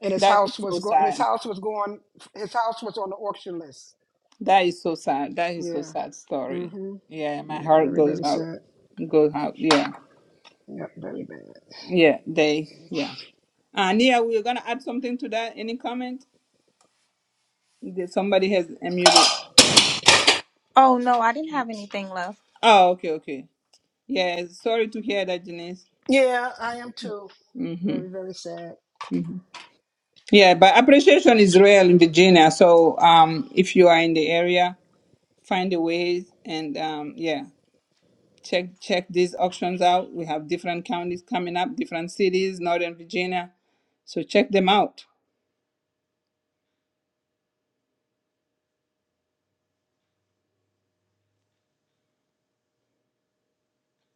Speaker 18: and his
Speaker 1: That is
Speaker 18: house
Speaker 1: so
Speaker 18: was going. And his
Speaker 1: sad.
Speaker 18: house was going. His house was on the auction list.
Speaker 1: That is so sad. That is so
Speaker 18: Yeah.
Speaker 1: sad story.
Speaker 18: Mm-hmm.
Speaker 1: Yeah, my
Speaker 18: Yeah,
Speaker 1: heart
Speaker 18: very
Speaker 1: goes
Speaker 18: very
Speaker 1: out.
Speaker 18: sad.
Speaker 1: Goes out. Yeah,
Speaker 18: Yeah, very bad.
Speaker 1: yeah. They yeah. Uh, Nia, we're gonna add something to that. Any comment? Did Somebody has unmuted.
Speaker 7: Oh, no, I didn't have anything left.
Speaker 1: Oh, okay, okay. Yeah, sorry to hear that, Janice.
Speaker 18: Yeah, I am too.
Speaker 1: hmm
Speaker 18: Very very sad.
Speaker 1: hmm Yeah, but appreciation is real in Virginia. So um, if you are in the area, find a way and um, yeah, check check these auctions out. We have different counties coming up, different cities, Northern Virginia. So check them out.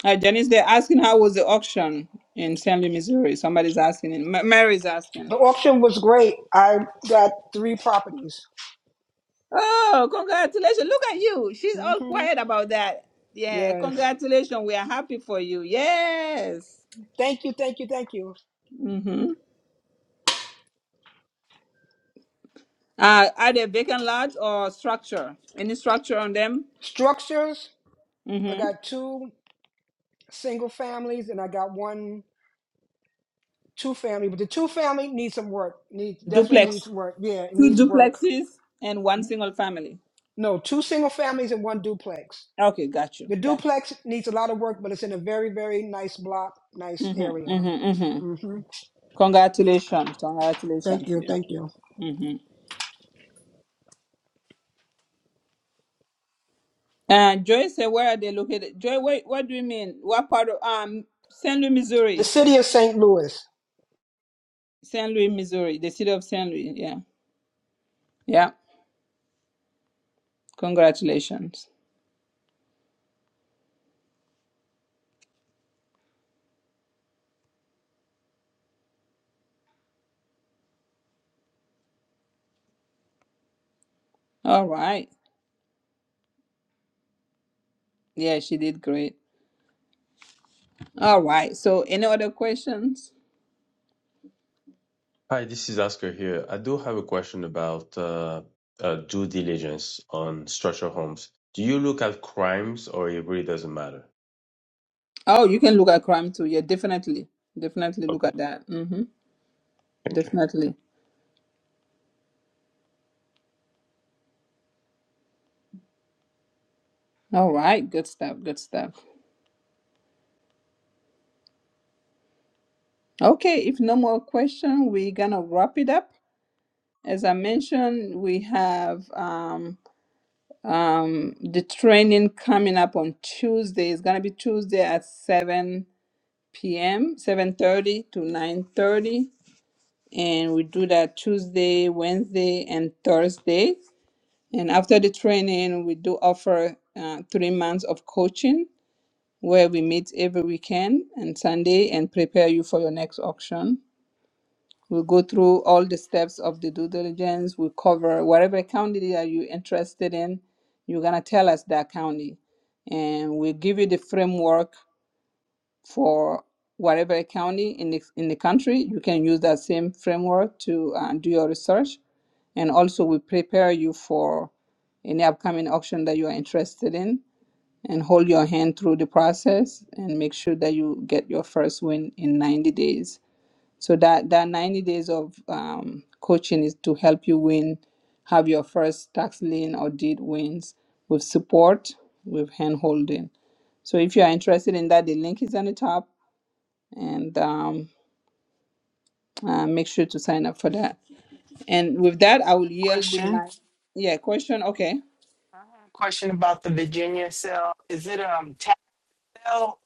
Speaker 1: Uh, Janice, they're asking how was the auction in St. Louis, Missouri. Somebody's asking. M- Mary's asking.
Speaker 18: The auction was great. I got three properties.
Speaker 1: Oh, congratulations! Look at you. She's all
Speaker 18: Mm-hmm.
Speaker 1: quiet about that. Yeah,
Speaker 18: Yes.
Speaker 1: congratulations. We are happy for you. Yes.
Speaker 18: Thank you. Thank you. Thank you.
Speaker 1: Mm-hmm. Uh, are they vacant lot or structure? Any structure on them?
Speaker 18: Structures. I
Speaker 1: Mm-hmm.
Speaker 18: got two single families, and I got one two family. But the two family needs some work. Needs definitely needs
Speaker 1: Duplex.
Speaker 18: work. Yeah, it
Speaker 1: Two
Speaker 18: needs work.
Speaker 1: duplexes and one single family.
Speaker 18: No, two single families and one duplex.
Speaker 1: Okay, got you.
Speaker 18: The
Speaker 1: Got
Speaker 18: duplex needs a lot of work, but it's in a very, very nice block,
Speaker 1: you.
Speaker 18: nice
Speaker 1: Mm-hmm,
Speaker 18: area.
Speaker 1: mm-hmm, mm-hmm.
Speaker 18: hmm
Speaker 1: Congratulations.
Speaker 18: Thank
Speaker 1: Congratulations.
Speaker 18: you,
Speaker 1: Yeah.
Speaker 18: thank you.
Speaker 1: Mm-hmm. Uh, Joy said, where are they located? Joy, what, what do you mean? What part of um St. Louis,
Speaker 18: The
Speaker 1: Missouri?
Speaker 18: city of St. Louis.
Speaker 1: St. Louis, Missouri, the city of St. Louis. Yeah. Yeah. Congratulations. All right. Yeah, she did great. All right. So any other questions?
Speaker 10: Hi, this is Oscar here. I do have a question about uh, uh, due diligence on structural homes. Do you look at crimes or it really doesn't matter?
Speaker 1: Oh, you can look at crime too. Yeah, definitely. Definitely look
Speaker 10: Okay,
Speaker 1: at that. Mm-hmm.
Speaker 10: thank you.
Speaker 1: Definitely. All right. Good stuff. Good stuff. Okay. If no more question, we're gonna wrap it up. As I mentioned, we have um um the training coming up on Tuesday. It's gonna be Tuesday at seven p.m. seven thirty to nine thirty, and we do that Tuesday, Wednesday, and Thursday. And after the training, we do offer uh, three months of coaching where we meet every weekend and Sunday and prepare you for your next auction. We'll go through all the steps of the due diligence. We cover whatever county that you're interested in. You're going to tell us that county. And we'll give you the framework for whatever county in the, in the country. You can use that same framework to uh, do your research and also, we prepare you for any upcoming auction that you are interested in and hold your hand through the process and make sure that you get your first win in 90 days. So, that, that 90 days of um, coaching is to help you win, have your first tax lien or deed wins with support, with hand holding. So, if you are interested in that, the link is on the top and um, uh, make sure to sign up for that. And with that, I will yield the
Speaker 19: Question.
Speaker 1: mic. Yeah, question. Okay.
Speaker 19: I have a Question about the Virginia sale. Is it um tax sale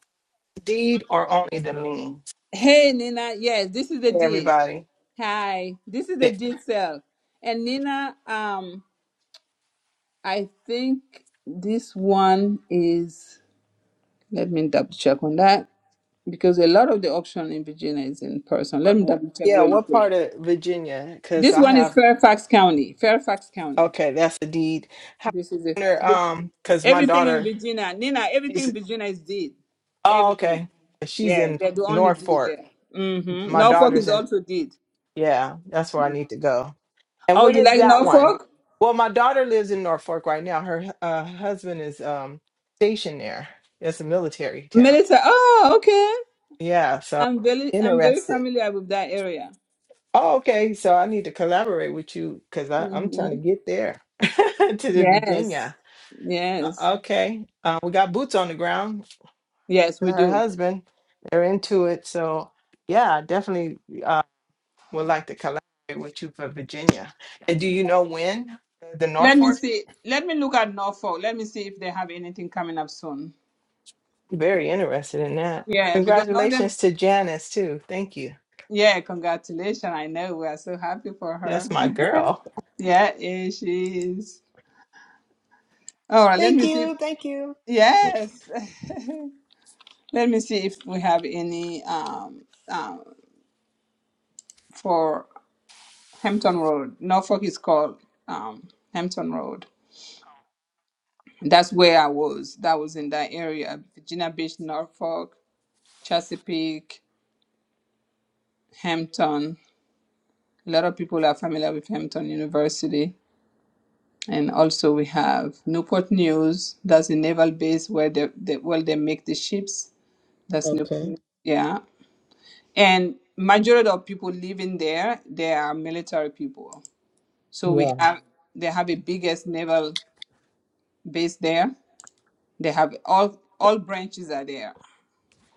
Speaker 19: deed or only the lien?
Speaker 1: Hey Nina, yes, this is the
Speaker 19: Hey
Speaker 1: did.
Speaker 19: everybody.
Speaker 1: Hi, this is the
Speaker 19: Th-
Speaker 1: did cell. And Nina, um, I think this one is. Let me double check on that because a lot of the auction in Virginia is in person. Let
Speaker 19: What,
Speaker 1: me
Speaker 19: what,
Speaker 1: double check
Speaker 19: yeah,
Speaker 1: really
Speaker 19: what
Speaker 1: quick.
Speaker 19: part of Virginia? Cause
Speaker 1: This
Speaker 19: I
Speaker 1: one is
Speaker 19: have
Speaker 1: Fairfax County. Fairfax County.
Speaker 19: okay, that's the deed. How
Speaker 1: This is it.
Speaker 19: wonder, um, cause my
Speaker 1: Everything in
Speaker 19: daughter
Speaker 1: Virginia, Nina. Everything in
Speaker 19: she's
Speaker 1: Virginia is did.
Speaker 19: oh
Speaker 1: Everything.
Speaker 19: okay. She's
Speaker 1: Yeah,
Speaker 19: in
Speaker 1: they're the only did
Speaker 19: Norfolk.
Speaker 1: there. Mm-hmm.
Speaker 19: My
Speaker 1: Norfolk
Speaker 19: daughter's
Speaker 1: is
Speaker 19: in
Speaker 1: also did.
Speaker 19: Yeah, that's where I need to go. And
Speaker 1: Oh,
Speaker 19: when
Speaker 1: you
Speaker 19: is
Speaker 1: like
Speaker 19: that one?
Speaker 1: Norfolk?
Speaker 19: Well, my daughter lives in Norfolk right now. Her uh, husband is um, stationed there. It's a military town.
Speaker 1: Military. Oh, okay.
Speaker 19: Yeah, so
Speaker 1: I'm very, I'm very
Speaker 19: interested.
Speaker 1: familiar with that area.
Speaker 19: Oh, okay. So I need to collaborate with you because I'm trying to
Speaker 1: hmm
Speaker 19: get there to the
Speaker 1: Yes,
Speaker 19: Virginia.
Speaker 1: yes,
Speaker 19: Uh, okay. Uh, we got boots on the ground
Speaker 1: yes.
Speaker 19: and
Speaker 1: We
Speaker 19: her
Speaker 1: do.
Speaker 19: husband. They're into it. So yeah, definitely. would like to collaborate with you for Virginia. And do you know when? The
Speaker 1: Let me
Speaker 19: Norfolk?
Speaker 1: see. Let me look at Norfolk. Let me see if they have anything coming up soon.
Speaker 19: Very interested in that.
Speaker 1: Yeah, because Northern.
Speaker 19: Congratulations to Janice too. Thank you.
Speaker 1: Yeah, congratulations. I know we are so happy for her.
Speaker 19: That's my girl.
Speaker 1: Yeah, yeah she is. All right. Let me
Speaker 18: Thank
Speaker 1: see. if-
Speaker 18: you, thank you.
Speaker 1: yes. Let me see if we have any um um for Hampton Road. Norfolk is called um Hampton Road. That's where I was. That was in that area, Virginia Beach, Norfolk, Chesapeake, Hampton. A lot of people are familiar with Hampton University. And also we have Newport News. That's a naval base where they, they well they make the ships. That's Newport
Speaker 19: Okay.
Speaker 1: News. Yeah. And majority of people living there, they are military people. So we
Speaker 19: Yeah.
Speaker 1: have they have a biggest naval base there. They have all all branches are there.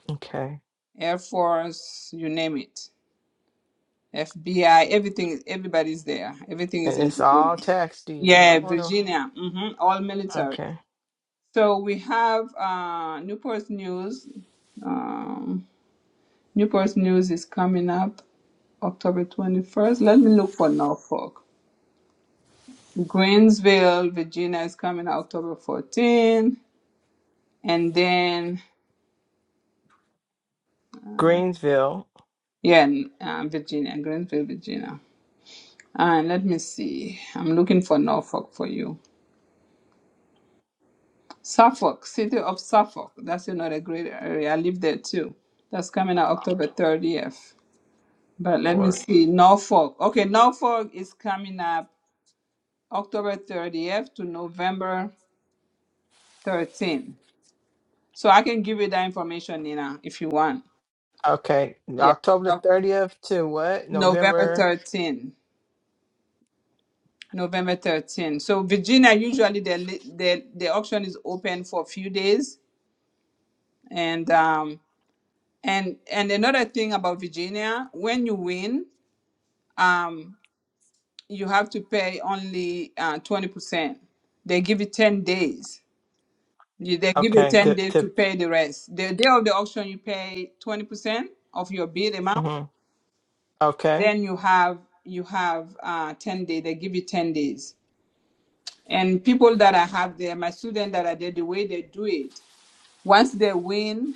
Speaker 19: Okay.
Speaker 1: Air Force, you name it FBI, everything is everybody's there. Everything is
Speaker 19: And
Speaker 1: in
Speaker 19: it's
Speaker 1: Virginia.
Speaker 19: all tax deed. I
Speaker 1: Yeah,
Speaker 19: want to.
Speaker 1: Virginia. hmm all military.
Speaker 19: Okay.
Speaker 1: So we have uh, Newport News. Um, Newport News is coming up October 21st. Let me look for Norfolk. Greensville, Virginia is coming out October 14th. And then,
Speaker 19: Greensville
Speaker 1: yeah, n- uh, Virginia, Greensville, Virginia. And let me see. I'm looking for Norfolk for you. Suffolk, city of Suffolk. That's another great area. I live there too. That's coming out October 30th. But let me
Speaker 19: or
Speaker 1: see. Norfolk. Okay, Norfolk is coming up October 30th to November 13th. So I can give you that information, Nina, if you want.
Speaker 19: okay,
Speaker 1: Yeah.
Speaker 19: October the
Speaker 1: No-
Speaker 19: thirtieth to what?
Speaker 1: November
Speaker 19: November.
Speaker 1: 13th. November 13th. So Virginia, usually the li- the the auction is open for a few days, and um and and another thing about Virginia, when you win, um, you have to pay only uh, 20%. They give you 10 days. You, they give you
Speaker 19: Okay.
Speaker 1: 10
Speaker 19: To
Speaker 1: days
Speaker 19: to.
Speaker 1: to pay the rest. The day of the auction, you pay 20% of your bid amount.
Speaker 19: hmm Okay.
Speaker 1: Then you have you have uh, 10 days. They give you 10 days. And people that I have there, my students that are there, the way they do it, once they win,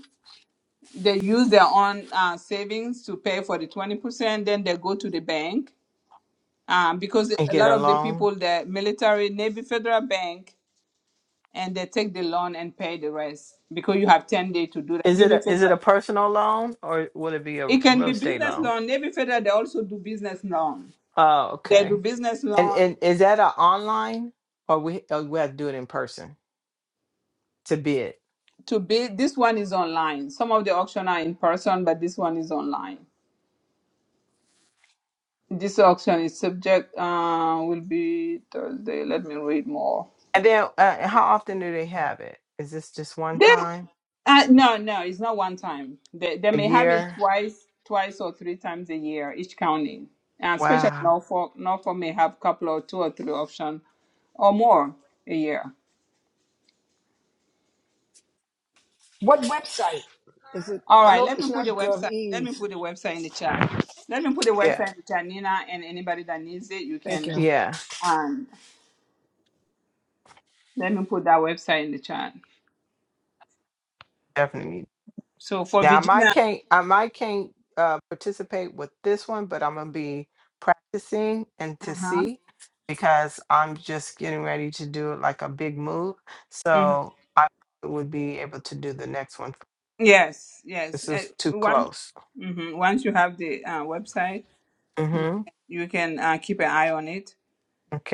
Speaker 1: they use their own uh, savings to pay for the 20%. Then they go to the bank um, because
Speaker 19: And
Speaker 1: a
Speaker 19: get
Speaker 1: lot
Speaker 19: a
Speaker 1: of the
Speaker 19: loan.
Speaker 1: people, the military, Navy Federal Bank, and they take the loan and pay the rest because you have 10 days to do that.
Speaker 19: Is it
Speaker 1: Navy
Speaker 19: a is it
Speaker 1: Federal,
Speaker 19: a personal loan or will it be a
Speaker 1: it can
Speaker 19: real
Speaker 1: be
Speaker 19: estate
Speaker 1: business
Speaker 19: loan?
Speaker 1: loan. Navy Federal, they also do business loan.
Speaker 19: Oh,
Speaker 1: They do
Speaker 19: okay.
Speaker 1: business
Speaker 19: And
Speaker 1: loan
Speaker 19: and is that a online or we or we have to do it in person to bid?
Speaker 1: to be, this one is online. Some of the auction are in person, but this one is online. This auction is subject, uh, will be Thursday. Let me read more.
Speaker 19: And then uh, how often do they have it? Is this just one
Speaker 1: They,
Speaker 19: time
Speaker 1: uh, no, no, it's not one time. They, they
Speaker 19: a
Speaker 1: may have it
Speaker 19: year?
Speaker 1: twice, twice or three times a year, each county. And especially
Speaker 19: Wow.
Speaker 1: Norfolk, Norfolk may have couple or two or three options or more a year.
Speaker 18: What website is it?
Speaker 1: All
Speaker 18: I
Speaker 1: right,
Speaker 18: know
Speaker 1: let
Speaker 18: it's
Speaker 1: me put the
Speaker 18: not
Speaker 1: website. Let
Speaker 18: GovEase.
Speaker 1: me put the website in the chat. Let me put the
Speaker 19: Yeah.
Speaker 1: website in the chat, Nina, and anybody that needs it, you
Speaker 18: Thank
Speaker 1: can.
Speaker 18: you.
Speaker 19: Yeah.
Speaker 1: Um, let me put that website in the chat.
Speaker 19: Definitely.
Speaker 1: So for
Speaker 19: Now I might
Speaker 1: Virginia,
Speaker 19: can't I might can't uh, participate with this one, but I'm gonna be practicing and to
Speaker 1: uh-huh.
Speaker 19: see because I'm just getting ready to do like a big move.
Speaker 1: mhm.
Speaker 19: So I would be able to do the next one.
Speaker 1: yes, yes.
Speaker 19: This
Speaker 1: Uh,
Speaker 19: is too
Speaker 1: once,
Speaker 19: close.
Speaker 1: mhm, once you have the uh, website. you
Speaker 19: Mm-hmm.
Speaker 1: you can uh, keep an eye on it.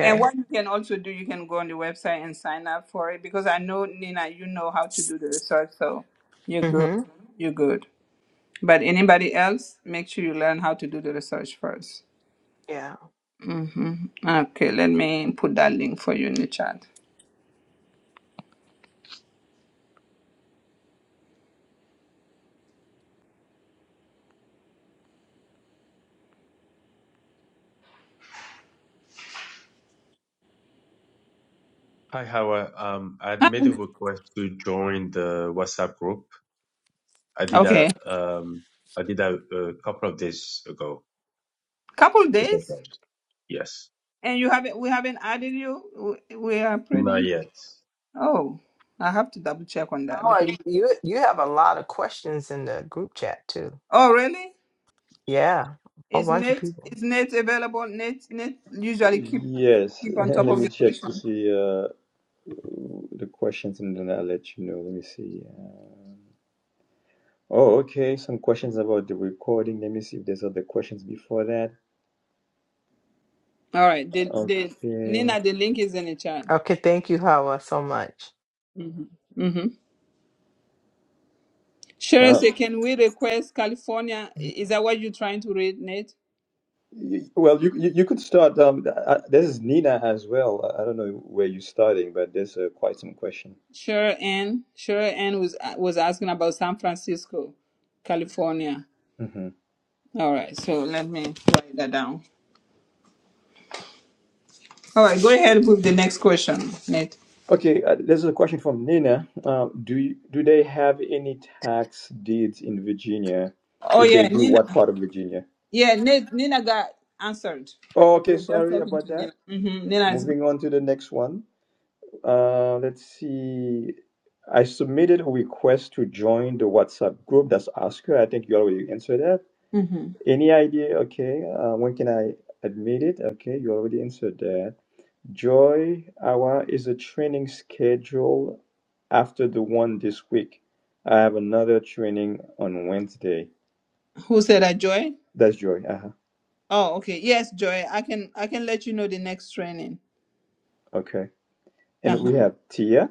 Speaker 1: And what you can also do, you can go on the website and sign up for it because I know Nina, you know how to do the research, so you're good.
Speaker 19: Mm-hmm.
Speaker 1: You're good. But anybody else, make sure you learn how to do the research first.
Speaker 19: Yeah.
Speaker 1: Okay, let me put that link for you in the chat.
Speaker 10: Hi, Howard. Um, I made a request to join the WhatsApp group. I did that.
Speaker 1: Okay,
Speaker 10: Um, I did that a couple of days ago.
Speaker 1: couple
Speaker 10: Just like
Speaker 1: days,
Speaker 10: that. Yes.
Speaker 1: and you haven't we haven't added you. We we are
Speaker 10: Not
Speaker 1: pretty.
Speaker 10: yet.
Speaker 1: Oh, I have to double check on that because.
Speaker 19: Oh, you you have a lot of questions in the group chat too.
Speaker 1: Oh, really?
Speaker 19: Yeah. A whole
Speaker 1: Is
Speaker 19: bunch of
Speaker 1: Nate
Speaker 19: people.
Speaker 1: is Nate available? Nate Nate usually
Speaker 13: It.
Speaker 1: keep
Speaker 13: Yes.
Speaker 1: keep on top
Speaker 13: Let
Speaker 1: of
Speaker 13: me
Speaker 1: the
Speaker 13: check to
Speaker 1: question.
Speaker 13: see uh, the questions, and then I'll let you know. Let me see. Oh, okay. Some questions about the recording. Let me see if there's other questions before that.
Speaker 1: All right. The the
Speaker 13: Okay.
Speaker 1: Nina, the link is in the chat.
Speaker 19: Okay, thank you, Hawa, so much.
Speaker 1: Mm-hmm. Mm-hmm. Sure.
Speaker 13: Wow.
Speaker 1: Say, can we request California? I- Is that what you're trying to read, Nate?
Speaker 13: Y- Well, you you, you could start. Um, uh, this is Nina as well. I I don't know where you're starting, but there's uh, quite some question.
Speaker 1: Sure. Ann. Sure. Ann was uh, was asking about San Francisco, California.
Speaker 13: hmm
Speaker 1: All right. So let me write that down. All right. Go ahead with the next question, Nate.
Speaker 13: Okay, uh, there's a question from Nina. Um, do you, do they have any tax deeds in Virginia?
Speaker 1: Oh
Speaker 13: If they
Speaker 1: yeah,
Speaker 13: do,
Speaker 1: Nina.
Speaker 13: what part of Virginia?
Speaker 1: Yeah, Ni- Nina got answered.
Speaker 13: Oh,
Speaker 1: I
Speaker 13: okay.
Speaker 1: was just
Speaker 13: Sorry
Speaker 1: talking
Speaker 13: about
Speaker 1: to Nina.
Speaker 13: that.
Speaker 1: hmm Nina is good.
Speaker 13: Moving on to the next one. Uh, let's see. I submitted a request to join the WhatsApp group. That's Oscar. I think you already answered that.
Speaker 1: hmm
Speaker 13: Any idea? Okay. Uh, when can I admit it? Okay, you already answered that. Joy Hour is a training schedule after the one this week. I have another training on Wednesday.
Speaker 1: Who said that, Joy?
Speaker 13: That's Joy. Uh-huh.
Speaker 1: Oh, okay. Yes, Joy. I can I can let you know the next training.
Speaker 13: Okay. And
Speaker 1: Uh-huh.
Speaker 13: we have Tia.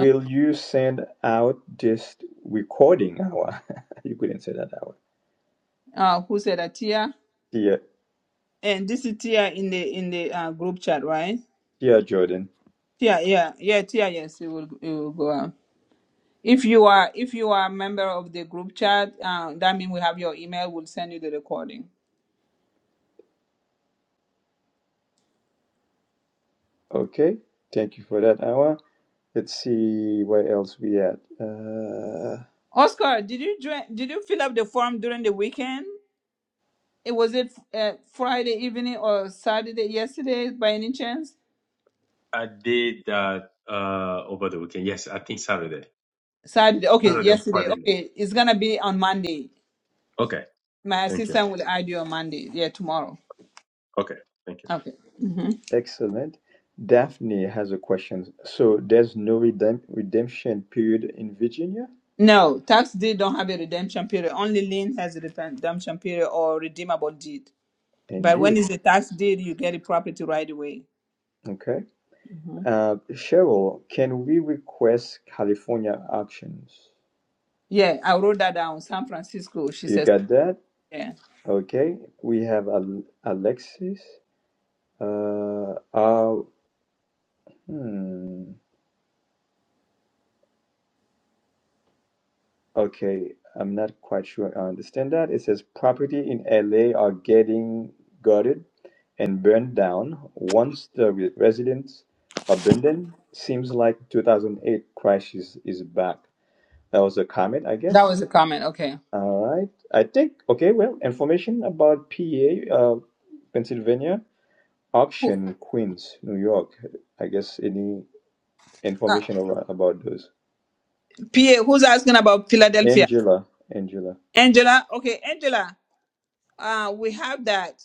Speaker 1: Okay.
Speaker 13: you send out this recording hour? you couldn't say that hour.
Speaker 1: Uh, who said that, Tia?
Speaker 13: Tia.
Speaker 1: And this is Tia in the in the uh, group chat, right?
Speaker 13: Yeah, Jordan.
Speaker 1: Tia, yeah, yeah, Tia. Yes, it will it will go out. If you are if you are a member of the group chat, uh, that means we have your email. We'll send you the recording.
Speaker 13: Okay. Thank you for that, Awa. Let's see where else we at. Uh,
Speaker 1: Oscar, did you join, did you fill up the form during the weekend? It was it uh, Friday evening or Saturday yesterday by any chance?
Speaker 10: I did that uh, over the weekend. Yes, I think Saturday.
Speaker 1: Saturday. Okay,
Speaker 10: Saturday or
Speaker 1: yesterday.
Speaker 10: Friday.
Speaker 1: Okay, it's gonna be on Monday.
Speaker 10: Okay,
Speaker 1: My
Speaker 10: thank you.
Speaker 1: assistant will add you on Monday. Yeah, tomorrow.
Speaker 10: Okay, thank you.
Speaker 1: Okay. hmm
Speaker 13: excellent. Daphne has a question. So there's no redemp- redemption period in Virginia?
Speaker 1: No, tax deed don't have a redemption period. Only lien has a redemption period or redeemable deed. But when
Speaker 13: Indeed.
Speaker 1: it's a tax deed, you get the property right away.
Speaker 13: Okay.
Speaker 1: hmm
Speaker 13: Uh, Cheryl, can we request California options?
Speaker 1: Yeah, I wrote that down. San Francisco. She
Speaker 13: You
Speaker 1: says.
Speaker 13: got that?
Speaker 1: Yeah,
Speaker 13: Okay. We have Al- Alexis. Uh, uh, hmm. Okay, I'm not quite sure I understand that. It says property in LA are getting gutted and burned down once the re- residents abandon. Seems like 2008 crash is, is back. That was a comment, I
Speaker 1: that
Speaker 13: guess.
Speaker 1: was a comment. Okay.
Speaker 13: All right. I think, okay, well, information about PA, uh, Pennsylvania,
Speaker 1: Who,
Speaker 13: auction, Queens, New York. I guess any
Speaker 1: uh,
Speaker 13: information about, about those.
Speaker 1: PA, who's asking about Philadelphia?
Speaker 13: Angela, Angela.
Speaker 1: Angela. Okay, Angela. Uh, we have that,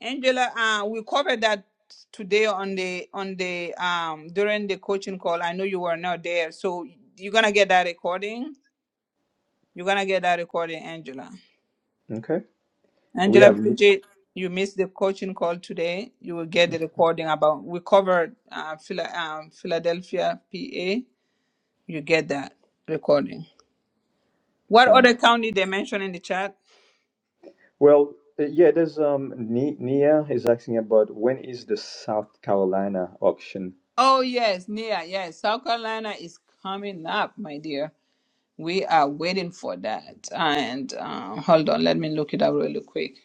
Speaker 1: Angela. Uh, we covered that today on the on the um during the coaching call. I know you were not there, so you're gonna get that recording. You're gonna get that recording, Angela.
Speaker 13: Okay. We
Speaker 1: Angela
Speaker 13: have
Speaker 1: Bridget, you missed the coaching call today. You will get the recording about we covered uh, Phila, um, Philadelphia, PA. You get that recording. What
Speaker 13: sounds
Speaker 1: other county they mentioned in the chat?
Speaker 13: Well, uh, yeah, there's um Ni- Nia is asking about when is the South Carolina auction?
Speaker 1: Oh yes, Nia. Yes, South Carolina is coming up, my dear. We are waiting for that. And um, hold on, let me look it up really quick.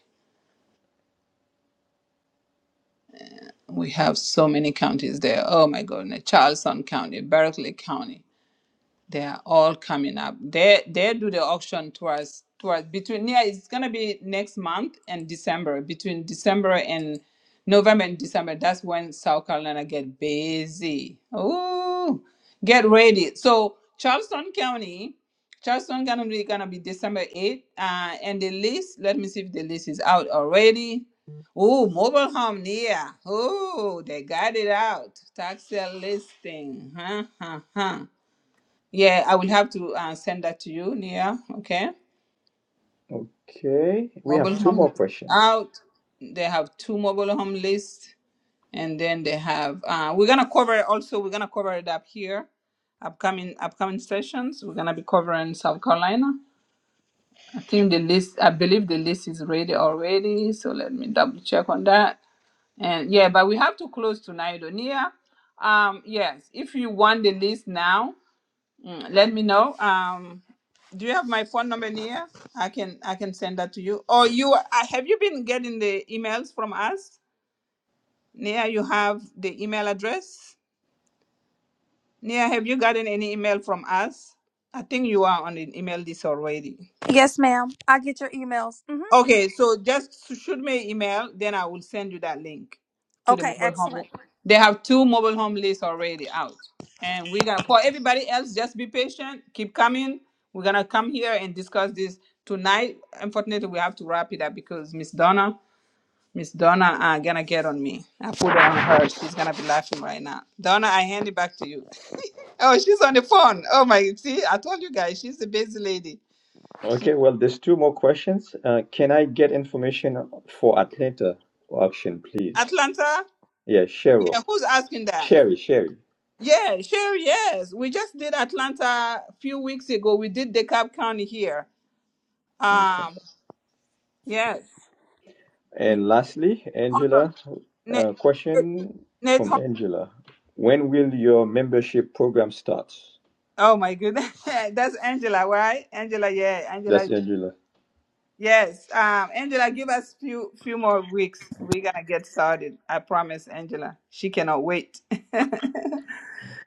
Speaker 1: We have so many counties there. Oh my goodness. Charleston County, Berkeley County. They are all coming up. They they do the auction towards towards between yeah, it's gonna be next month and December. Between December and November and December, that's when South Carolina get busy. Ooh, get ready. So Charleston County, Charleston gonna be gonna be December 8th. Uh, and the list, let me see if the list is out already. Oh, mobile home near. Oh, they got it out. Tax sale listing. Huh, huh, huh. Yeah, I will have to uh, send that to you, Nia. Okay.
Speaker 13: Okay, we
Speaker 1: Mobile
Speaker 13: have two
Speaker 1: home
Speaker 13: more
Speaker 1: list
Speaker 13: questions.
Speaker 1: out. They have two mobile home lists, and then they have. Uh, we're gonna cover it also. We're gonna cover it up here. Upcoming upcoming sessions. We're gonna be covering South Carolina. I think the list. I believe the list is ready already. So let me double check on that. And yeah, but we have to close tonight, Nia. Um, yes, if you want the list now, Mm, let me know. Um, do you have my phone number near? I can I can send that to you. Or you uh, have you been getting the emails from us? Nia, you have the email address. Nia, have you gotten any email from us? I think you are on an email list already.
Speaker 7: Yes, ma'am. I get your emails. hmm
Speaker 1: Okay, so just s- shoot me an email, then I will send you that link to the
Speaker 7: Okay,
Speaker 1: mobile
Speaker 7: excellent.
Speaker 1: home. They have two mobile home lists already out. And we're gonna for everybody else, just be patient, keep coming. We're gonna come here and discuss this tonight. Unfortunately, we have to wrap it up because Miss Donna, Miss Donna are gonna get on me. I put it on her. She's gonna be laughing right now. Donna, I hand it back to you. Oh, she's on the phone. Oh my see, I told you guys, she's a busy lady.
Speaker 13: Okay, well, there's two more questions. Uh, can I get information for Atlanta auction, please?
Speaker 1: Atlanta,
Speaker 13: Yeah, Cheryl,
Speaker 1: yeah, who's asking that?
Speaker 13: Sherry, Sherry.
Speaker 1: Yeah, sure. Yes, we just did Atlanta a few weeks ago. We did DeKalb County here.
Speaker 13: Okay.
Speaker 1: Um, yes.
Speaker 13: And lastly, Angela,
Speaker 1: Nate,
Speaker 13: uh, question
Speaker 1: Nate,
Speaker 13: from
Speaker 1: Hor-
Speaker 13: Angela. When will your membership program start?
Speaker 1: oh my goodness, that's Angela, right? Angela, yeah,
Speaker 13: That's
Speaker 1: Angela,
Speaker 13: Angela.
Speaker 1: yes. Um, Angela, give us few few more weeks. We're gonna get started. I promise, Angela. She cannot wait.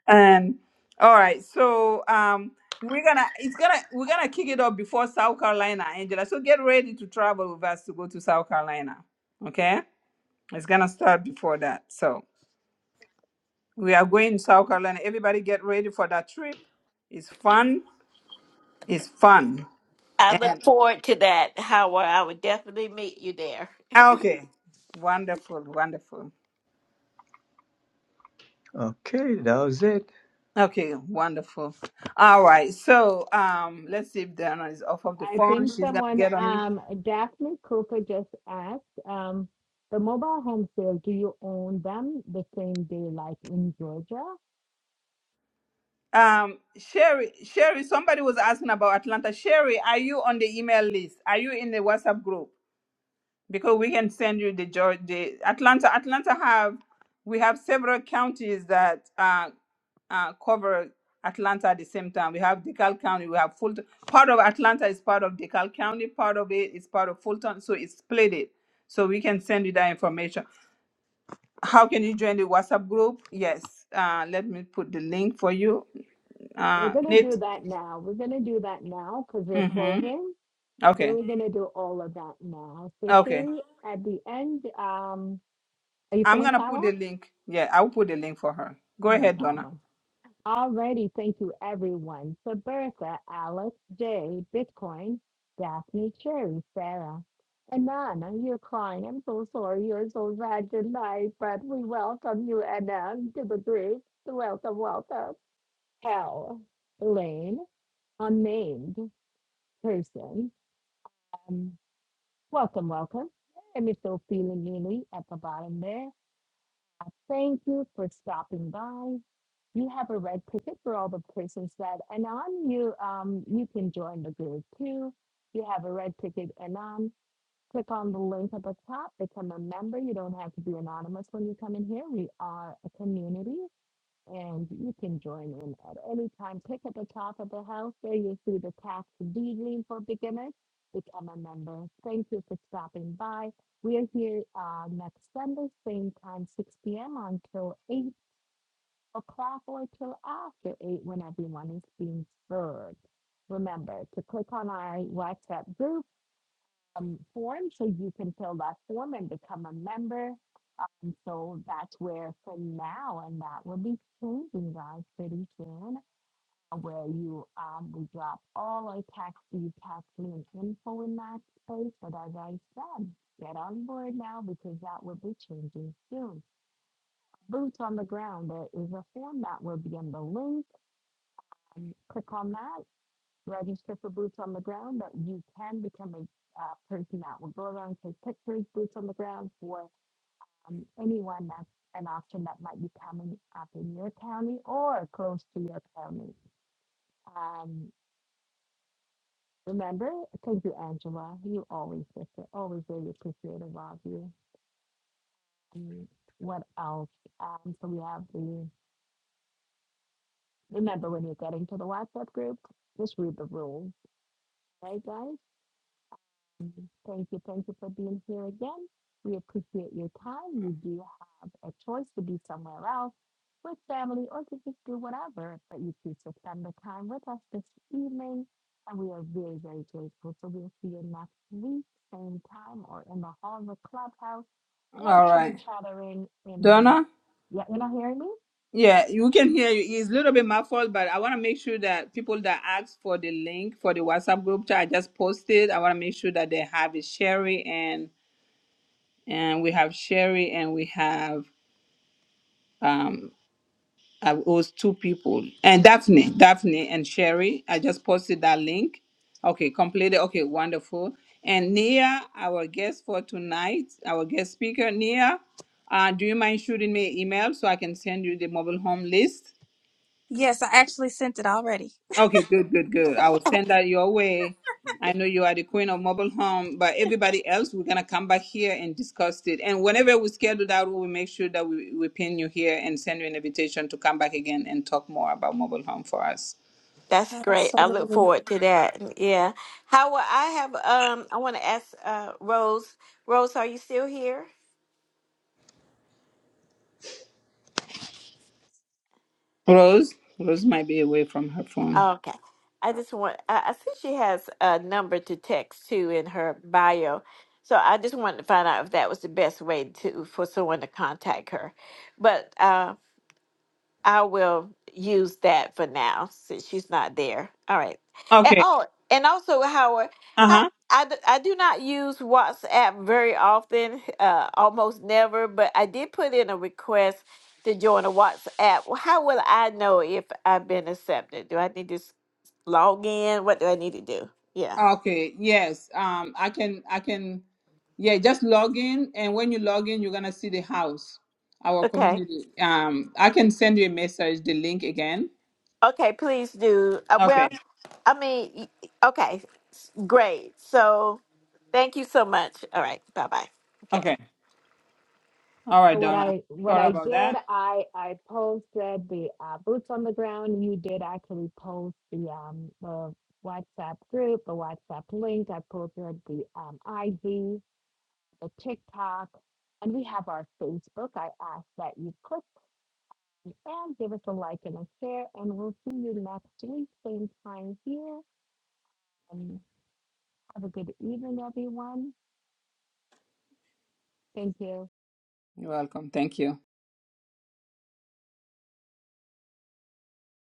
Speaker 1: Um, all right, so um, we're gonna it's gonna we're gonna kick it off before South Carolina, Angela. So get ready to travel with us to go to South Carolina. Okay, it's gonna start before that. So we are going to South Carolina. Everybody get ready for that trip. It's fun. It's fun.
Speaker 9: I look
Speaker 1: And
Speaker 9: forward to that, Howard. I would definitely meet you there.
Speaker 1: ah, okay, wonderful, wonderful.
Speaker 13: Okay, that was it.
Speaker 1: Okay, wonderful. All right, so um, let's see if Dana is off of the
Speaker 2: I
Speaker 1: phone.
Speaker 2: think
Speaker 1: She's gonna
Speaker 2: someone,
Speaker 1: get on me.
Speaker 2: um, Daphne Cooper just asked, um, the mobile home sales, do you own them the same day like in Georgia?
Speaker 1: Um, Sherry, Sherry, somebody was asking about Atlanta. Sherry, are you on the email list? Are you in the WhatsApp group? Because we can send you the Geor- the Atlanta. Atlanta have we have several counties that uh, uh, cover Atlanta at the same time. We have DeKalb County. We have Fulton. Part of Atlanta is part of DeKalb County. Part of it is part of Fulton. So it's split it. So we can send you that information. How can you join the WhatsApp group? Yes. Uh, let me put the link for you.
Speaker 2: We're
Speaker 1: Uh,
Speaker 2: gonna
Speaker 1: Nate.
Speaker 2: do that now. We're gonna do that now because we're
Speaker 1: Mm-hmm.
Speaker 2: closing. So
Speaker 1: Okay.
Speaker 2: we're gonna do all of that now. So
Speaker 1: Okay.
Speaker 2: Sherry, at the end, um, are you
Speaker 1: I'm
Speaker 2: finished,
Speaker 1: gonna put the
Speaker 2: Hala?
Speaker 1: link. Yeah, I'll put the link for her. Go
Speaker 2: No
Speaker 1: ahead, Donna.
Speaker 2: problem. Alrighty, thank you everyone. So Bertha, Alex, Jay, Bitcoin, Daphne, Cherry, Sarah, and Anna, You're crying. I'm so sorry you're so bad tonight, but we welcome you, Anna, to the group. Welcome, welcome. Hell, Elaine, unnamed person. Um, welcome, welcome. And Mr. Feeling Lily at the bottom there. Thank you for stopping by. You have a red ticket for all the persons that Anon. You um you can join the group too. You have a red ticket Anon. Click on the link at the top, become a member. You don't have to be anonymous when you come in here. We are a community and you can join in at any time. Click at the top of the house there. You'll see the tax deedling for beginners. Become a member. Thank you for stopping by. We are here uh, next Sunday, same time, 6 p.m. until 8 o'clock or till after 8 when everyone is being served. Remember to click on our WhatsApp group um, form. So you can fill that form and become a member. Um, so that's where for now, and that will be changing, guys, pretty soon, uh, where you um, we drop all our tax, e tax link info in that space. But as I said, get on board now because that will be changing soon. Boots on the ground, there is a form that will be in the link. And click on that register for boots on the ground, but you can become a uh, person that will go around and take pictures, boots on the ground for um, anyone that's an option that might be coming up in your county or close to your county. Um, remember, thank you, Angela. You always, sister, always really appreciative of you. Mm, What else? Um, so we have the remember when you're getting to the WhatsApp group, just read the rules, right, guys? Thank you. Thank you for being here again. We appreciate your time. You do have a choice to be somewhere else with family or to just do whatever, but you choose to spend the time with us this evening. And we are very, very grateful. So we'll see you next week, same time, or in the hall of the clubhouse, or
Speaker 1: All
Speaker 2: chitter
Speaker 1: right.
Speaker 2: chattering in the.
Speaker 1: Donna?
Speaker 2: Yeah, you're not hearing me?
Speaker 1: Yeah, you can hear you. It's a little bit muffled, but I wanna make sure that people that ask for the link for the WhatsApp group chat I just posted, I wanna make sure that they have it Sherry and and we have Sherry and we have um I was two people and Daphne, Daphne and Sherry. I just posted that link. Okay, completed. Okay, wonderful. And Nia, our guest for tonight, our guest speaker, Nia, uh, do you mind shooting me an email so I can send you the mobile home list?
Speaker 7: Yes, I actually sent it already.
Speaker 1: Okay, good, good, good. I will send that your way. I know you are the queen of mobile home, but everybody else, we're gonna come back here and discuss it. And whenever we schedule that, we will make sure that we, we pin you here and send you an invitation to come back again and talk more about mobile home for us.
Speaker 9: That's great. I look
Speaker 7: Absolutely.
Speaker 9: forward to that. Yeah. Howard, I have um I want to ask uh Rose. Rose, are you still here?
Speaker 1: Rose, Rose might be away from her phone.
Speaker 9: Okay. I just want I, I see she has a number to text to in her bio. So I just wanted to find out if that was the best way to for someone to contact her. But uh I will use that for now since she's not there. All right. And,
Speaker 1: Okay.
Speaker 9: oh, and also, Howard, how
Speaker 1: Uh
Speaker 9: I, d- I do not use WhatsApp very often, uh, almost never, but I did put in a request to join a WhatsApp. Well, How will I know if I've been accepted? Do I need to s- log in? What do I need to do? Yeah.
Speaker 1: huh. Okay. Yes. Um. I can. I can. Yeah. Just log in, and when you log in, you're gonna see the house, our
Speaker 9: Okay.
Speaker 1: community. Um. I can send you a message, the link again.
Speaker 9: Okay, please do. Uh,
Speaker 1: Okay.
Speaker 9: well, I mean, y- okay, great. So thank you so much. All right. Bye bye. Okay.
Speaker 1: Okay. All right,
Speaker 2: So what
Speaker 1: Donna.
Speaker 2: I, what
Speaker 1: Sorry
Speaker 2: I
Speaker 1: about
Speaker 2: did,
Speaker 1: that.
Speaker 2: I, I posted the uh, boots on the ground. You did actually post the, um, the WhatsApp group, the WhatsApp link. I posted the, um, IG, the TikTok, and we have our Facebook. I ask that you click and give us a like and a share, and we'll see you next week, same time here. And have a good evening, everyone. Thank you.
Speaker 1: You're welcome. Thank you.